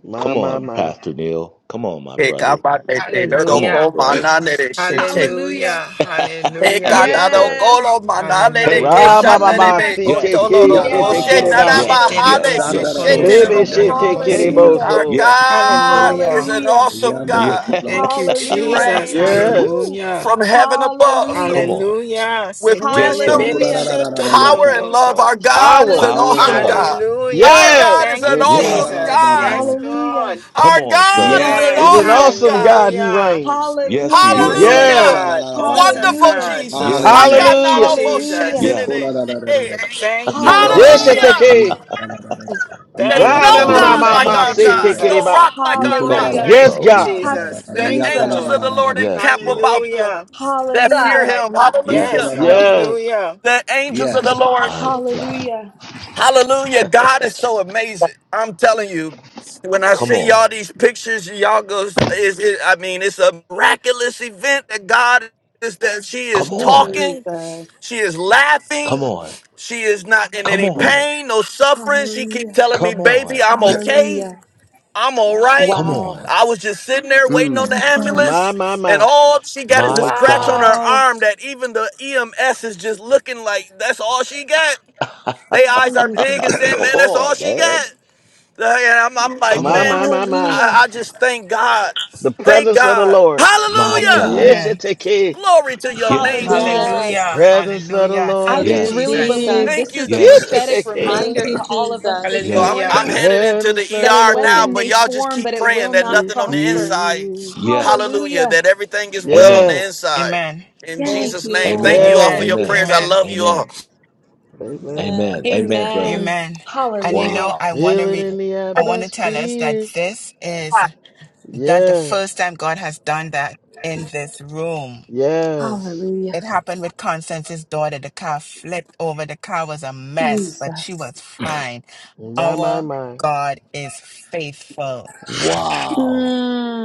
C: My,
I: Come
C: my,
I: on,
C: my.
I: Pastor Neil. Come on, my brother.
G: Ekabanete
I: Come on,
G: doko
J: Hallelujah.
I: bro.
G: mananere shete.
J: Hallelujah.
A: Hallelujah.
I: [laughs]
J: Hallelujah.
I: yes,
G: Ekadado
I: sir.
G: kolo manale de
I: Hey,
J: Hallelujah.
G: kesha
A: Hallelujah.
C: Rabababa,
G: nerebe
I: yes,
C: CTK, Shetekireba,
J: Yeshe
F: Yadadadabababababa.
I: yes,
J: tere
I: yes,
A: Hallelujah.
I: yes,
J: besoko
I: Lord.
C: Rebe
J: yoshon dodo
I: Hey,
J: babosi.
F: Dandaradadayataladadadadadayata.
A: Hallelujah.
G: Our
C: Shetekireboso.
I: yes,
G: God
J: Hallelujah.
G: is
F: Ikoladadadada.
G: an
A: Hallelujah.
G: awesome
I: yes.
G: God.
I: [laughs]
J: Thank
F: Yandadokoladada.
J: you,
G: He
A: Hallelujah.
J: Jesus.
G: reigns
C: Yes.
I: Woo.
J: Hallelujah.
G: from heaven above
I: Come
A: Hallelujah.
I: on.
J: Hallelujah.
G: with
I: Yes,
J: Seteye
G: wisdom,
I: sir.
J: bebe
A: Hallelujah.
J: shoto
G: power,
F: Ikoladadadadadayata.
G: and love.
J: toropoko.
G: Our God is
C: Power,
G: an
I: Power and
G: awesome
A: Hallelujah.
C: power.
I: love.
G: God. Our
J: Hallelujah.
C: Yes.
G: God is
J: Thank
G: an
J: you,
I: Yes.
G: awesome
J: Jesus.
G: God.
J: Yes,
F: Rokoladadadabababa.
J: Lord.
A: Hallelujah.
I: Come
G: Our
I: on,
G: God
I: sir.
G: is
F: Yes.
G: an
C: It's
J: Yes.
C: an
G: awesome
A: Hallelujah.
C: awesome
G: God.
C: God he
J: Hallelujah.
C: reigns. Yes.
I: Yes, he
C: Lord.
A: Hallelujah.
J: Awesome
I: is.
G: Hallelujah.
C: Yes.
J: God.
F: Ikoladadadadadabababa.
J: Awesome
G: Wonderful
A: Hallelujah.
J: God.
G: Jesus. I
F: Hallelujah.
G: got
I: Yes,
J: Thank
G: not
J: you,
C: Hallelujah.
G: almost
F: Yes. Mm,
A: Hallelujah.
J: Jesus.
G: shatility.
I: yes.
J: Thank you,
C: Yes,
J: Lord.
A: Hallelujah.
G: Hallelujah.
C: Sheteke.
G: There's
J: Thank you,
G: no
J: Lord.
I: Glory
G: God
I: to
G: like
A: Jesus.
J: Thank
C: Ra-na-na-na-ma-ma,
J: you,
I: God.
G: our God, no
J: Jesus.
C: Shetekireba.
G: rock like our
I: Go
G: rock.
A: Hallelujah.
I: ahead,
C: Yes,
J: Thank you,
I: bro.
C: God.
A: Has
J: Jesus.
G: The
J: Thank you,
G: angels of
A: Jesus.
J: Lord.
G: the Lord
I: Yes,
G: encamp
I: Lord.
G: about them
J: Hallelujah.
G: that
D: God,
G: fear
A: Hallelujah.
D: like
G: him.
J: Yes.
G: Hallelujah.
I: Yes,
C: Yes.
J: Hallelujah.
G: The angels of the Lord.
I: my God.
A: Hallelujah.
G: Hallelujah. God is so
D: the
G: amazing. I'm telling you, when I
I: Come
G: see
I: on.
G: y'all these pictures, y'all goes, is it, I mean, it's a miraculous event that God is that she is
I: Come on.
G: talking.
A: Jesus.
G: She is
I: Come
G: laughing.
I: on.
G: She is not in
I: Come
G: any
I: on.
G: pain, no suffering. She keep
A: Hallelujah.
G: telling me,
I: Come on.
G: baby, I'm okay.
A: Hallelujah.
G: I'm all right.
I: Come
F: mm,
A: Wow.
I: on.
G: I was just sitting there waiting
F: mm.
G: on the
A: Jesus.
C: My,
G: ambulance.
C: my,
G: And
C: my.
G: all she got is a
I: My
G: scratch on her
I: God.
A: Wow.
G: arm that even the EMS is just looking like that's all she got.
I: [laughs] Come
G: They eyes are big and
A: Jesus.
G: saying, man, that's all
I: on,
G: she
I: man.
G: got. And I'm, I'm like,
I: Come
C: My,
G: man,
C: my,
I: on.
C: my, my.
G: I,
A: Hallelujah.
G: I just thank God.
C: The
G: Thank
C: presence of the
G: God.
C: Lord.
I: My
G: Hallelujah.
I: God.
C: Yes,
A: Hallelujah.
C: you
J: Amen.
C: take care.
G: Glory to your name,
I: Yes.
A: Hallelujah.
C: The
G: Jesus.
B: Yes.
J: Hallelujah.
C: presence of the
J: Hallelujah.
A: I
C: Lord
B: Thank
J: Thank you,
A: just
B: you,
C: is
I: Yes.
A: really
J: Jesus.
B: Jesus.
C: here.
A: believe
G: Thank
A: this
G: you,
A: is a
I: Yes.
C: Yes, you
A: prophetic
C: take
G: Jesus.
C: care.
B: Thank
A: reminder
B: you,
A: to all of us this
G: So
B: Jesus.
G: I'm
C: The
I: Yes.
J: Hallelujah.
G: I'm
A: morning
G: headed into the
C: presence of
A: that
C: the
A: a
G: ER now,
A: weapon
G: but
A: may
G: y'all
C: Lord
G: just
A: form, but
G: keep
A: it
G: praying
A: will
G: that
A: not
C: is
G: nothing on the
A: prosper.
G: inside.
C: here.
I: Yes.
G: Hallelujah,
A: Hallelujah.
G: that everything is well on
I: Amen.
C: Yes,
G: the inside.
J: Amen.
G: In
A: Yes.
B: Thank
G: Jesus'
B: you,
G: name, thank
B: Lord.
I: Amen.
G: you all for
B: Thank
C: yes.
G: your
J: Amen.
B: you,
I: Amen.
G: prayers. I
B: Lord.
J: Amen.
G: love you all.
I: Amen.
C: Amen.
B: Amen.
I: Amen. Amen,
F: Amen.
I: brother.
A: Amen.
J: Amen. And you
A: Hallelujah.
J: know,
I: Wow.
J: I want to
C: Feel it
J: read,
C: in the
J: I want to tell us that
C: atmosphere.
J: this is not the first
C: Yes,
J: time God has done that in this room.
C: yes.
J: It
A: Hallelujah.
J: happened with Constance's daughter. The car flipped over. The car was a mess, but she
A: Jesus.
J: was fine.
C: My, my,
J: Our
C: my.
J: God is faithful.
I: Wow.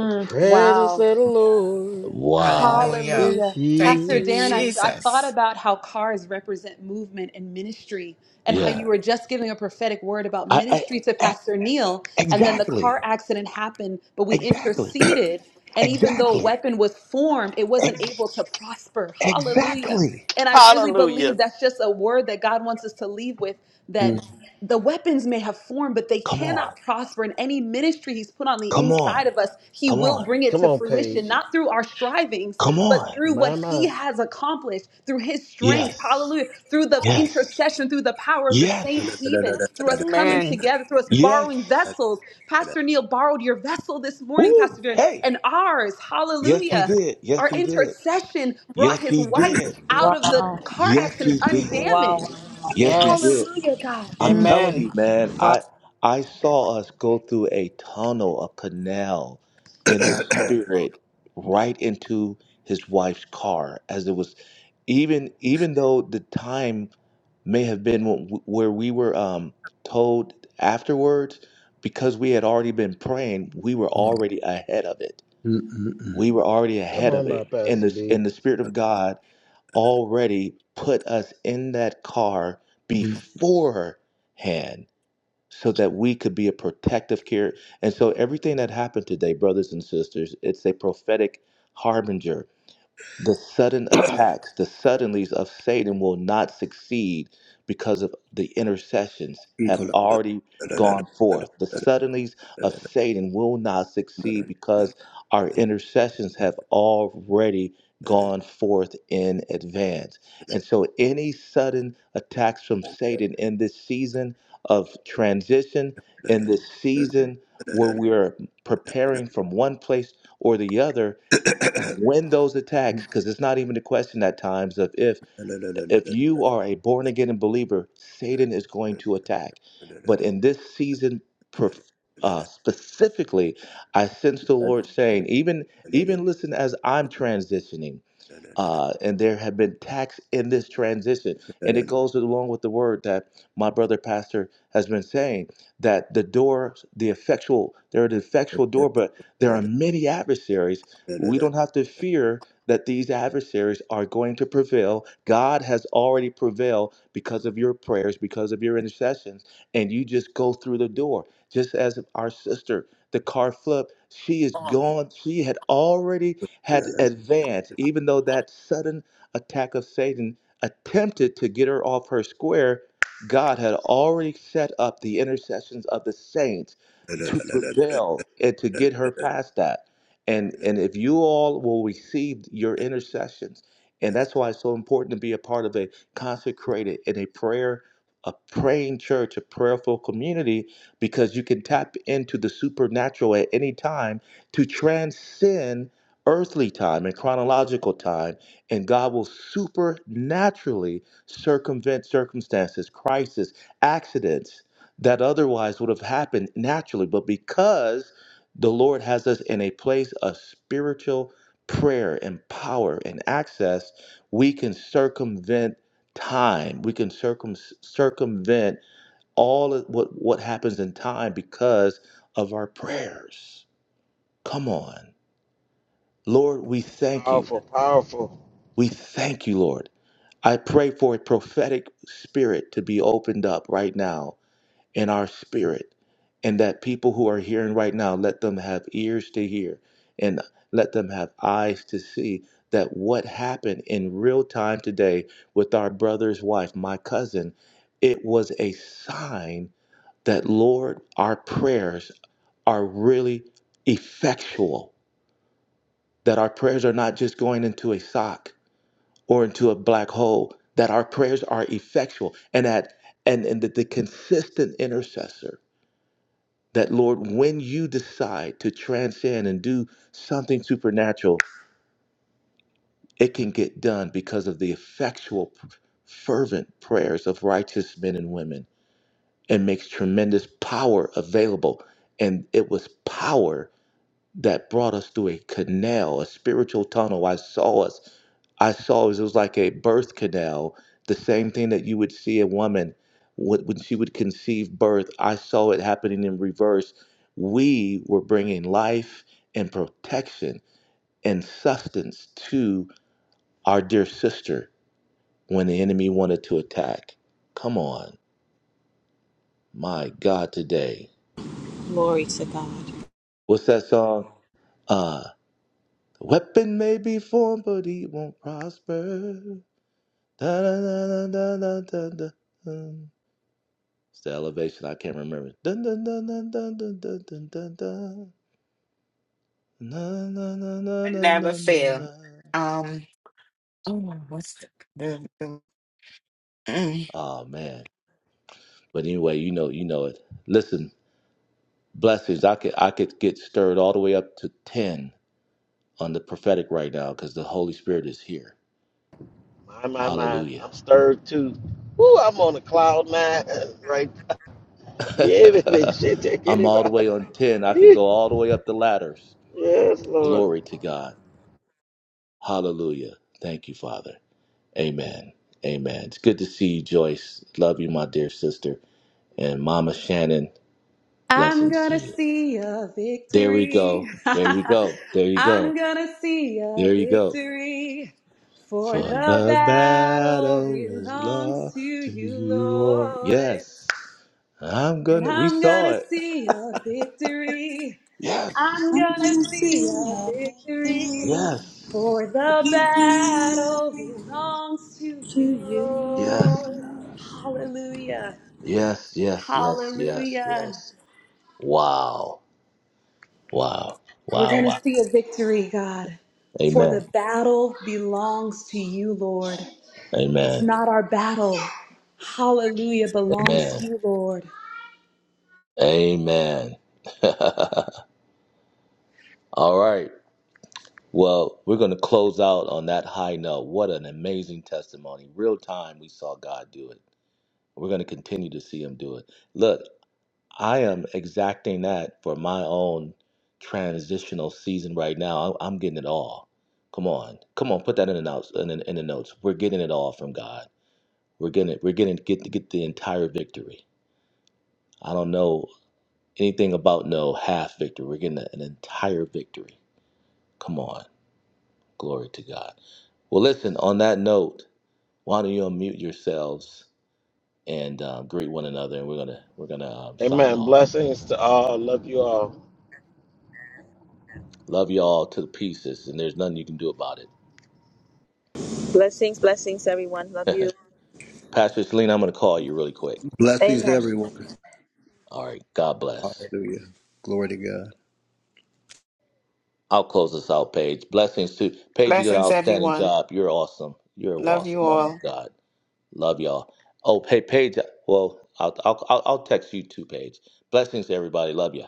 C: The presence
A: wow.
C: of the Lord
I: Wow.
J: Hallelujah.
C: is
A: Hallelujah.
J: Thank
A: Pastor
J: you,
A: Darren, I,
C: here.
A: I thought
J: Jesus.
A: about how cars represent movement and ministry, and how
I: Yeah.
A: you were just giving a prophetic word about
I: I, I,
A: ministry to
I: I
A: Pastor Neil, and then the
I: exactly.
A: car accident happened, but we
I: Exactly.
A: interceded. And even though a
I: Exactly.
A: weapon was formed, it wasn't
I: Ex-
A: able to prosper. Hallelujah.
I: exactly.
A: And I really
G: Hallelujah.
A: believe that's just a word that God wants us to leave with that. the weapons may have formed, but they
I: Come on.
A: cannot prosper. in any ministry He's put on the
I: Come on.
A: inside of us, He
I: Come
A: will
I: on.
A: bring it
C: Come
A: to
C: on,
A: fruition,
C: Paige.
A: not through our strivings,
I: Come
A: but
I: on.
A: through what
C: My,
A: He
C: my.
A: has accomplished, through His strength,
I: Yes.
A: hallelujah, through the
I: Yes.
A: intercession, through the power of the saints,
I: Yes.
A: even through us coming
J: Amen.
A: together, through us borrowing
I: Yes.
A: vessels. Pastor Neil borrowed your vessel this morning, Pastor
I: Ooh,
A: Jordan,
I: hey.
A: and ours,
I: Yes, he
A: hallelujah.
I: did. Yes,
A: Our
I: he did.
A: intercession brought
I: Yes,
A: his
I: he
A: wife
I: did.
A: out of the
B: Wow.
A: car
I: Yes,
A: accident
I: he did.
B: Wow.
A: undamaged.
I: Yes, he
J: Yes.
I: did. I'm telling you,
J: Amen.
I: man,
B: God,
I: I I saw us go through a tunnel, a canal in the spirit right into his wife's car as it was even even though the time may have been wh- where we were um told afterwards because we had already been praying, we were
F: Mm.
I: already ahead of it
F: Mm, mm, mm,
I: we were already
C: Come
I: ahead
C: on
I: of
C: now,
I: it. And
C: Pastor
I: the,
C: D.
I: and the Spirit of God already put us in that car
F: mm.
I: beforehand so that we could be a protective care. And so everything that happened today, brothers and sisters, it's a prophetic harbinger the sudden attacks, the suddenlies of Satan will not succeed because of the intercessions have already gone forth. The suddenlies of Satan will not succeed because our intercessions have already gone forth in advance. And so any sudden attacks from
F: Ecola-
I: Satan in this season of transition, in this season where we are preparing from one place or the other, Win those attacks because it's not even a question at times of if. If you are a
F: [coughs]
I: born again believer, Satan is going to attack. But in this season, per- uh, specifically, I sense the Lord saying, even even listen as I'm transitioning uh, and there have been tax in this transition. And it goes along with the word that my brother pastor has been saying that the door, the effectual, there are the effectual door, but there are many adversaries. We don't have to fear that these adversaries are going to prevail. God has already prevailed because of your prayers, because of your intercessions, and you just go through the door. Just as our sister, the car flip, she is gone. She had already had advanced, even though that sudden attack of Satan attempted to get her off her square, God had already set up the intercessions of the saints to prevail and to get her past that. And and if you all will receive your intercessions, and that's why it's so important to be a part of a consecrated and a prayer, a praying church, a prayerful community, because you can tap into the supernatural at any time to transcend earthly time and chronological time, and God will supernaturally circumvent circumstances, crisis, accidents that otherwise would have happened naturally. But because the Lord has us in a place of spiritual prayer and power and access, we can circumvent time. We can circum- circumvent all of what, what happens in time because of our prayers. Come on. Lord, we thank you
C: Powerful, powerful.
I: we thank you, Lord. I pray for a prophetic spirit to be opened up right now in our spirit, and that people who are hearing right now, let them have ears to hear and let them have eyes to see that what happened in real time today with our brother's wife, my cousin, it was a sign that, Lord, our prayers are really effectual, that our prayers are not just going into a sock or into a black hole, that our prayers are effectual and that and, and that the consistent intercessor that Lord, when you decide to transcend and do something supernatural, it can get done because of the effectual, fervent prayers of righteous men and women and makes tremendous power available. And it was power that brought us through a canal, a spiritual tunnel. I saw us. I saw us. It was like a birth canal, the same thing that you would see a woman wh- when she would conceive birth. I saw it happening in reverse. We were bringing life and protection and sustenance to our dear sister when the enemy wanted to attack. Come on, my God, today.
B: glory to God.
I: What's that song? Uh, weapon may be formed, but it won't prosper. Da, da, da, da, da, da, da, It's the elevation. I can't remember. da, da, da, da, da, da, da, da, da. Na, na, na, na,
J: I
I: na,
J: never
I: na, na,
J: fail.
I: na.
J: Um, oh, what's the, the, the mm.
I: Oh man. But anyway, you know, you know it. Listen, blessings. I could I could get stirred all the way up to ten on the prophetic right now because the Holy Spirit is here.
C: My, my, my.
I: Hallelujah.
C: I'm stirred too. Woo, I'm on a cloud nine [laughs] right now.
I: [laughs]
C: Yeah, baby. [laughs] Shit, take
I: I'm all the
C: anybody.
I: way on ten. I could
C: [laughs]
I: go all the way up the ladders.
C: Yes, Lord.
I: Glory to God. Hallelujah. Thank you, Father. Amen. Amen. It's good to see you, Joyce. Love you, my dear sister. And Mama Shannon,
A: I'm
I: blessings to
A: gonna
I: you.
A: see a
I: There we
A: victory.
I: go. There you go. There
A: [laughs]
I: you go.
A: I'm gonna see a
I: There you go.
A: victory. For
I: For
A: the
I: the
A: battle
I: battle is
A: belongs
I: lost
A: to
I: to
A: you,
I: you or
A: Lord.
I: yes. I'm
A: And
I: gonna we
A: I'm gonna
I: saw it.
A: see a victory.
I: Yes.
A: I'm gonna
B: Wanna
A: see
B: sing
A: a
B: all the
A: victory.
B: things
I: Yes.
A: For the
B: we've
A: battle
B: done
A: belongs to
B: to
A: you,
B: you,
I: Yes.
A: Lord.
B: Lord.
A: Hallelujah.
I: Yes. Yes. Yes. Yes.
A: Hallelujah.
I: Yes. Wow. Wow.
A: We're going
I: Wow.
A: to
I: Wow.
A: see a victory, God, for the
I: Amen.
A: battle belongs to you, Lord. It's
I: Amen.
A: not our battle. Hallelujah belongs
I: Amen.
A: to you, Lord.
I: Amen. [laughs] All right. Well, we're going to close out on that high note. What an amazing testimony. Real time, we saw God do it. We're going to continue to see Him do it. Look, I am exacting that for my own transitional season right now. I- I'm getting it all. Come on. Come on, put that in the notes. In, the- in the notes. We're getting it all from God. We're getting it. We're getting get to get the entire victory. I don't know anything about no half victory. We're getting an entire victory Come on. Glory to God. Well, listen, on that note, why don't you unmute yourselves and uh, greet one another and we're going to we're going to um, sign
C: Amen.
I: off.
C: Blessings to all. Love you all.
I: Love you all to the pieces and there's nothing you can do about
B: Blessings, blessings, everyone. Love
I: it.
B: you.
I: [laughs] Pastor Selena, I'm going to call you really quick
F: Blessings,
B: Amen.
I: afterwards.
F: everyone.
I: All right. God bless.
F: Hallelujah. Glory to God.
I: I'll close this out, Paige. Blessings to Paige. You did an
J: blessings,
I: outstanding
J: everyone?
I: job. You're awesome. You're an
J: Love
I: awesome
J: you
I: woman
J: all.
I: of God. Love y'all. Oh, hey, Paige. Well, I'll, I'll, I'll I'll text you too, Paige. Blessings to everybody. Love you.